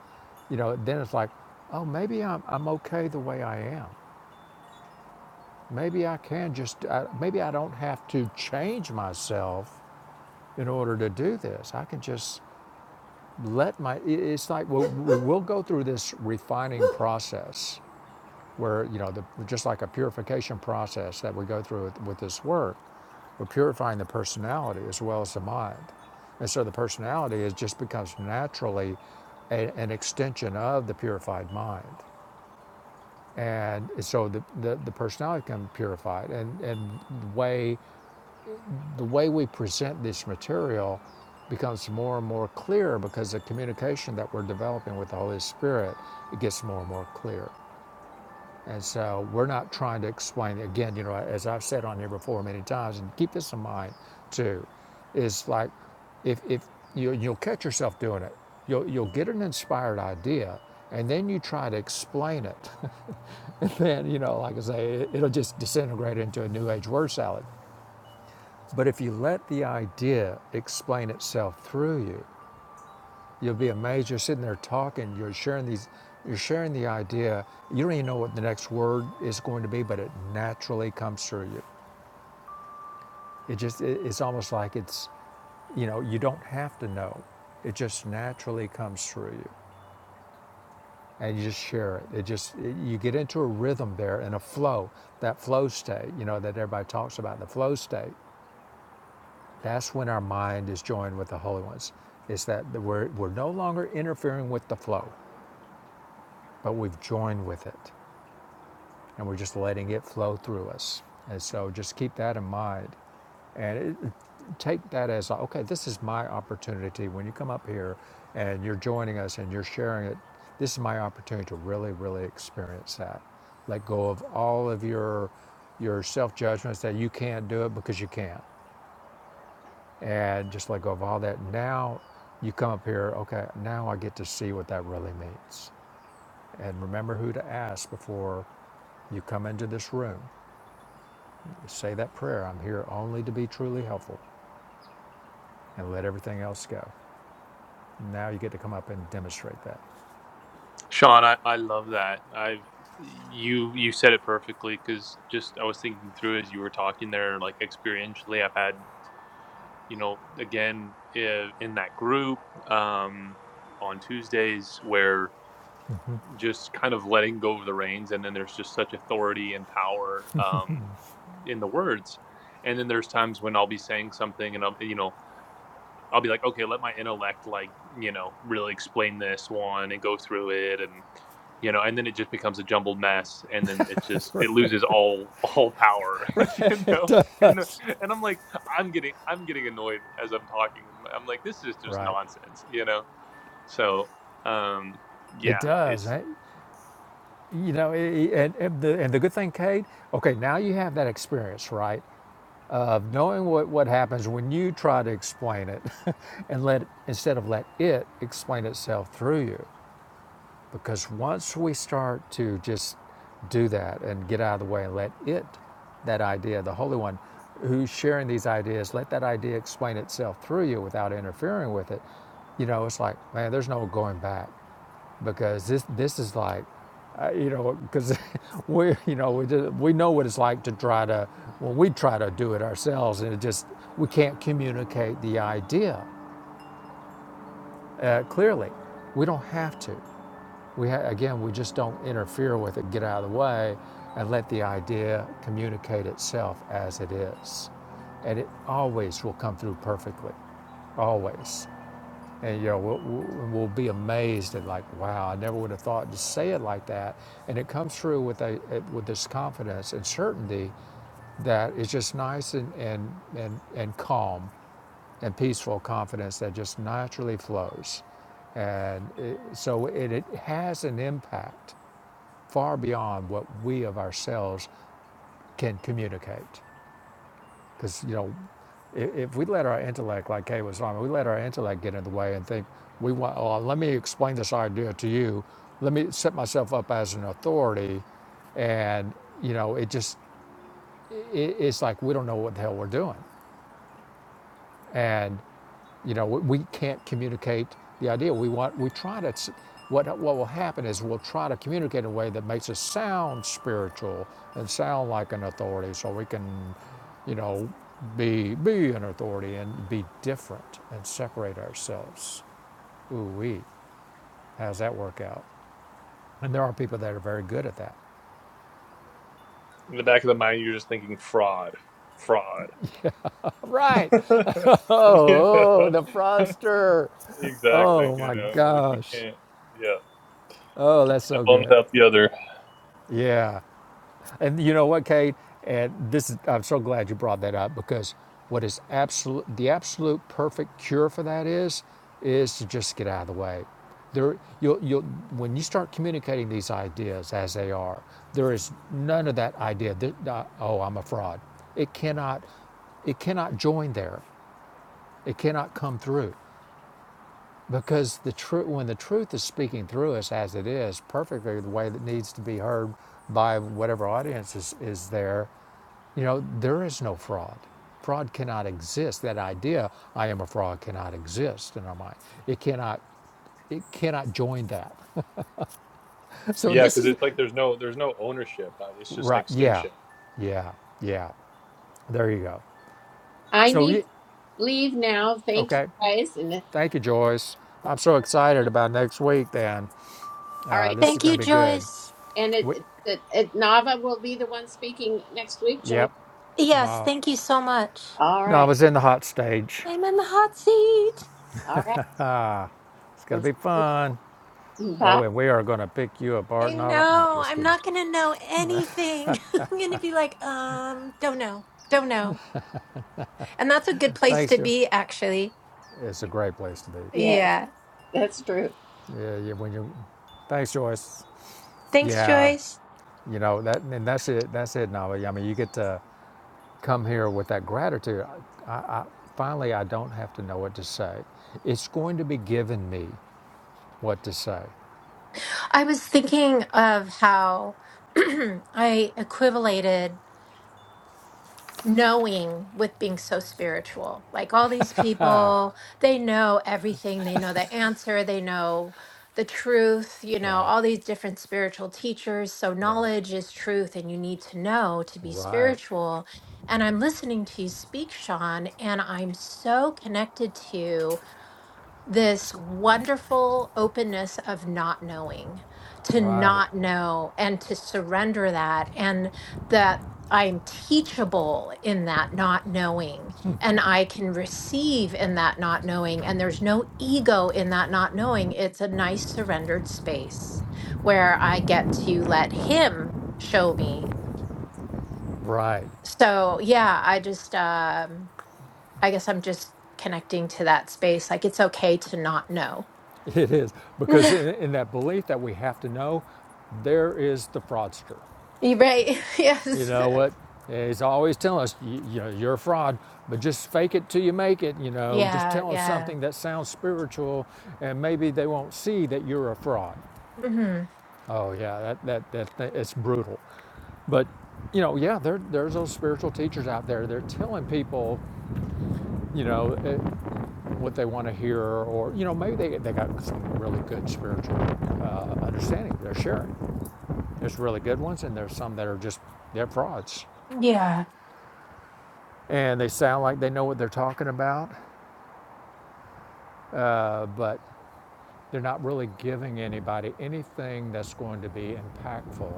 [SPEAKER 3] you know, then it's like, oh, maybe I'm, I'm okay the way I am. Maybe I can just, I, maybe I don't have to change myself in order to do this. I can just let my it's like we'll, we- will we will go through this refining process where you know the, just like a purification process that we go through with, with this work we're purifying the personality as well as the mind and so the personality is just becomes naturally a, an extension of the purified mind and so the, the, the personality can be purified and, and the way the way we present this material becomes more and more clear because the communication that we're developing with the Holy Spirit it gets more and more clear. And so we're not trying to explain again, you know, as I've said on here before many times, and keep this in mind too, is like if if you you'll catch yourself doing it. You'll you'll get an inspired idea and then you try to explain it. and then, you know, like I say, it, it'll just disintegrate into a new age word salad but if you let the idea explain itself through you, you'll be amazed. You're sitting there talking, you're sharing these, you're sharing the idea. You don't even know what the next word is going to be, but it naturally comes through you. It just, it's almost like it's, you know, you don't have to know. It just naturally comes through you and you just share it. It just, you get into a rhythm there and a flow, that flow state, you know, that everybody talks about, the flow state. That's when our mind is joined with the Holy Ones. It's that we're, we're no longer interfering with the flow, but we've joined with it and we're just letting it flow through us. And so just keep that in mind and it, take that as okay, this is my opportunity. When you come up here and you're joining us and you're sharing it, this is my opportunity to really, really experience that. Let go of all of your your self judgments that you can't do it because you can't. and just let go of all that. Now you come up here, okay, now I get to see what that really means. And remember who to ask before you come into this room. Say that prayer I'm here only to be truly helpful and let everything else go. Now you get to come up and demonstrate that,
[SPEAKER 5] Sean, I, I love that. I've you you said it perfectly because just I was thinking through as you were talking there, like experientially, I've had you know again i- in that group um, on Tuesdays where just kind of letting go of the reins, and then there's just such authority and power Um, in the words. And then there's times when I'll be saying something and I'll, you know, I'll be like, okay, let my intellect like, you know, really explain this one and go through it and you know, and then it just becomes a jumbled mess and then it just it loses all all power, you know. You know? And I'm like I'm getting I'm getting annoyed as I'm talking. I'm like this is just
[SPEAKER 3] right?
[SPEAKER 5] nonsense, you know. So, um
[SPEAKER 3] It
[SPEAKER 5] yeah,
[SPEAKER 3] does.
[SPEAKER 5] it's
[SPEAKER 3] eh? You know, it, and, and, the, and the good thing, Kate, okay, now you have that experience, right? Of knowing what, what happens when you try to explain it and let, instead of let it explain itself through you Because once we start to just do that and get out of the way and let it, that idea, the Holy One who's sharing these ideas, let that idea explain itself through you without interfering with it, you know, it's like, man, there's no going back because this, this is like, uh, you know, because we, you know, we, just, we know what it's like to try to, when we try to do it ourselves and it just, we can't communicate the idea uh, clearly. We don't have to. We ha- again, we just don't interfere with it, get out of the way, and let the idea communicate itself as it is, and it always will come through perfectly, always. And you know, we'll, we'll be amazed at like, wow, I never would have thought to say it like that, and it comes through with a with this confidence and certainty that is just nice and and and, and calm and peaceful confidence that just naturally flows and it, so it, it has an impact far beyond what we of ourselves can communicate. Because, you know, if, if we let our intellect, like Kay was on, we let our intellect get in the way and think, we want, oh, let me explain this idea to you. Let me set myself up as an authority. And, you know, it just, it, it's like we don't know what the hell we're doing. and. You know, we, can't communicate the idea. We want, we try to, what, what will happen is we'll try to communicate in a way that makes us sound spiritual and sound like an authority so we can, you know, be, be an authority and be different and separate ourselves. Ooh, wee, How's that work out? And there are people that are very good at that.
[SPEAKER 5] in the back of the mind you're just thinking fraud, fraud.
[SPEAKER 3] Right.
[SPEAKER 5] you
[SPEAKER 3] Oh,
[SPEAKER 5] know,
[SPEAKER 3] the fraudster.
[SPEAKER 5] exactly.
[SPEAKER 3] Oh
[SPEAKER 5] You
[SPEAKER 3] my
[SPEAKER 5] know, it's like you
[SPEAKER 3] gosh.
[SPEAKER 5] can't, yeah,
[SPEAKER 3] Oh,
[SPEAKER 5] can't
[SPEAKER 3] that's
[SPEAKER 5] have
[SPEAKER 3] so
[SPEAKER 5] one
[SPEAKER 3] good.
[SPEAKER 5] without the other.
[SPEAKER 3] Yeah. And you know what, Kate? And this is, I'm so glad you brought that up because what is absolute, the absolute perfect cure for that is, is to just get out of the way. There, you'll, you'll, when you start communicating these ideas as they are, there is none of that idea that, uh, oh, I'm a fraud. It cannot, it cannot join there. It cannot come through because the truth, when the truth is speaking through us as it is, perfectly the way that needs to be heard by whatever audience is, is there, you know, there is no fraud. Fraud cannot exist. That idea, I am a fraud, cannot exist in our mind. It cannot. It cannot join that. So
[SPEAKER 5] Yeah,
[SPEAKER 3] this
[SPEAKER 5] because
[SPEAKER 3] is
[SPEAKER 5] it's like there's no there's no ownership. Uh, It's just an
[SPEAKER 3] right. Yeah,
[SPEAKER 5] extension.
[SPEAKER 3] yeah, yeah. There you go.
[SPEAKER 1] I
[SPEAKER 3] So
[SPEAKER 1] need
[SPEAKER 3] yeah,
[SPEAKER 1] to leave now. Thank you
[SPEAKER 3] okay.
[SPEAKER 1] guys, and
[SPEAKER 3] Thank you, Joyce. I'm so excited about next week. Then
[SPEAKER 1] all
[SPEAKER 3] uh,
[SPEAKER 1] right,
[SPEAKER 3] this
[SPEAKER 1] and,
[SPEAKER 3] is
[SPEAKER 4] Thank
[SPEAKER 3] going
[SPEAKER 4] you,
[SPEAKER 3] to be good.
[SPEAKER 4] Joyce.
[SPEAKER 1] and
[SPEAKER 3] We,
[SPEAKER 1] it, it, it Nava will be the one speaking next week. Join.
[SPEAKER 3] yep.
[SPEAKER 4] Yes,
[SPEAKER 3] No,
[SPEAKER 4] thank you so much.
[SPEAKER 1] All
[SPEAKER 3] no, I
[SPEAKER 1] right,
[SPEAKER 3] was in the hot stage.
[SPEAKER 4] I'm in the hot seat.
[SPEAKER 1] all right.
[SPEAKER 3] It's going to
[SPEAKER 1] Well,
[SPEAKER 3] be fun. Oh,
[SPEAKER 1] bye.
[SPEAKER 3] and we are going to pick you
[SPEAKER 4] I
[SPEAKER 3] apart, Nava. No,
[SPEAKER 4] know.
[SPEAKER 3] just
[SPEAKER 4] I'm
[SPEAKER 3] kidding.
[SPEAKER 4] not going to know anything. I'm going to be like, um, don't know. Don't know. And that's a good place
[SPEAKER 3] Thanks,
[SPEAKER 4] to
[SPEAKER 3] Joe.
[SPEAKER 4] be, actually.
[SPEAKER 3] It's a great place to be.
[SPEAKER 1] Yes,
[SPEAKER 4] Yeah.
[SPEAKER 1] that's true.
[SPEAKER 3] Yeah, yeah. When you, thanks, Joyce.
[SPEAKER 4] Thanks,
[SPEAKER 3] Yeah,
[SPEAKER 4] Joyce.
[SPEAKER 3] you know that, and that's it. That's it, Nava. Yeah, I mean, you get to come here with that gratitude. Finally, I don't have to know what to say. It's going to be given me what to say.
[SPEAKER 4] I was thinking of how I equivalated knowing with being so spiritual. Like all these people, they know everything, they know the answer, they know the truth, you know,
[SPEAKER 3] Right,
[SPEAKER 4] all these different spiritual teachers. So,
[SPEAKER 3] right,
[SPEAKER 4] knowledge is truth, and you need to know to be
[SPEAKER 3] right.
[SPEAKER 4] spiritual. And I'm listening to you speak, Sean, and I'm so connected to
[SPEAKER 3] Let's
[SPEAKER 4] this
[SPEAKER 3] go. Come on.
[SPEAKER 4] wonderful openness of not knowing, to
[SPEAKER 3] Right,
[SPEAKER 4] not know and to surrender that, and that I'm teachable in that not knowing, and I can receive in that not knowing, and there's no ego in that not knowing. It's a nice surrendered space where I get to let Him show me.
[SPEAKER 3] right.
[SPEAKER 4] So, yeah, I just, um, I guess I'm just connecting to that space. Like, it's okay to not know.
[SPEAKER 3] It is because in, in that belief that we have to know, there is the fraudster.
[SPEAKER 4] You're right.
[SPEAKER 3] You
[SPEAKER 4] Yes.
[SPEAKER 3] know what? He's always telling us, you, you know, you're a fraud, but just fake it till you make it. You know, just
[SPEAKER 4] Yeah.
[SPEAKER 3] tell them
[SPEAKER 4] Yeah.
[SPEAKER 3] something that sounds spiritual, and maybe they won't see that you're a fraud.
[SPEAKER 4] hmm
[SPEAKER 3] Oh yeah, that that that, that it's brutal. But you know, yeah, there there's those spiritual teachers out there. They're telling people, you know, eh, what they want to hear, or you know, maybe they they got some really good spiritual uh, understanding. They're sharing. There's really good ones, and there's some that are just they're frauds.
[SPEAKER 4] Yeah.
[SPEAKER 3] and they sound like they know what they're talking about, uh, but they're not really giving anybody anything that's going to be impactful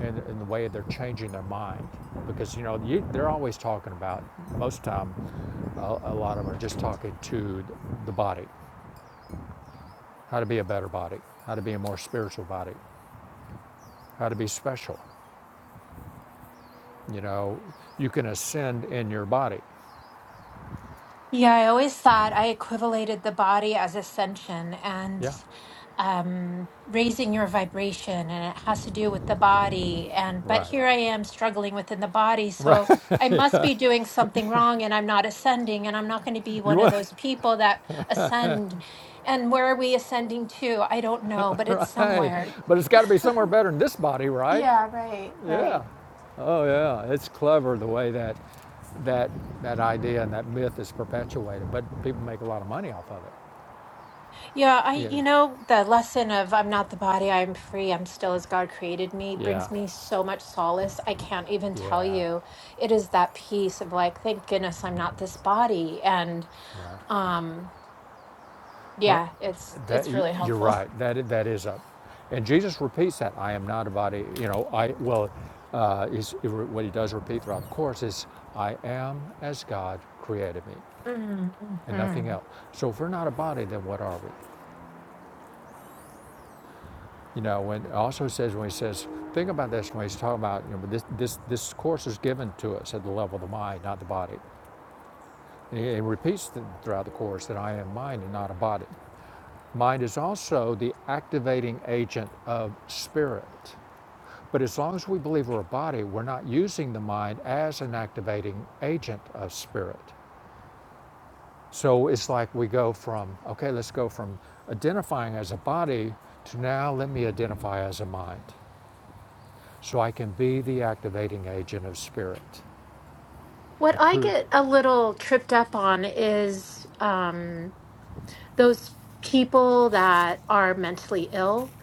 [SPEAKER 3] in, in the way they're changing their mind. Because you know you, they're always talking about most of the time, a, a lot of them are just talking to the body, how to be a better body, how to be a more spiritual body, how to be special. You know, you can ascend in your body.
[SPEAKER 4] Yeah. I always thought I equivalated the body as ascension and
[SPEAKER 3] Yeah,
[SPEAKER 4] um, raising your vibration, and it has to do with the body. And but
[SPEAKER 3] right,
[SPEAKER 4] here I am struggling within the body,
[SPEAKER 3] right.
[SPEAKER 4] so I must be doing something wrong, and I'm not ascending, and I'm not going to be
[SPEAKER 3] You
[SPEAKER 4] one of
[SPEAKER 3] want?
[SPEAKER 4] those people that ascend. And where are we ascending to? I don't know, but it's
[SPEAKER 3] Right.
[SPEAKER 4] somewhere.
[SPEAKER 3] But it's got to be somewhere better than this body, right?
[SPEAKER 4] Yeah. Right. Right.
[SPEAKER 3] Yeah. Oh yeah, it's clever the way that that that idea and that myth is perpetuated, but people make a lot of money off of it.
[SPEAKER 4] Yeah, I,
[SPEAKER 3] Yeah.
[SPEAKER 4] you know, the lesson of I'm not the body, I am free, I'm still as God created me
[SPEAKER 3] Yeah.
[SPEAKER 4] brings me so much solace. I can't even tell
[SPEAKER 3] Yeah.
[SPEAKER 4] you. It is that piece of like, thank goodness I'm not this body. And
[SPEAKER 3] Right.
[SPEAKER 4] um
[SPEAKER 3] Well,
[SPEAKER 4] yeah, it's
[SPEAKER 3] that
[SPEAKER 4] it's really
[SPEAKER 3] you're
[SPEAKER 4] helpful.
[SPEAKER 3] right. That that is a and Jesus repeats that I am not a body, you know, I well uh, is what he does repeat throughout the course is I am as God created me and nothing
[SPEAKER 4] Mm-hmm.
[SPEAKER 3] else. So if we're not a body, then what are we? You know, when it also says when he says, think about this when he's talking about you know this this this course is given to us at the level of the mind, not the body. And he, he repeats throughout the course that I am mind and not a body. Mind is also the activating agent of spirit. But as long as we believe we're a body, we're not using the mind as an activating agent of spirit. So it's like we go from, okay, let's go from identifying as a body to now let me identify as a mind. so I can be the activating agent of spirit.
[SPEAKER 4] What
[SPEAKER 3] A
[SPEAKER 4] I
[SPEAKER 3] true,
[SPEAKER 4] get a little tripped up on is um those people that are mentally ill.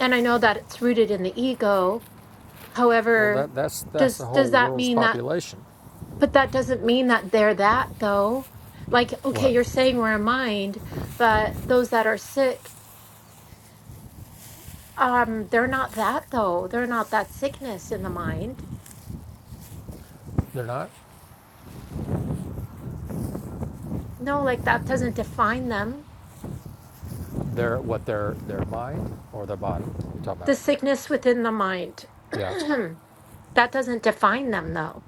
[SPEAKER 4] And I know that it's rooted in the ego.
[SPEAKER 3] well,
[SPEAKER 4] However,
[SPEAKER 3] that, that's, that's
[SPEAKER 4] does
[SPEAKER 3] the whole
[SPEAKER 4] does that
[SPEAKER 3] world's
[SPEAKER 4] mean that
[SPEAKER 3] population.
[SPEAKER 4] But that doesn't mean that they're that, though. Like, okay,
[SPEAKER 3] What?
[SPEAKER 4] you're saying we're a mind, but those that are sick, um, they're not that, though. They're not that sickness in the mind.
[SPEAKER 3] They're not?
[SPEAKER 4] No, like that doesn't define them.
[SPEAKER 3] They're what? Their, their mind or their body? You're talking
[SPEAKER 4] The
[SPEAKER 3] about?
[SPEAKER 4] sickness within the mind,
[SPEAKER 3] Yeah.
[SPEAKER 4] that doesn't define them, though.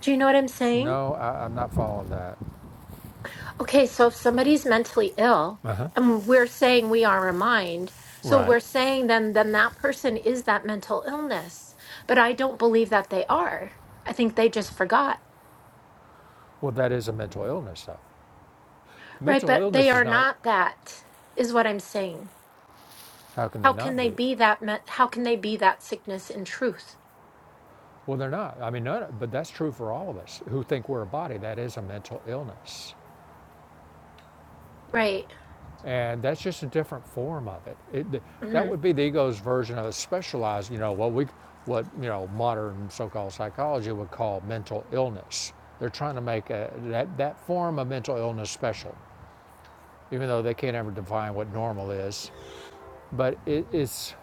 [SPEAKER 4] Do you know what I'm saying?
[SPEAKER 3] No, I, I'm not following that.
[SPEAKER 4] Okay, so if somebody's mentally ill
[SPEAKER 3] Uh huh.
[SPEAKER 4] and we're saying we are a mind, so
[SPEAKER 3] Right.
[SPEAKER 4] we're saying then then that person is that mental illness. But I don't believe that they are. I think they just forgot.
[SPEAKER 3] Well, that is a mental illness, though.
[SPEAKER 4] Right,
[SPEAKER 3] Mental
[SPEAKER 4] but they
[SPEAKER 3] illness is
[SPEAKER 4] are
[SPEAKER 3] not,
[SPEAKER 4] not that is what I'm saying.
[SPEAKER 3] how can
[SPEAKER 4] How
[SPEAKER 3] they
[SPEAKER 4] can
[SPEAKER 3] not
[SPEAKER 4] they
[SPEAKER 3] be?
[SPEAKER 4] be that me- how can they be that sickness in truth?
[SPEAKER 3] Well, they're not. I mean, none, but that's true for all of us who think we're a body. That is a mental illness.
[SPEAKER 4] Right.
[SPEAKER 3] And that's just a different form of it. it that
[SPEAKER 4] hmm
[SPEAKER 3] would be the ego's version of a specialized, you know, what we, what you know, modern so-called psychology would call mental illness. They're trying to make a, that that form of mental illness special, even though they can't ever define what normal is. But it, it's,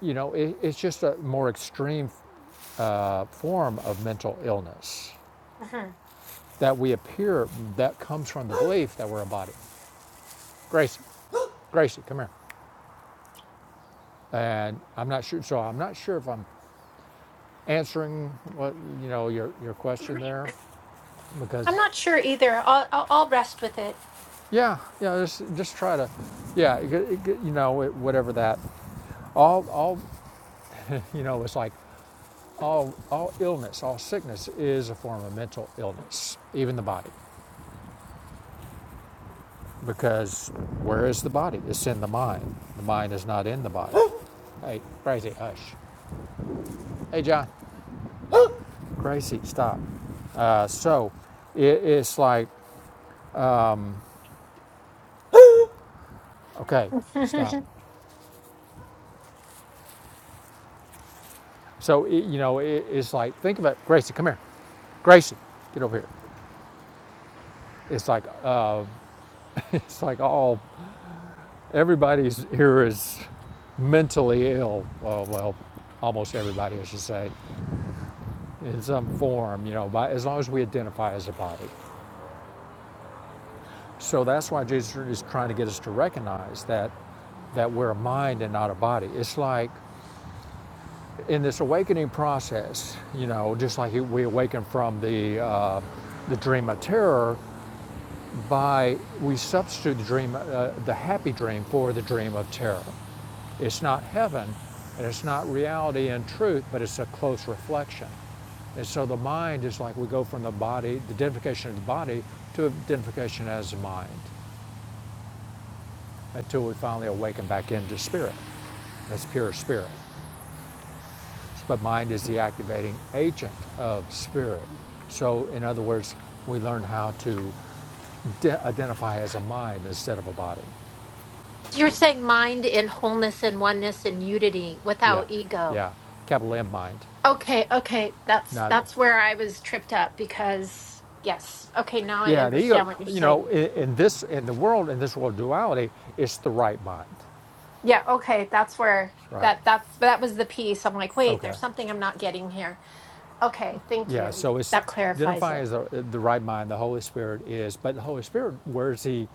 [SPEAKER 3] you know, it, it's just a more extreme uh, form of mental illness
[SPEAKER 4] hmm
[SPEAKER 3] that we appear that comes from the belief that we're a body. Gracie, Gracie, come here. And I'm not sure. So I'm not sure if I'm answering what you know your your question there
[SPEAKER 4] I'm
[SPEAKER 3] because
[SPEAKER 4] not sure either. I'll, I'll, I'll rest with it.
[SPEAKER 3] yeah yeah just just try to yeah it, it, you know it, whatever that all all you know it's like all all illness all sickness is a form of mental illness even the body because where is the body it's in the mind the mind is not in the body hey Gracie hush hey John Gracie stop uh, so it, it's like okay stop So, it, you know, it, it's like, think about Gracie, come here. Gracie, get over here. It's like, uh, it's like all, everybody's here is mentally ill. Well, well, almost everybody, I should say, in some form, you know, by, as long as we identify as a body. So that's why Jesus is trying to get us to recognize that, that we're a mind and not a body. It's like in this awakening process, you know, just like we awaken from the, uh, the dream of terror, by we substitute the dream, uh, the happy dream, for the dream of terror. It's not heaven, and it's not reality and truth, but it's a close reflection. And so the mind is like we go from the body, the identification of the body, to identification as the mind, until we finally awaken back into spirit. That's pure spirit. But mind is the activating agent of spirit. So, in other words, we learn how to de- identify as a mind instead of a body.
[SPEAKER 4] You're saying mind in wholeness and oneness and unity
[SPEAKER 3] Yeah,
[SPEAKER 4] without ego.
[SPEAKER 3] yeah. Capital M mind.
[SPEAKER 4] Okay, okay. That's
[SPEAKER 3] Not,
[SPEAKER 4] that's where I was tripped up because yes. Okay, now I
[SPEAKER 3] yeah, the ego,
[SPEAKER 4] understand what you're
[SPEAKER 3] you know,
[SPEAKER 4] saying.
[SPEAKER 3] in, in this, in the world, in this world of duality, it's the right mind.
[SPEAKER 4] Yeah, okay, that's where
[SPEAKER 3] Right.
[SPEAKER 4] that that's that was the piece. I'm like, wait,
[SPEAKER 3] Okay.
[SPEAKER 4] there's something I'm not getting here. Okay, thank
[SPEAKER 3] Yeah,
[SPEAKER 4] you.
[SPEAKER 3] so it's
[SPEAKER 4] That clarifies
[SPEAKER 3] identifying
[SPEAKER 4] it.
[SPEAKER 3] as the, the right mind, the Holy Spirit is, but the Holy Spirit, where's he,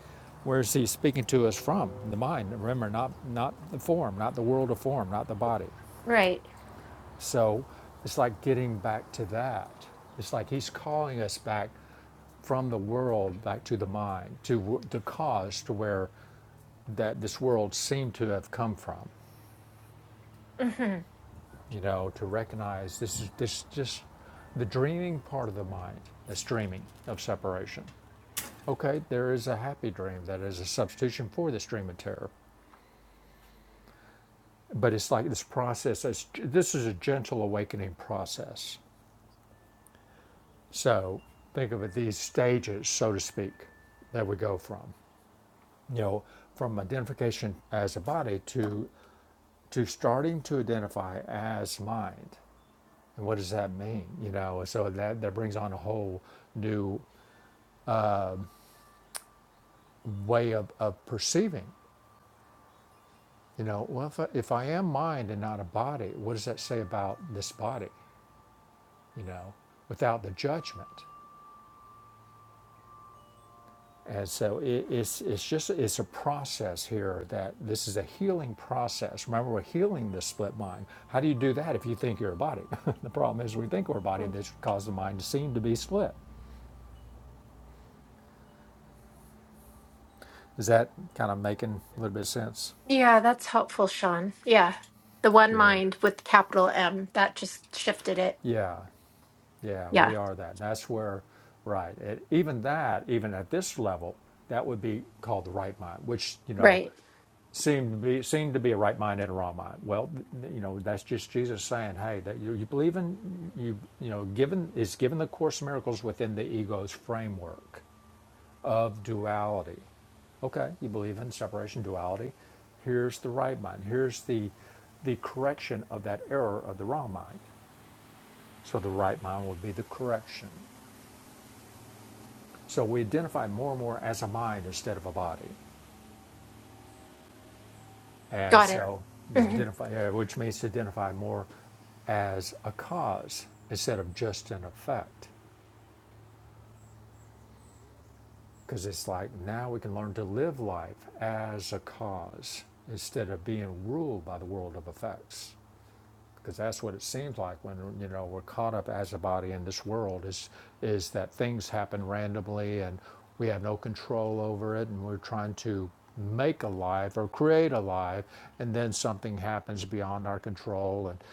[SPEAKER 3] where's he speaking to us from? The mind, remember, not, not the form, not the world of form, not the body.
[SPEAKER 4] Right.
[SPEAKER 3] So it's like getting back to that. It's like he's calling us back from the world back to the mind, to the cause, to where that this world seemed to have come from.
[SPEAKER 4] hmm
[SPEAKER 3] You know, to recognize this is this just the dreaming part of the mind that's dreaming of separation. Okay, there is a happy dream that is a substitution for this dream of terror, but it's like this process. this is a gentle awakening process So think of it these stages, so to speak, that we go from. You know, from identification as a body to to starting to identify as mind. And what does that mean? You know, so that that brings on a whole new way of, of perceiving. You know, well, if I, if I am mind and not a body, what does that say about this body? You know, without the judgment. And so it, it's it's just it's a process here that this is a healing process. Remember, we're healing the split mind. How do you do that if you think you're a body? the problem is we think we're a body. This causes the mind to seem to be split. Is that kind of making a little bit of sense?
[SPEAKER 4] Yeah, that's helpful, Sean. Yeah. The one
[SPEAKER 3] Good.
[SPEAKER 4] mind with capital M, that just shifted it.
[SPEAKER 3] Yeah. Yeah,
[SPEAKER 4] Yeah,
[SPEAKER 3] we are that. That's where, right. It, even that, even at this level, that would be called the right mind, which, you know,
[SPEAKER 4] right.
[SPEAKER 3] seemed to be seemed to be a right mind and a wrong mind. Well, th- you know, that's just Jesus saying, hey, that you, you believe in you you know, given is given the course of miracles within the ego's framework of duality. Okay, you believe in separation duality. Here's the right mind. Here's the the correction of that error of the wrong mind. So the right mind would be the correction. So we identify more and more as a mind instead of a body, as
[SPEAKER 4] Got it.
[SPEAKER 3] so
[SPEAKER 4] Mm-hmm.
[SPEAKER 3] identify, uh, which means to identify more as a cause instead of just an effect. Because it's like now we can learn to live life as a cause instead of being ruled by the world of effects. because that's what it seems like when you know we're caught up as a body in this world is is that things happen randomly and we have no control over it and we're trying to make a life or create a life and then something happens beyond our control and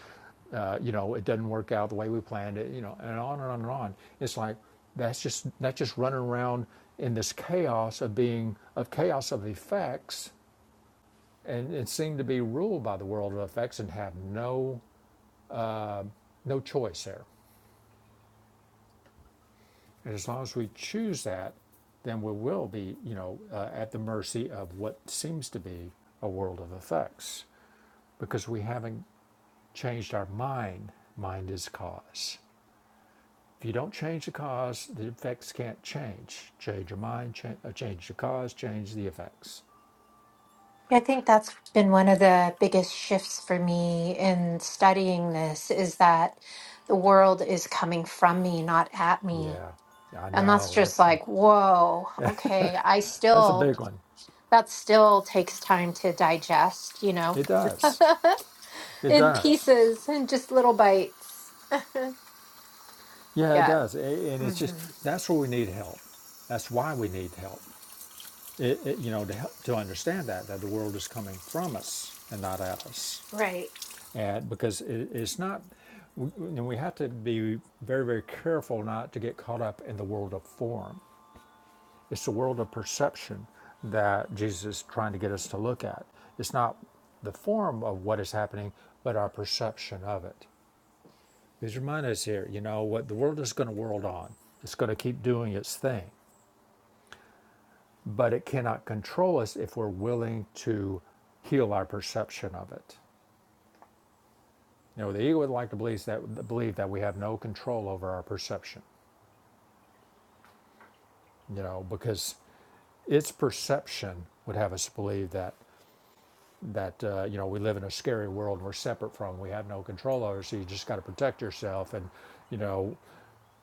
[SPEAKER 3] uh, you know it doesn't work out the way we planned it you know and on and on and on it's like that's just that's just running around in this chaos of being of chaos of effects and it seemed to be ruled by the world of effects and have no no choice there. And as long as we choose that, then we will be, you know, uh, at the mercy of what seems to be a world of effects because we haven't changed our mind. Mind is cause. If you don't change the cause, the effects can't change. Change your mind, change, change the cause, change the effects.
[SPEAKER 4] Yeah, I think that's been one of the biggest shifts for me in studying this is that the world is coming from me, not at me.
[SPEAKER 3] Yeah, I
[SPEAKER 4] And that's
[SPEAKER 3] know. That,
[SPEAKER 4] just like, whoa, okay, I
[SPEAKER 3] that's a
[SPEAKER 4] still,
[SPEAKER 3] big one.
[SPEAKER 4] that still takes time to digest, you know,
[SPEAKER 3] It does. It
[SPEAKER 4] in
[SPEAKER 3] does.
[SPEAKER 4] pieces and just little bites.
[SPEAKER 3] Yeah, it
[SPEAKER 4] yeah.
[SPEAKER 3] does. And it's
[SPEAKER 4] hmm
[SPEAKER 3] just, that's where we need help. That's why we need help it, it, you know, to, help, to understand that, that the world is coming from us and not at us.
[SPEAKER 4] Right.
[SPEAKER 3] And because it, it's not, we, and we have to be very, very careful not to get caught up in the world of form. It's the world of perception that Jesus is trying to get us to look at. It's not the form of what is happening, but our perception of it. Because your mind is here, you know, what the world is going to world on. It's going to keep doing its thing. but it cannot control us if we're willing to heal our perception of it. You know, the ego would like to believe that believe that we have no control over our perception. You know, because its perception would have us believe that that uh, you know we live in a scary world we're separate from. We have no control over. So you just got to protect yourself, and you know,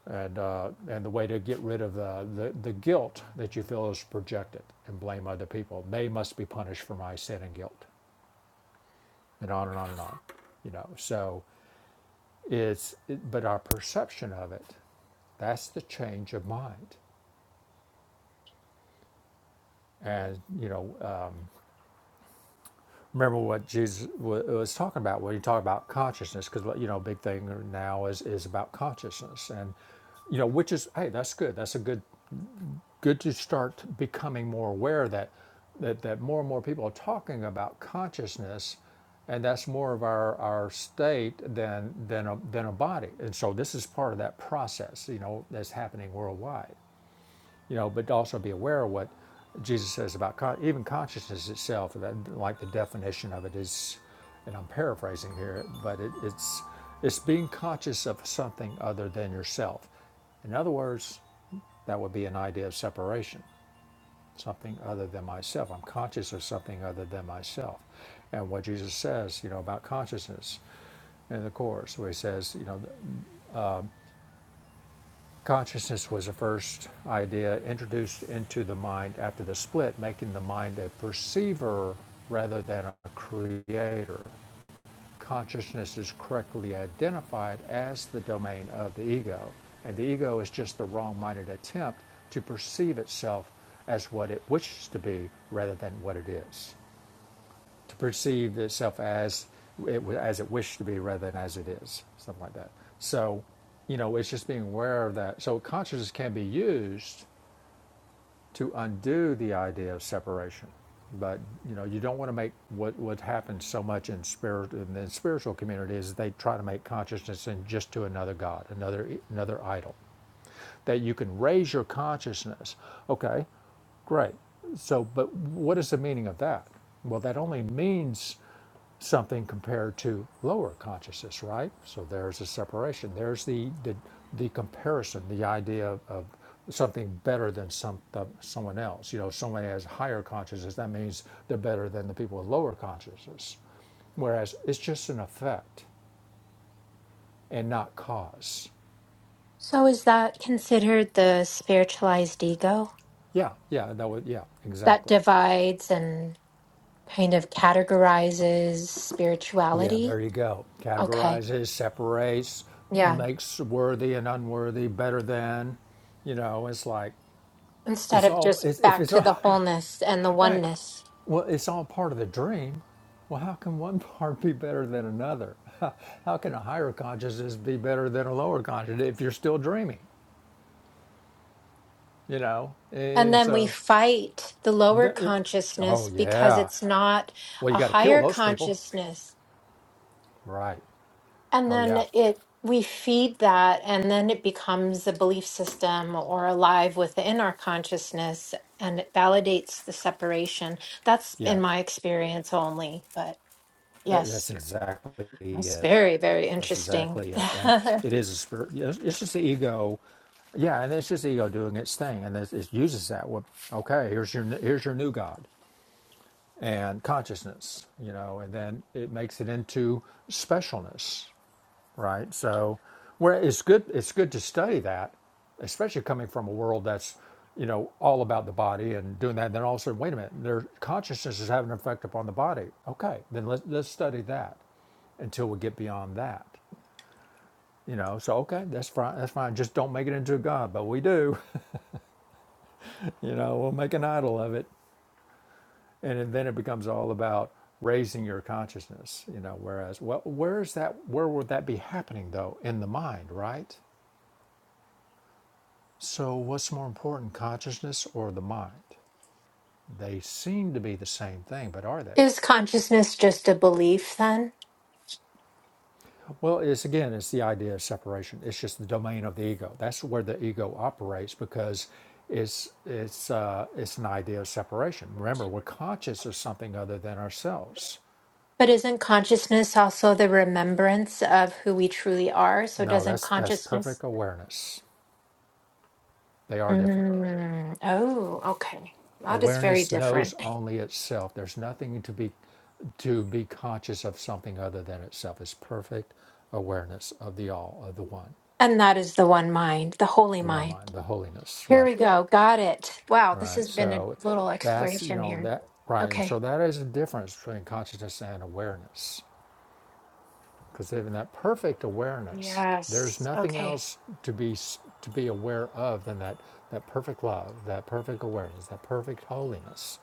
[SPEAKER 3] and uh, and the way to get rid of the, the the guilt that you feel is projected and blame other people. They must be punished for my sin and guilt and on and on and on. You know, so it's it, but our perception of it, that's the change of mind. And you know, uh, remember what Jesus wa was talking about when you talk about consciousness, because you know, big thing now is is about consciousness, and you know, which is hey, that's good. That's a good good to start becoming more aware that that, that more and more people are talking about consciousness and that's more of our, our state than than a, than a body and so this is part of that process you know that's happening worldwide you know but also be aware of what jesus says about con- even consciousness itself that, like the definition of it is and i'm paraphrasing here but it, it's it's being conscious of something other than yourself in other words that would be an idea of separation something other than myself. I'm conscious of something other than myself. And what Jesus says, you know, about consciousness in the Course, where he says, you know, consciousness was the first idea introduced into the mind after the split, making the mind a perceiver rather than a creator. Consciousness is correctly identified as the domain of the ego, and the ego is just the wrong minded attempt to perceive itself as what it wishes to be rather than what it is. to perceive itself as it as it wished to be rather than as it is, something like that. So, you know, it's just being aware of that. So, consciousness can be used to undo the idea of separation, but you know, you don't want to make what what happens so much in spirit in the spiritual community is they try to make consciousness and just to another god, another another idol that you can raise your consciousness. Okay, great. So, but what is the meaning of that? Well, that only means something compared to lower consciousness, right? So there's a separation. There's the the, the comparison, the idea of, of something better than some the, someone else. You know, if someone has higher consciousness, that means they're better than the people with lower consciousness. Whereas it's just an effect and not cause.
[SPEAKER 4] So is that considered the spiritualized ego
[SPEAKER 3] Yeah, yeah, that would yeah,
[SPEAKER 4] that
[SPEAKER 3] exactly.
[SPEAKER 4] divides and kind of categorizes
[SPEAKER 3] Yeah,
[SPEAKER 4] spirituality.
[SPEAKER 3] there you go.
[SPEAKER 4] Okay.
[SPEAKER 3] Categorizes, separates,
[SPEAKER 4] Yeah.
[SPEAKER 3] makes worthy and unworthy, better than, you know, it's like,
[SPEAKER 4] Instead
[SPEAKER 3] it's
[SPEAKER 4] of
[SPEAKER 3] all,
[SPEAKER 4] just
[SPEAKER 3] it's, if
[SPEAKER 4] back
[SPEAKER 3] it's
[SPEAKER 4] to
[SPEAKER 3] all,
[SPEAKER 4] the wholeness and the
[SPEAKER 3] right,
[SPEAKER 4] oneness.
[SPEAKER 3] well, it's all part of the dream. Well, how can one part be better than another? How can a higher consciousness be better than a lower consciousness if you're still dreaming, you know?
[SPEAKER 4] And
[SPEAKER 3] And
[SPEAKER 4] then we
[SPEAKER 3] so,
[SPEAKER 4] fight the lower
[SPEAKER 3] there, it, oh,
[SPEAKER 4] consciousness because
[SPEAKER 3] yeah.
[SPEAKER 4] it's not
[SPEAKER 3] Well, you
[SPEAKER 4] a
[SPEAKER 3] got to kill
[SPEAKER 4] higher
[SPEAKER 3] those people.
[SPEAKER 4] consciousness.
[SPEAKER 3] Right.
[SPEAKER 4] And
[SPEAKER 3] Oh,
[SPEAKER 4] then
[SPEAKER 3] yeah.
[SPEAKER 4] it we feed that and then it becomes a belief system or alive within our consciousness and it validates the separation. That's
[SPEAKER 3] Yeah.
[SPEAKER 4] in my experience only, but
[SPEAKER 3] That- That's
[SPEAKER 4] yes.
[SPEAKER 3] exactly
[SPEAKER 4] That's
[SPEAKER 3] it.
[SPEAKER 4] very, very
[SPEAKER 3] That's
[SPEAKER 4] interesting.
[SPEAKER 3] exactly it. And it is a spirit. It's it's just the ego. Yeah, and it's just the ego doing its thing, and it, it uses that. Well, okay, here's your here's your new god and consciousness, you know, and then it makes it into specialness, right? So, where it's good, it's good to study that, especially coming from a world that's, you know, all about the body and doing that. And then all of a sudden, wait a minute, their consciousness is having an effect upon the body. Okay, then let, us let's study that until we get beyond that. You know, so okay, that's fine. That's fine. Just don't make it into a god, but we do. You know, we'll make an idol of it, and then it becomes all about raising your consciousness. You know, whereas, well, where is that? Where would that be happening though? In the mind, right? So, what's more important, consciousness or the mind? They seem to be the same thing, but are they?
[SPEAKER 4] Is consciousness just a belief then?
[SPEAKER 3] Well, it's again, it's the idea of separation. It's just the domain of the ego. That's where the ego operates because it's it's uh, it's an idea of separation. Remember, we're conscious of something other than ourselves.
[SPEAKER 4] But isn't consciousness also the remembrance of who we truly are? So
[SPEAKER 3] No,
[SPEAKER 4] doesn't
[SPEAKER 3] that's that's
[SPEAKER 4] consciousness?
[SPEAKER 3] perfect awareness. They are different.
[SPEAKER 4] Mm, oh, okay. That is very
[SPEAKER 3] Awareness knows
[SPEAKER 4] different.
[SPEAKER 3] only itself. There's nothing to be to be conscious of something other than itself. It's perfect awareness of the all, of the one,
[SPEAKER 4] And that is the one mind, the holy
[SPEAKER 3] the one
[SPEAKER 4] mind.
[SPEAKER 3] mind, the holiness,
[SPEAKER 4] Here
[SPEAKER 3] right?
[SPEAKER 4] we go. Got it. Wow, this
[SPEAKER 3] Right.
[SPEAKER 4] has been a
[SPEAKER 3] So
[SPEAKER 4] little
[SPEAKER 3] that's, you
[SPEAKER 4] exploration
[SPEAKER 3] know,
[SPEAKER 4] here.
[SPEAKER 3] that, right. And
[SPEAKER 4] Okay.
[SPEAKER 3] so that is the difference between consciousness and awareness. Because in that perfect awareness, there's
[SPEAKER 4] Yes.
[SPEAKER 3] nothing
[SPEAKER 4] Okay.
[SPEAKER 3] else to be to be aware of than that that perfect love, that perfect awareness, that perfect holiness.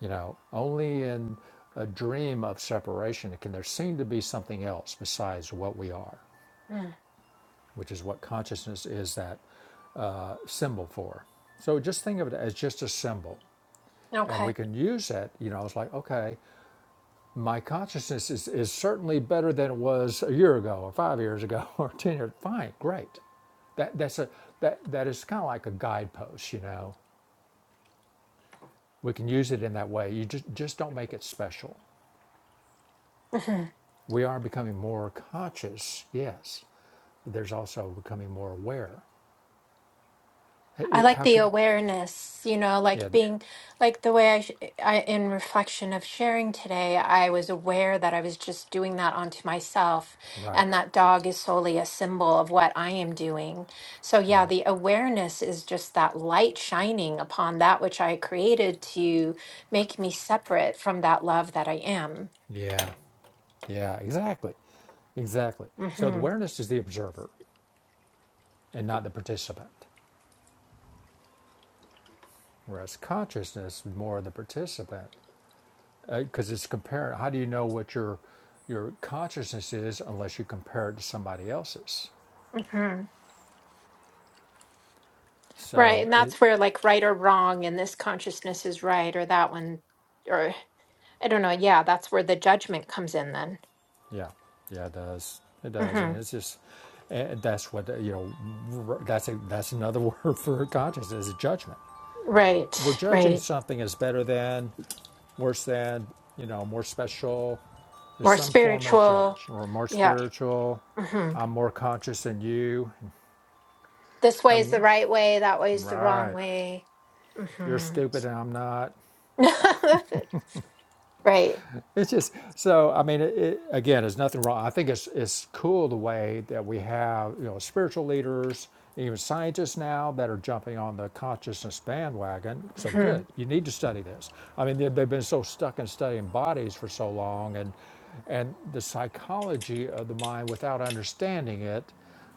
[SPEAKER 3] You know, only in a dream of separation can there seem to be something else besides what we are,
[SPEAKER 4] Mm,
[SPEAKER 3] which is what consciousness is that symbol for. So just think of it as just a symbol. And
[SPEAKER 4] okay.
[SPEAKER 3] we can use it, you know, it's like, okay, my consciousness is, is certainly better than it was a year ago or five years ago or ten years. Fine, great. That that's a that that is kind of like a guidepost, you know. We can use it in that way. You just just don't make it special. We are becoming more conscious, yes. there's also becoming more aware.
[SPEAKER 4] I like
[SPEAKER 3] How
[SPEAKER 4] the
[SPEAKER 3] can
[SPEAKER 4] awareness, you know,
[SPEAKER 3] yeah,
[SPEAKER 4] like
[SPEAKER 3] th-
[SPEAKER 4] being like the way I, sh- I, in reflection of sharing today, I was aware that I was just doing that onto myself. And
[SPEAKER 3] right,
[SPEAKER 4] that dog is solely a symbol of what I am doing. So, yeah,
[SPEAKER 3] right.
[SPEAKER 4] the awareness is just that light shining upon that which I created to make me separate from that love that I am.
[SPEAKER 3] Yeah, yeah, exactly. Exactly. So the
[SPEAKER 4] hmm
[SPEAKER 3] awareness is the observer and not the participant. Whereas consciousness, is more the participant, because uh, it's comparing. How do you know what your your consciousness is unless you compare it to somebody else's?
[SPEAKER 4] hmm Right.
[SPEAKER 3] So
[SPEAKER 4] And
[SPEAKER 3] it,
[SPEAKER 4] that's where, like, right or wrong, and this consciousness is right, or that one. or. I don't know. Yeah, that's where the judgment comes in then.
[SPEAKER 3] yeah, yeah, it does. It does,
[SPEAKER 4] hmm
[SPEAKER 3] and it's just and that's what you know. That's a, that's another word for consciousness is judgment. We're
[SPEAKER 4] Right,
[SPEAKER 3] judging
[SPEAKER 4] right.
[SPEAKER 3] something as better than, worse than, you know, more special. There's
[SPEAKER 4] More
[SPEAKER 3] some form of
[SPEAKER 4] spiritual.
[SPEAKER 3] judgment, or more
[SPEAKER 4] Yeah.
[SPEAKER 3] spiritual.
[SPEAKER 4] hmm
[SPEAKER 3] I'm more conscious than you.
[SPEAKER 4] This way is
[SPEAKER 3] I'm
[SPEAKER 4] the right way, that way is the wrong
[SPEAKER 3] right.
[SPEAKER 4] way.
[SPEAKER 3] you're
[SPEAKER 4] hmm
[SPEAKER 3] stupid and I'm not.
[SPEAKER 4] right.
[SPEAKER 3] It's just so. I mean, it, it, again, there's nothing wrong. I think it's it's cool the way that we have you know spiritual leaders, even scientists now that are jumping on the consciousness bandwagon. So
[SPEAKER 4] hmm
[SPEAKER 3] good. You need to study this. I mean, they, they've been so stuck in studying bodies for so long, and and the psychology of the mind without understanding it,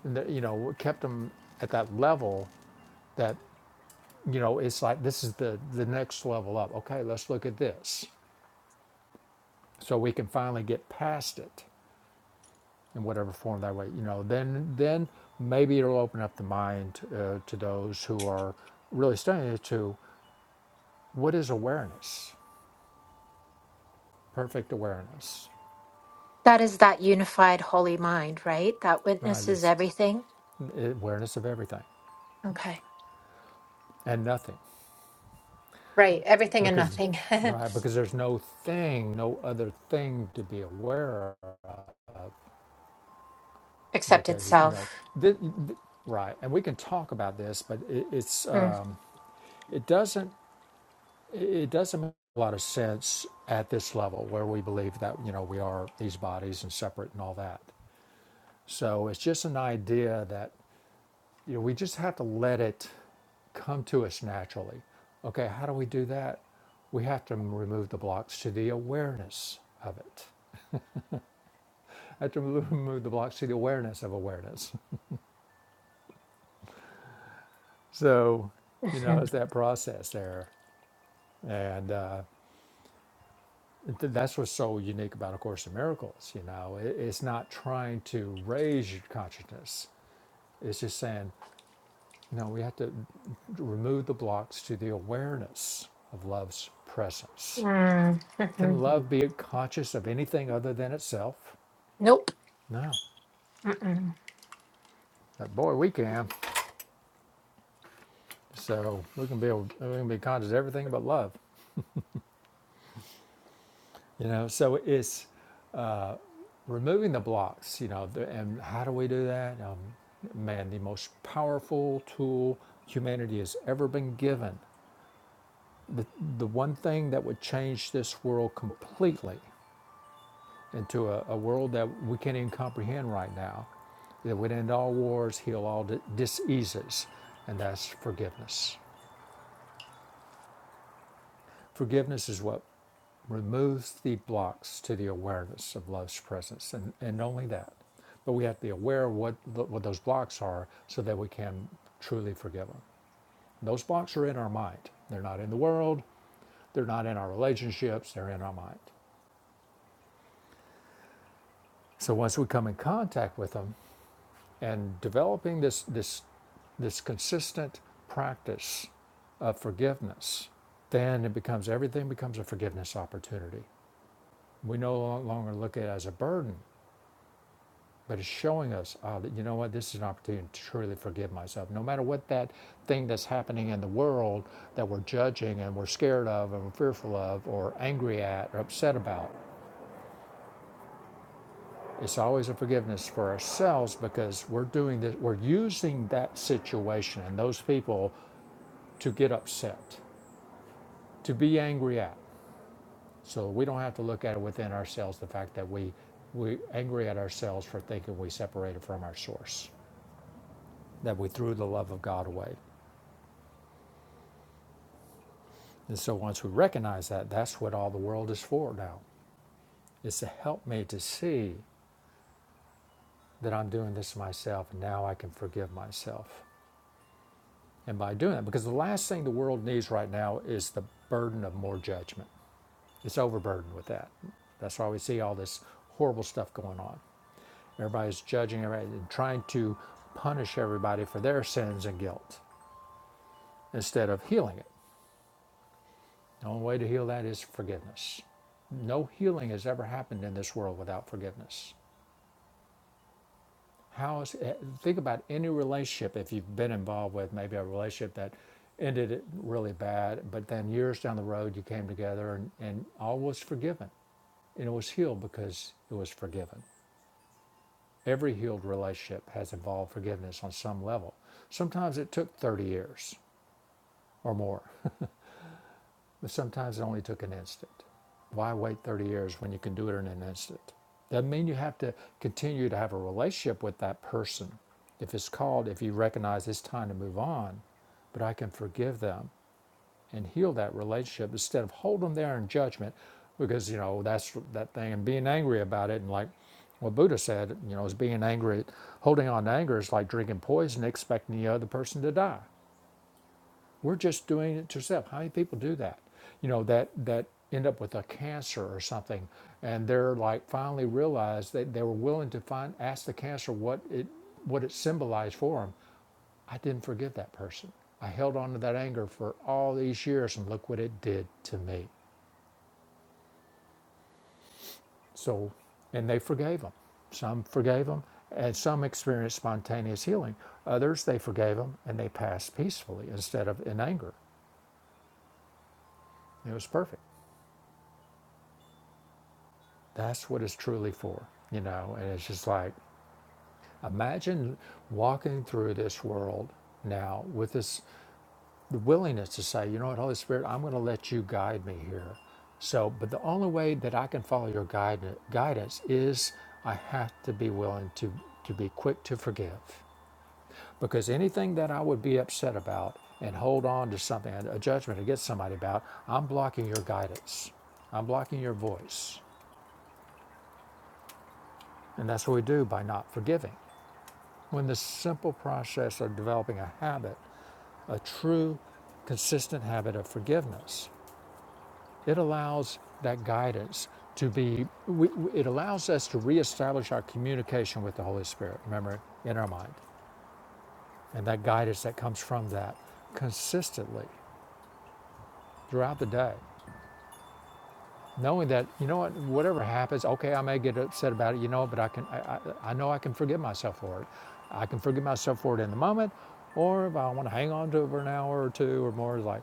[SPEAKER 3] and that, you know, what kept them at that level that you know it's like this is the the next level up. Okay, let's look at this so we can finally get past it in whatever form that way you know then then maybe it'll open up the mind uh, to those who are really studying it to what is awareness perfect awareness
[SPEAKER 4] That is that unified holy mind, right? That
[SPEAKER 3] right
[SPEAKER 4] witnesses
[SPEAKER 3] it's
[SPEAKER 4] everything.
[SPEAKER 3] awareness of everything
[SPEAKER 4] Okay.
[SPEAKER 3] and nothing
[SPEAKER 4] Right. Everything and
[SPEAKER 3] because
[SPEAKER 4] nothing
[SPEAKER 3] right because there's no thing no other thing to be aware of
[SPEAKER 4] except
[SPEAKER 3] because you know
[SPEAKER 4] itself.
[SPEAKER 3] th- th- right and we can talk about this but it, it's uh,
[SPEAKER 4] Mm-hmm.
[SPEAKER 3] it doesn't it doesn't make a lot of sense at this level where we believe that you know we are these bodies and separate and all that so it's just an idea that you know we just have to let it come to us naturally okay how do we do that we have to remove the blocks to the awareness of it I have to remove the blocks to the awareness of awareness so you know it's that process there and uh, Th- that's what's so unique about A Course in Miracles. You know, it, it's not trying to raise your consciousness. It's just saying, no, we have to remove the blocks to the awareness of love's presence.
[SPEAKER 4] Mm, Mm-hmm.
[SPEAKER 3] Can love be conscious of anything other than itself?
[SPEAKER 4] Nope.
[SPEAKER 3] No.
[SPEAKER 4] Mm-mm.
[SPEAKER 3] But boy, we can. So we can be able, we can be conscious of everything but love. You know, so it's removing the blocks, you know, and how do we do that? Um, man, the most powerful tool humanity has ever been given. The, the one thing that would change this world completely into a, a world that we can't even comprehend right now, that would end all wars, heal all diseases, and that's forgiveness. Forgiveness is what removes the blocks to the awareness of love's presence, and, and only that. But we have to be aware of what, what those blocks are so that we can truly forgive them. Those blocks are in our mind, they're not in the world, they're not in our relationships, they're in our mind. So once we come in contact with them and developing this, this, this consistent practice of forgiveness, then it becomes everything becomes a forgiveness opportunity we no longer look at it as a burden, but it's showing us, oh, that, you know what, this is an opportunity to truly forgive myself. No matter what that thing that's happening in the world that we're judging and we're scared of and we're fearful of or angry at or upset about, it's always a forgiveness for ourselves because we're doing this, we're using that situation and those people to get upset, to be angry at. So we don't have to look at it within ourselves, the fact that we, we're angry at ourselves for thinking we separated from our source. that we threw the love of God away. And so once we recognize that, that's what all the world is for now, is to help me to see that I'm doing this myself and now I can forgive myself. And by doing that, because the last thing the world needs right now is the burden of more judgment. It's overburdened with that. That's why we see all this horrible stuff going on. Everybody's judging everybody and trying to punish everybody for their sins and guilt instead of healing it. The only way to heal that is forgiveness. No healing has ever happened in this world without forgiveness. How is eh, think about any relationship if you've been involved with maybe a relationship that ended it really bad, but then years down the road you came together and, and all was forgiven and it was healed because it was forgiven. Every healed relationship has involved forgiveness on some level. Sometimes it took 30 years or more But sometimes it only took an instant. Why wait 30 years when you can do it in an instant? Doesn't mean you have to continue to have a relationship with that person. If it's called, if you recognize it's time to move on, but I can forgive them and heal that relationship instead of hold them there in judgment because, you know, that's that thing and being angry about it. And like what Buddha said, you know, is being angry, holding on to anger is like drinking poison, expecting the other person to die. We're just doing it to yourself. How many people do that? You know, that that end up with a cancer or something, and they're like finally realize that they were willing to find ask the cancer what it what it symbolized for them. I didn't forgive that person. I held on to that anger for all these years, and look what it did to me. So, and they forgave them. Some forgave them, and some experienced spontaneous healing. Others, they forgave them, and they passed peacefully instead of in anger. It was perfect. That's what it's truly for, you know. And it's just like, imagine walking through this world now with this the willingness to say, you know what, Holy Spirit, I'm going to let you guide me here. So, but the only way that I can follow your guide, guidance is I have to be willing to to be quick to forgive, because anything that I would be upset about and hold on to something, a judgment against somebody about, I'm blocking your guidance. I'm blocking your voice. And that's what we do by not forgiving. When the simple process of developing a habit, a true, consistent habit of forgiveness, it allows that guidance to be, we, it allows us to reestablish our communication with the Holy Spirit, remember, in our mind, and that guidance that comes from that consistently throughout the day. knowing that you know what whatever happens okay i may get upset about it you know but i can i, I, I know i can forgive myself for it i can forgive myself for it in the moment or if i want to hang on to it for an hour or two or more like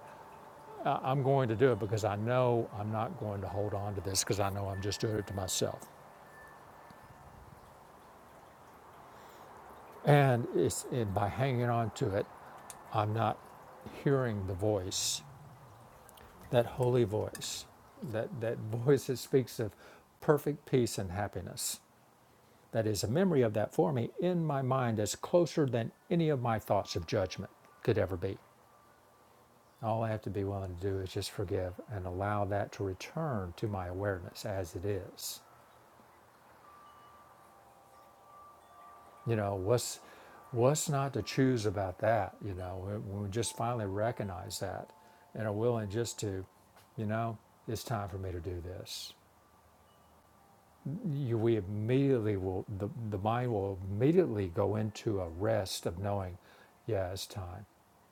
[SPEAKER 3] I- i'm going to do it because i know i'm not going to hold on to this because i know i'm just doing it to myself and it's and by hanging on to it i'm not hearing the voice that holy voice that that voice that speaks of perfect peace and happiness That is, a memory of that for me in my mind that's closer than any of my thoughts of judgment could ever be. All I have to be willing to do is just forgive and allow that to return to my awareness as it is. You know, what's what's not to choose about that? You know, when we just finally recognize that and are willing just to, you know, it's time for me to do this. you, we immediately will, the, the mind will immediately go into a rest of knowing, yeah, it's time.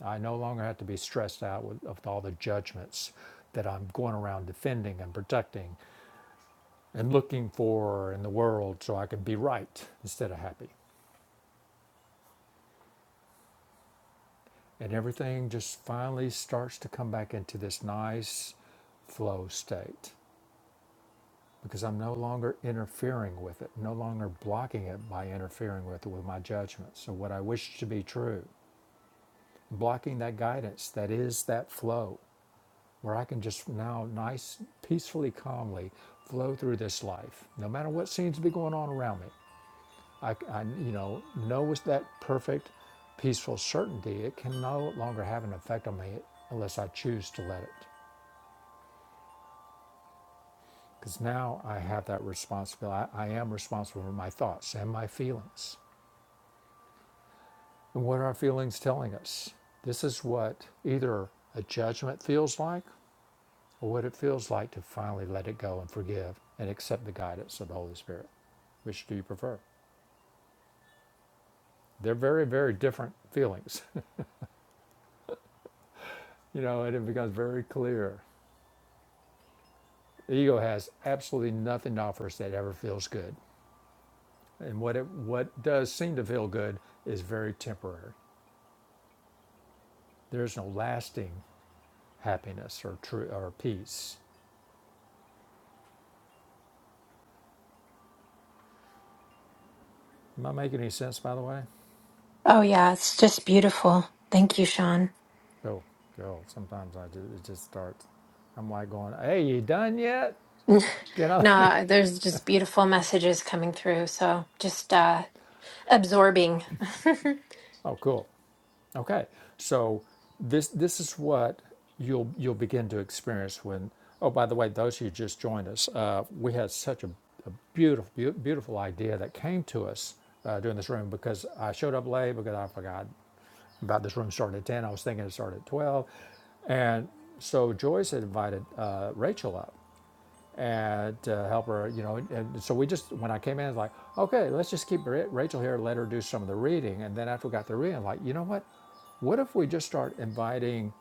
[SPEAKER 3] I no longer have to be stressed out with, with all the judgments that I'm going around defending and protecting and looking for in the world so I can be right instead of happy. And everything just finally starts to come back into this nice flow state because I'm no longer interfering with it, no longer blocking it by interfering with it with my judgments. So what I wish to be true blocking that guidance that is that flow where I can just now nice, peacefully, calmly flow through this life, no matter what seems to be going on around me. I, I you know, know with that perfect, peaceful certainty, it can no longer have an effect on me unless I choose to let it. Because now I have that responsibility. I, I am responsible for my thoughts and my feelings. And what are our feelings telling us? This is what either a judgment feels like or what it feels like to finally let it go and forgive and accept the guidance of the Holy Spirit? Which do you prefer? They're very, very different feelings, you know, and it becomes very clear. The ego has absolutely nothing to offer us that ever feels good. And what, it, what does seem to feel good is very temporary. There's no lasting happiness or, true, or peace. Am I making any sense, by the way?
[SPEAKER 4] Oh, yeah. It's just beautiful. Thank you, Sean.
[SPEAKER 3] Oh, girl, sometimes I do, it just starts. I'm like going, hey, you done yet? You know?
[SPEAKER 4] No, there's just beautiful messages coming through. So just uh, absorbing.
[SPEAKER 3] oh, cool. Okay, so this this is what you'll you'll begin to experience when. Oh, by the way, those who just joined us, uh, we had such a, a beautiful beau- beautiful idea that came to us uh, during this room because I showed up late because I forgot about this room starting at ten. I was thinking it started at twelve, and so Joyce had invited uh, Rachel up, and to help her, you know. And so we just, when I came in, it's like, okay, let's just keep Rachel here, let her do some of the reading. And then after we got the reading, I'm like, you know what? What if we just start inviting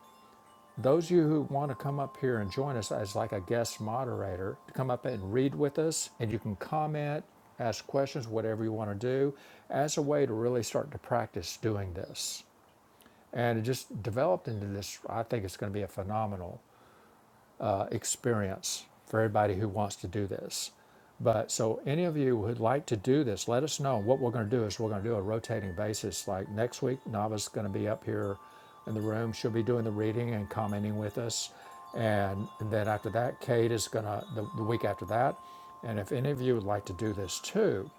[SPEAKER 3] those of you who want to come up here and join us as like a guest moderator to come up and read with us? And you can comment, ask questions, whatever you want to do, as a way to really start to practice doing this. And it just developed into this. I think it's going to be a phenomenal uh, experience for everybody who wants to do this. But so any of you who'd like to do this, let us know. What we're going to do is we're going to do a rotating basis. Like next week, Nava's going to be up here in the room. She'll be doing the reading and commenting with us. And, then after that, Kate is going to, the, the week after that. And if any of you would like to do this too,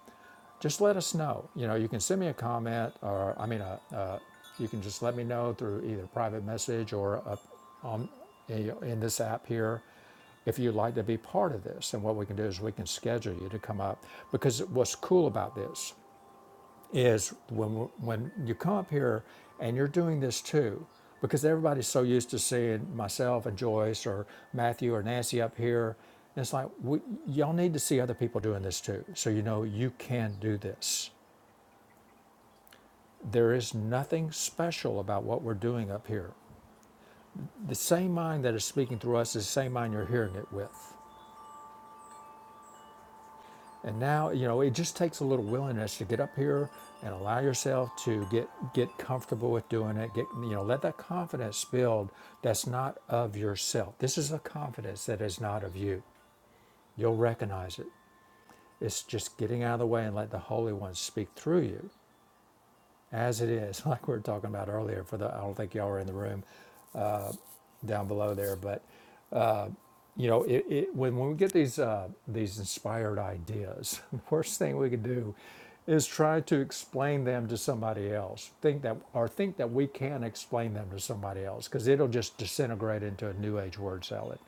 [SPEAKER 3] just let us know. You know, you can send me a comment or, I mean, a, a, you can just let me know through either private message or a in this app here if you'd like to be part of this. And what we can do is we can schedule you to come up because what's cool about this is when when you come up here and you're doing this too, because everybody's so used to seeing myself and Joyce or Matthew or Nancy up here. And it's like we, y'all need to see other people doing this too, so you know you can do this. There is nothing special about what we're doing up here. The same mind that is speaking through us is the same mind you're hearing it with. And now, you know, it just takes a little willingness to get up here and allow yourself to get get comfortable with doing it. Get you know, let that confidence build that's not of yourself. This is a confidence that is not of you. You'll recognize it. It's just getting out of the way and let the Holy One speak through you. As it is, like we were talking about earlier, for the I don't think y'all were in the room down below there, but you know, it, it, when, when we get these, uh, these inspired ideas, the worst thing we could do is try to explain them to somebody else. Think that, or think that we can explain them to somebody else because it'll just disintegrate into a new age word salad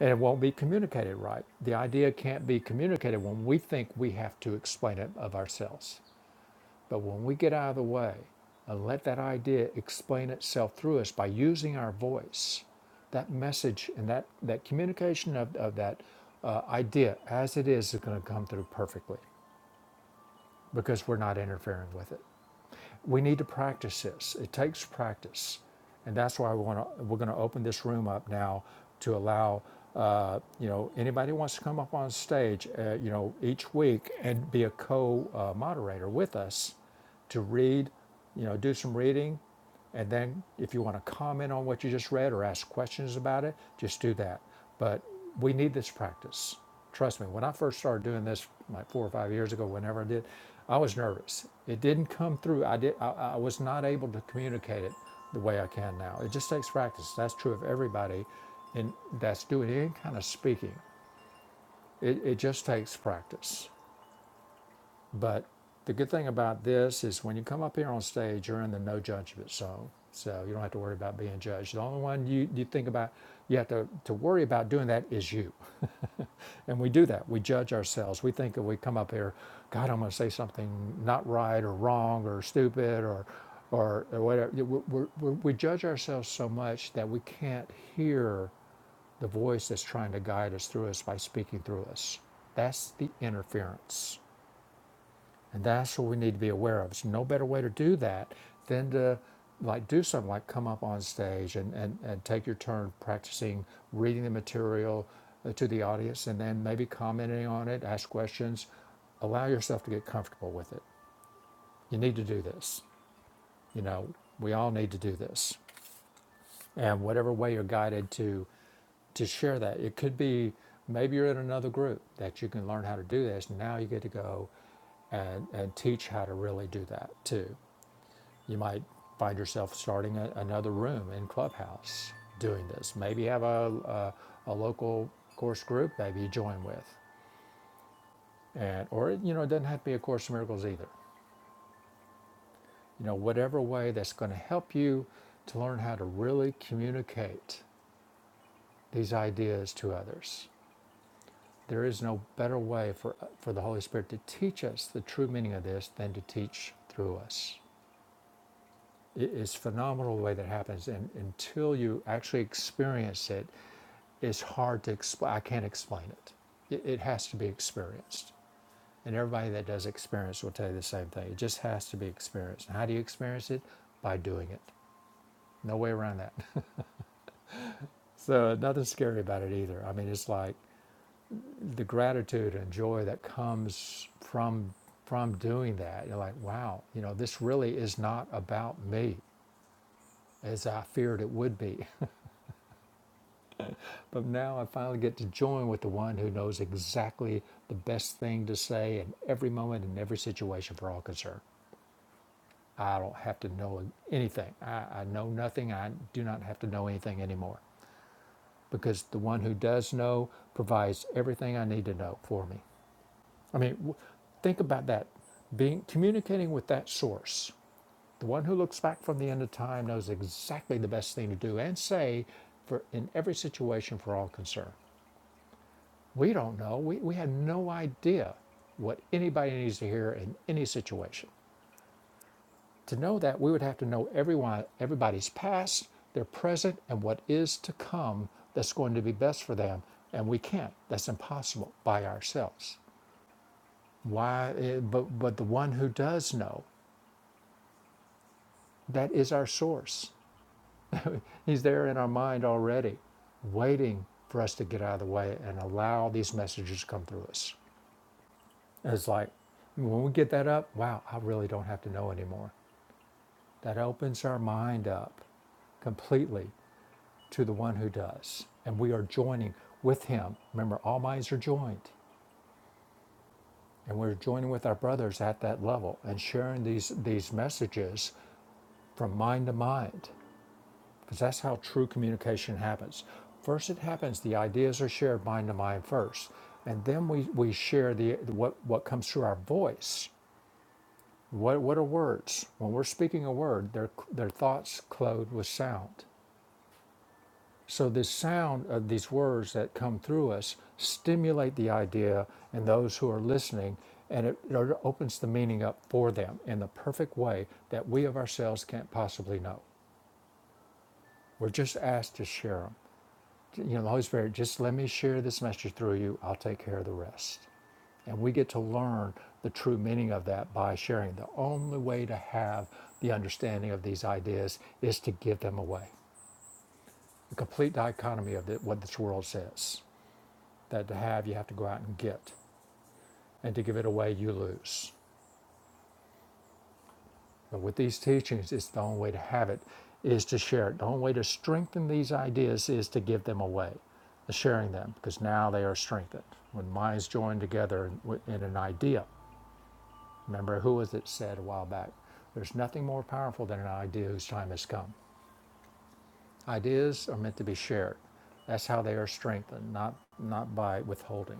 [SPEAKER 3] and it won't be communicated right. The idea can't be communicated when we think we have to explain it of ourselves. But when we get out of the way and let that idea explain itself through us by using our voice, that message and that, that communication of, of that uh, idea as it is is going to come through perfectly because we're not interfering with it we need to practice this. It takes practice, and that's why we want to, we're going to open this room up now to allow uh, you know anybody who wants to come up on stage, uh, you know, each week and be a co-moderator uh, with us to read, you know, do some reading and then if you want to comment on what you just read or ask questions about it, just do that. But we need this practice. Trust me, when I first started doing this like four or five years ago, whenever I did, I was nervous. It didn't come through. I did I, I was not able to communicate it the way I can now. It just takes practice. That's true of everybody and that's doing any kind of speaking. It, it just takes practice. But the good thing about this is when you come up here on stage, you're in the no judgment zone. So you don't have to worry about being judged. The only one you, you think about, you have to, to worry about doing that is you. And we do that. We judge ourselves. We think if we come up here, God, I'm going to say something not right or wrong or stupid or, or, or whatever. We- we we we judge ourselves so much that we can't hear the voice that's trying to guide us through us by speaking through us. That's the interference. And that's what we need to be aware of. There's no better way to do that than to like do something like come up on stage and, and, and take your turn practicing reading the material uh, to the audience and then maybe commenting on it, ask questions, allow yourself to get comfortable with it. You need to do this. You know, we all need to do this. And whatever way you're guided to to share that. It could be maybe you're in another group that you can learn how to do this. Now you get to go and, and teach how to really do that too. You might find yourself starting a, another room in Clubhouse doing this. Maybe have a, a, a local course group maybe you join with. And, or, you know, it doesn't have to be a Course in Miracles either. You know, whatever way that's going to help you to learn how to really communicate these ideas to others. There is no better way for, for the Holy Spirit to teach us the true meaning of this than to teach through us. It is phenomenal the way that happens, and until you actually experience it, it's hard to explain. I can't explain it. it. It has to be experienced. And everybody that does experience will tell you the same thing. It just has to be experienced. And how do you experience it? By doing it. No way around that. So, nothing scary about it either. I mean, it's like the gratitude and joy that comes from from doing that. You're like, wow, you know, this really is not about me as I feared it would be. But now I finally get to join with the one who knows exactly the best thing to say in every moment in every situation for all concerned. I don't have to know anything. I, I know nothing. I do not have to know anything anymore because the one who does know provides everything I need to know for me. I mean, w- think about that. Being communicating with that source, the one who looks back from the end of time knows exactly the best thing to do and say for in every situation for all concerned. We don't know. We, we had no idea what anybody needs to hear in any situation. To know that, we would have to know everyone, everybody's past, their present, and what is to come that's going to be best for them. And we can't. That's impossible by ourselves. Why? eh, But, but the one who does know, that is our source. He's there in our mind already, waiting for us to get out of the way and allow these messages to come through us. It's like when we get that up, wow, I really don't have to know anymore. That opens our mind up completely to the one who does. And we are joining with him. Remember, all minds are joined. And we're joining with our brothers at that level and sharing these, these messages from mind to mind. Because that's how true communication happens. First, it happens, the ideas are shared mind to mind first. And then we, we share the, what, what comes through our voice What, what are words? When we're speaking a word, their, their thoughts clothed with sound. So, this sound of these words that come through us stimulate the idea in those who are listening, and it, it opens the meaning up for them in the perfect way that we of ourselves can't possibly know. We're just asked to share them. You know, the Holy Spirit, just let me share this message through you. I'll take care of the rest. And we get to learn the true meaning of that by sharing. The only way to have the understanding of these ideas is to give them away. The complete dichotomy of the, what this world says that to have, you have to go out and get, and to give it away, you lose. But with these teachings, it's the only way to have it is to share it. The only way to strengthen these ideas is to give them away, sharing them, because now they are strengthened. When minds join together in, in an idea, Remember, who was it said a while back? There's nothing more powerful than an idea whose time has come. Ideas are meant to be shared. That's how they are strengthened, not, not by withholding.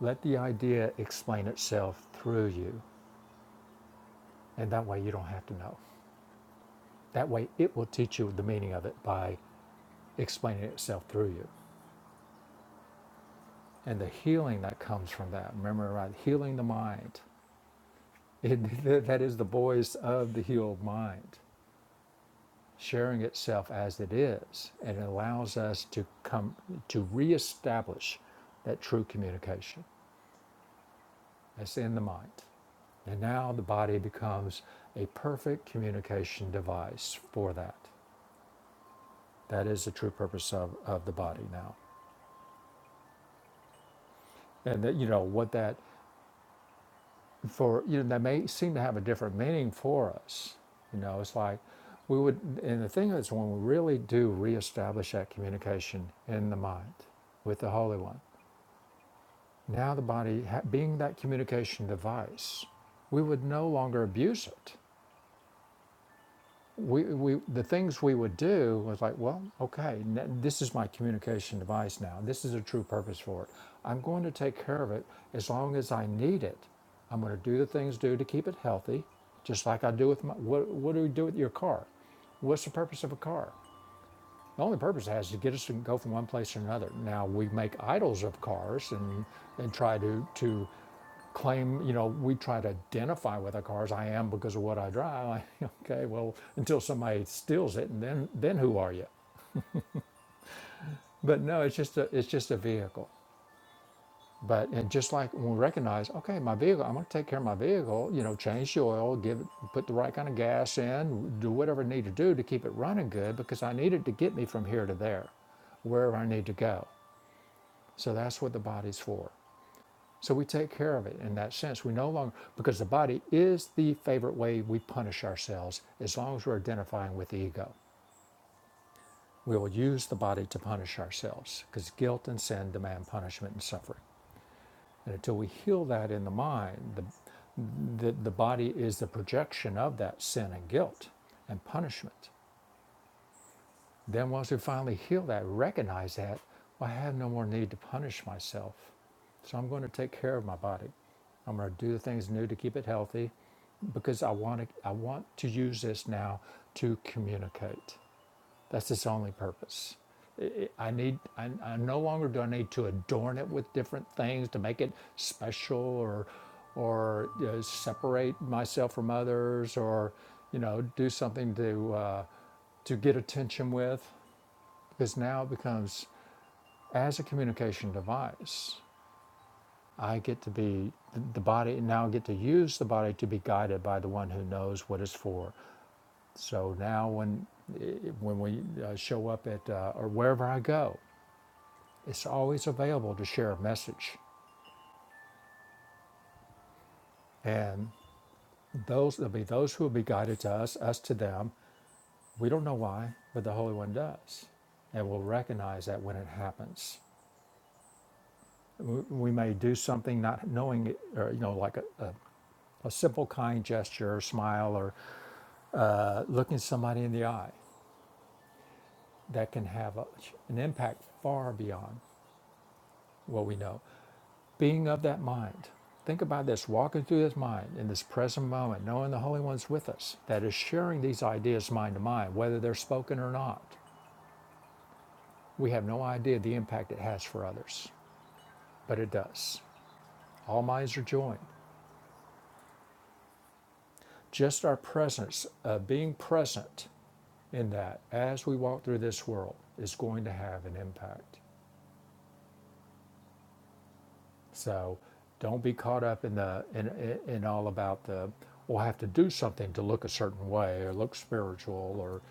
[SPEAKER 3] Let the idea explain itself through you, and that way you don't have to know. That way it will teach you the meaning of it by explaining itself through you. And the healing that comes from that. Remember, right? Healing the mind. It, that is the voice of the healed mind. sharing itself as it is, and it allows us to come to reestablish that true communication that's in the mind. And now the body becomes a perfect communication device for that. That is the true purpose of, of the body now. And that you know what that for you know that may seem to have a different meaning for us. You know, it's like we would and the thing is when we really do reestablish that communication in the mind with the Holy One Now, the body being that communication device, we would no longer abuse it. We, we, the things we would do was like, well, okay, this is my communication device now. This is a true purpose for it. I'm going to take care of it as long as I need it. I'm going to do the things do to keep it healthy, just like I do with my. What, what do we do with your car? What's the purpose of a car? The only purpose it has is to get us to go from one place to another. Now we make idols of cars and, and try to, to claim, you know, we try to identify with our cars. I am because of what I drive. Like, okay, well, until somebody steals it, and then then who are you? But no, it's just a it's just a vehicle. But and just like when we recognize, okay, my vehicle, I'm going to take care of my vehicle. You know, change the oil, give it, put the right kind of gas in, do whatever I need to do to keep it running good because I need it to get me from here to there, wherever I need to go. So that's what the body's for. So we take care of it in that sense. We no longer, because the body is the favorite way we punish ourselves as long as we're identifying with the ego. We will use the body to punish ourselves because guilt and sin demand punishment and suffering. And until we heal that in the mind, the, the, the body is the projection of that sin and guilt and punishment. Then, once we finally heal that, recognize that, well, I have no more need to punish myself. So I'm going to take care of my body. I'm going to do the things new to keep it healthy because I want to, I want to use this now to communicate. That's its only purpose. I need, I, I no longer do I need to adorn it with different things to make it special or, or you know, separate myself from others or, you know, do something to, uh, to get attention with because now it becomes as a communication device i get to be the body now I get to use the body to be guided by the one who knows what it's for so now when eh, when we uh, show up at uh, or wherever i go it's always available to share a message and those there'll be those who will be guided to us us to them we don't know why but the holy one does and we'll recognize that when it happens we may do something not knowing it or you know like a, a a simple kind gesture or smile or uh, looking somebody in the eye that can have a, an impact far beyond what we know. Being of that mind. Think about this walking through this mind in this present moment, knowing the Holy One's with us, that is sharing these ideas mind to mind, whether they're spoken or not. We have no idea the impact it has for others, but it does. All minds are joined. Just our presence, uh, being present in that as we walk through this world, is going to have an impact. So don't be caught up in the in, in, all about the well, I have to do something to look a certain way or look spiritual or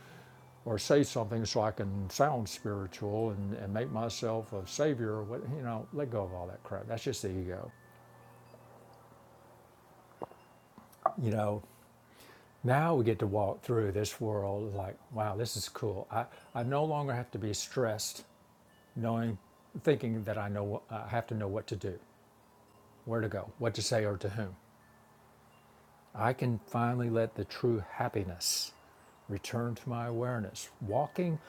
[SPEAKER 3] or say something so I can sound spiritual and, and make myself a savior what you know, let go of all that crap. That's just the ego. You know, now we get to walk through this world like, wow, this is cool. I, I no longer have to be stressed knowing thinking that I know I have to know what to do, where to go, what to say or to whom. I can finally let the true happiness return to my awareness, walking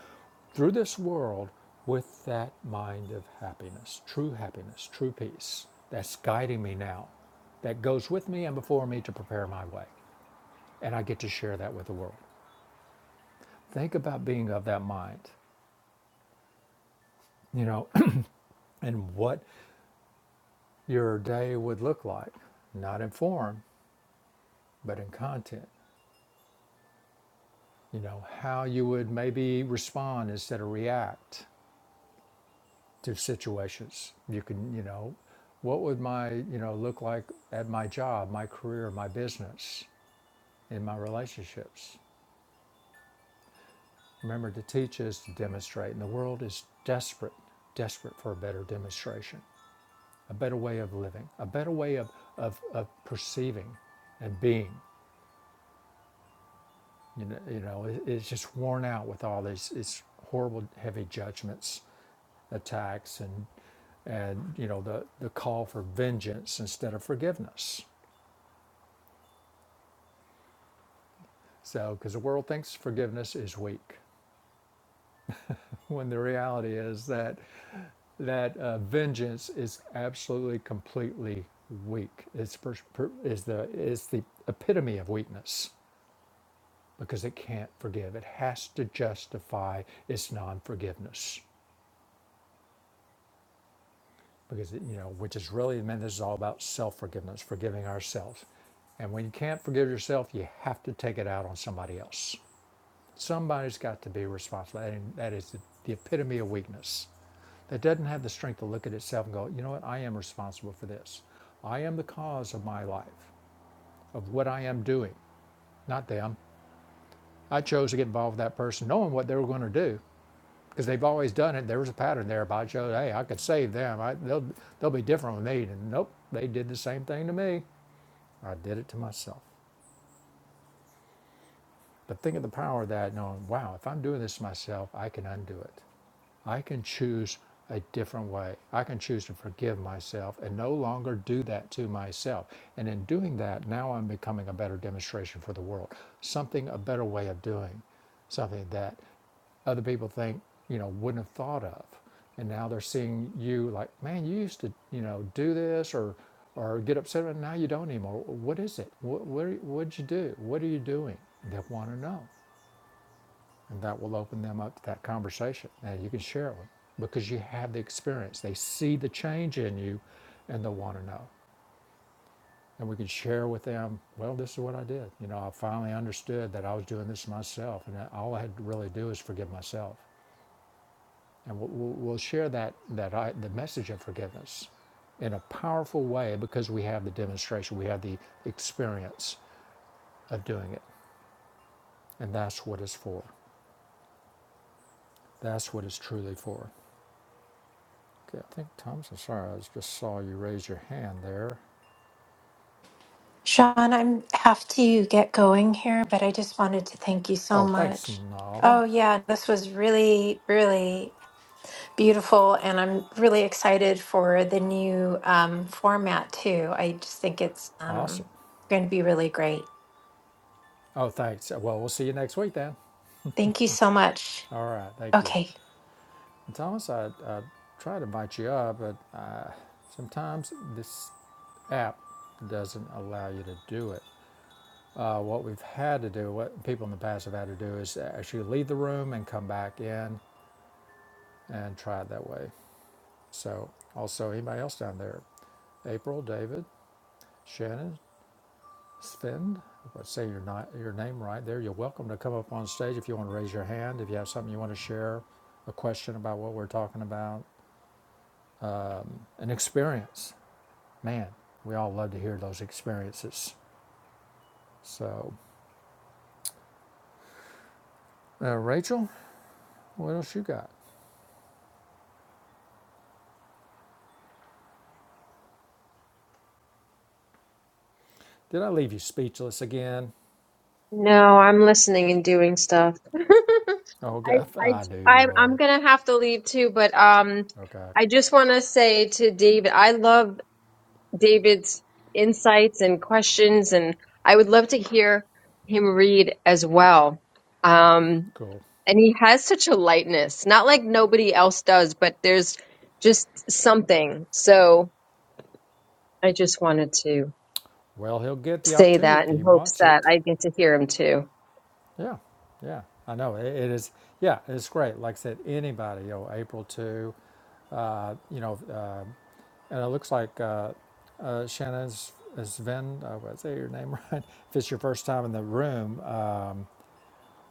[SPEAKER 3] through this world with that mind of happiness, true happiness, true peace. That's guiding me now, that goes with me and before me to prepare my way. And I get to share that with the world. Think about being of that mind, you know, and what your day would look like, not in form, but in content. You know, how you would maybe respond instead of react to situations. You can, you know, what would my, you know, look like at my job, my career, my business, in my relationships? Remember, to teach is to demonstrate, and the world is desperate, desperate for a better demonstration, a better way of living, a better way of, of, of perceiving and being. You know, you know it, it's just worn out with all these, these horrible, heavy judgments, attacks, and and you know the the call for vengeance instead of forgiveness So, because the world thinks forgiveness is weak, when the reality is that that uh, vengeance is absolutely completely weak. It's per, per, is the is the epitome of weakness because it can't forgive. It has to justify its non-forgiveness because it, you know, which is really, man, this is all about self-forgiveness, forgiving ourselves. And when you can't forgive yourself, you have to take it out on somebody else. Somebody's got to be responsible. And that is the, the epitome of weakness. that doesn't have the strength to look at itself and go, you know what, I am responsible for this. I am the cause of my life, of what I am doing, not them. I chose to get involved with that person, knowing what they were going to do, because they've always done it. There was a pattern there about Joe. Hey, I could save them. I, they'll they'll be different with me. And nope, they did the same thing to me. I did it to myself. But think of the power of that, knowing, wow, if I'm doing this to myself, I can undo it. I can choose a different way. I can choose to forgive myself and no longer do that to myself. And in doing that, now I'm becoming a better demonstration for the world. Something, a better way of doing something that other people think, you know, wouldn't have thought of. And now they're seeing you like, man, you used to, you know, do this or, or get upset, and now you don't anymore. What is it? What, what, what'd you do? What are you doing? They want to know. And that will open them up to that conversation. And you can share it with them because you have the experience. They see the change in you and they'll want to know. And we can share with them, well, this is what I did. You know, I finally understood that I was doing this myself and all I had to really do is forgive myself. And we'll, we'll we'll share that, that I, the message of forgiveness in a powerful way because we have the demonstration, we have the experience of doing it. And that's what it's for. That's what it's truly for. Okay, I think Thomas, I'm sorry, I just saw you raise your hand there.
[SPEAKER 4] Sean, I have to get going here, but I just wanted to thank you so
[SPEAKER 3] Oh, thanks,
[SPEAKER 4] much. Oh,
[SPEAKER 3] Nava.
[SPEAKER 4] yeah, this was really, really beautiful. And I'm really excited for the new um, format, too. I just think it's
[SPEAKER 3] Awesome.
[SPEAKER 4] um, going to be really great.
[SPEAKER 3] Oh, thanks. Well, we'll see you next week then.
[SPEAKER 4] Thank you so much.
[SPEAKER 3] All right, thank you.
[SPEAKER 4] Okay,
[SPEAKER 3] And Thomas, I, I tried to invite you up, but uh, sometimes this app doesn't allow you to do it. Uh, what we've had to do, what people in the past have had to do, is actually leave the room and come back in and try it that way. So, also, anybody else down there? April, David, Shannon. Sven, if I say your, ni- your name right there, you're welcome to come up on stage if you want to raise your hand, if you have something you want to share, a question about what we're talking about, an experience. Man, we all love to hear those experiences. So, uh, Rachel, what else you got? Did I leave you speechless again?
[SPEAKER 2] no, I'm listening and doing stuff. I,
[SPEAKER 3] Okay,
[SPEAKER 2] I,
[SPEAKER 3] I knew you
[SPEAKER 2] I'm, I'm
[SPEAKER 3] would.
[SPEAKER 2] gonna have to leave too, but um,
[SPEAKER 3] Okay,
[SPEAKER 2] I just want to say to David, I love David's insights and questions, and I would love to hear him read as well. Um,
[SPEAKER 3] cool.
[SPEAKER 2] and he has such a lightness, not like nobody else does, but there's just something. So I just wanted to
[SPEAKER 3] Well, he'll get the
[SPEAKER 2] say
[SPEAKER 3] opportunity
[SPEAKER 2] that
[SPEAKER 3] if
[SPEAKER 2] in
[SPEAKER 3] he
[SPEAKER 2] hopes
[SPEAKER 3] wants
[SPEAKER 2] that
[SPEAKER 3] it.
[SPEAKER 2] I get to hear him too.
[SPEAKER 3] Yeah, yeah, I know. It, it is, yeah, it's great. Like I said, anybody, you know, April too. uh, you know, uh, and it looks like uh, uh, Shannon's Sven, uh, did I say your name right? If it's your first time in the room, uh,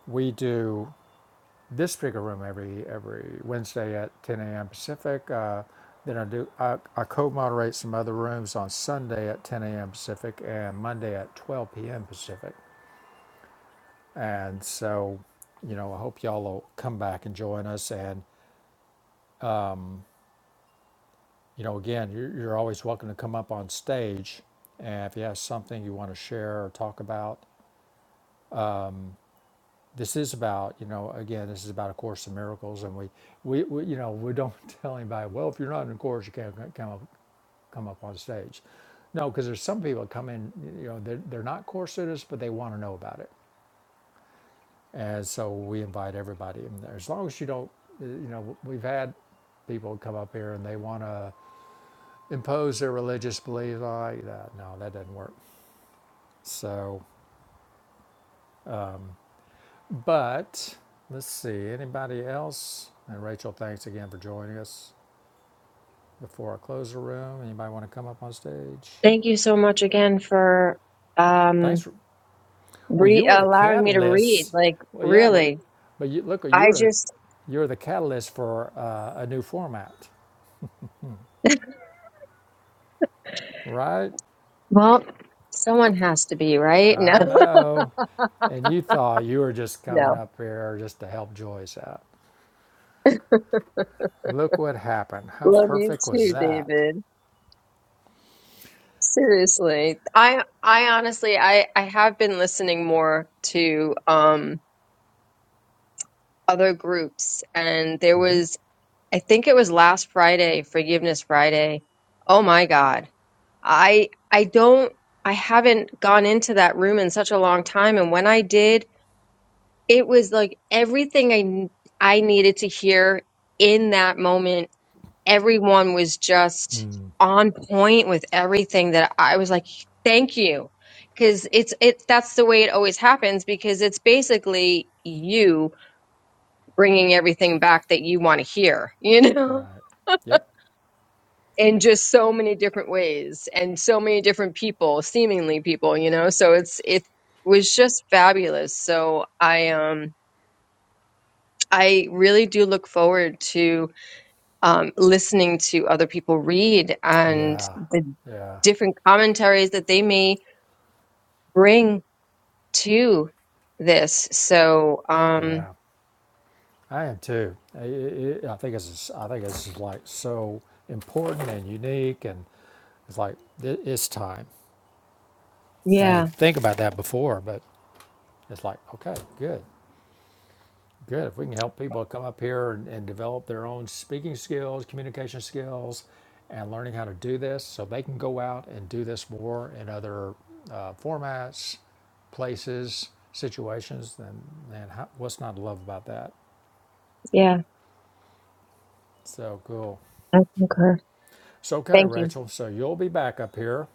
[SPEAKER 3] we do this particular room every every Wednesday at 10 a.m. Pacific. Uh, then I do I, I co-moderate some other rooms on Sunday at 10 a.m. Pacific and Monday at 12 p.m. Pacific. And so, you know, I hope y'all will come back and join us. And you know, again, you're, you're always welcome to come up on stage. And if you have something you want to share or talk about, this is about, you know, again, this is about A Course in Miracles. And we, we, we you know, we don't tell anybody, well, if you're not in a course, you can't c- come up, come up on stage. No, because there's some people that come in, you know, they're, they're not course students, but they want to know about it. And so we invite everybody in there. As long as you don't, uh, you know, we've had people come up here and they want to impose their religious beliefs like that. No, that doesn't work. So, but let's see. Anybody else? And Rachel, thanks again for joining us. Before I close the room, anybody want to come up on stage?
[SPEAKER 2] Thank you so much again for
[SPEAKER 3] Thanks.
[SPEAKER 2] um,
[SPEAKER 3] For, well, you
[SPEAKER 2] re-
[SPEAKER 3] were the
[SPEAKER 2] allowing me to read.
[SPEAKER 3] catalyst.
[SPEAKER 2] Like,
[SPEAKER 3] Well, yeah. Well,
[SPEAKER 2] really,
[SPEAKER 3] but you, look, you
[SPEAKER 2] I
[SPEAKER 3] were the
[SPEAKER 2] just,
[SPEAKER 3] you're the catalyst for uh, a new format, right?
[SPEAKER 2] well, someone has to be, right?
[SPEAKER 3] I know. And you thought you were just
[SPEAKER 2] No, no.
[SPEAKER 3] coming up here just to help Joyce out. Look what happened. How
[SPEAKER 2] Love you
[SPEAKER 3] perfect was
[SPEAKER 2] too,
[SPEAKER 3] that?
[SPEAKER 2] David. Seriously. I I honestly I I have been listening more to um other groups and there
[SPEAKER 3] Mm-hmm.
[SPEAKER 2] was I think it was last Friday, Forgiveness Friday. Oh my God. I I don't I haven't gone into that room in such a long time and when I did, it was like everything I n- I needed to hear in that moment everyone was just
[SPEAKER 3] Mm,
[SPEAKER 2] on point with everything that I was like, thank you. Cause it's, it, that's the way it always happens because it's basically you bringing everything back that you want to hear, you know,
[SPEAKER 3] Right. Yep.
[SPEAKER 2] in just so many different ways and so many different people, seemingly people, you know, so it's, it was just fabulous. So I, um, I really do look forward to um, listening to other people read and
[SPEAKER 3] Yeah,
[SPEAKER 2] the
[SPEAKER 3] yeah,
[SPEAKER 2] different commentaries that they may bring to this. So, um,
[SPEAKER 3] yeah. I am too. I, I I think it's I think it's just like so important and unique, and it's like it, it's time. I didn't
[SPEAKER 2] yeah,
[SPEAKER 3] think about that before, but it's like okay, good, good. If we can help people come up here and, and develop their own speaking skills, communication skills, and learning how to do this, so they can go out and do this more in other uh, formats, places, situations, then then how, what's not to love about that?
[SPEAKER 2] yeah,
[SPEAKER 3] So cool.
[SPEAKER 2] I concur.
[SPEAKER 3] It's okay,
[SPEAKER 2] Thank you.
[SPEAKER 3] Rachel. So you'll be back up here.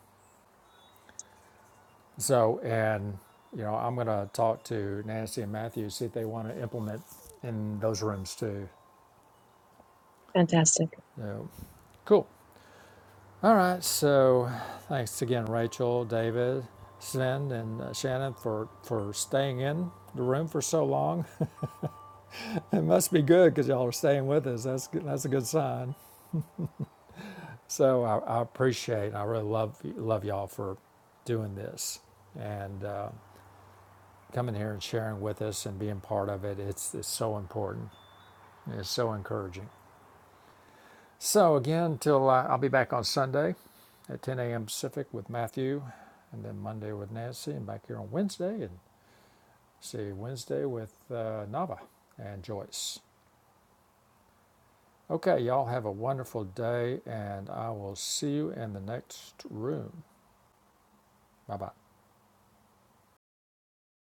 [SPEAKER 3] So, and, you know, I'm going to talk to Nancy and Matthew, see if they want to implement in those rooms too.
[SPEAKER 2] Fantastic.
[SPEAKER 3] So, cool. All right. So, thanks again, Rachel, David, Sven, and uh, Shannon for, for staying in the room for so long. It must be good because y'all are staying with us. That's, good- that's a good sign. So, I, I appreciate, I really love, love y'all for doing this. And, uh, coming here and sharing with us and being part of it. It's, it's so important. It's so encouraging. So, again, till uh, I'll be back on Sunday at 10 a.m. Pacific with Matthew, and then Monday with Nancy, and back here on Wednesday, and see you Wednesday with uh, Nava and Joyce. Okay, y'all have a wonderful day, and I will see you in the next room. Bye bye.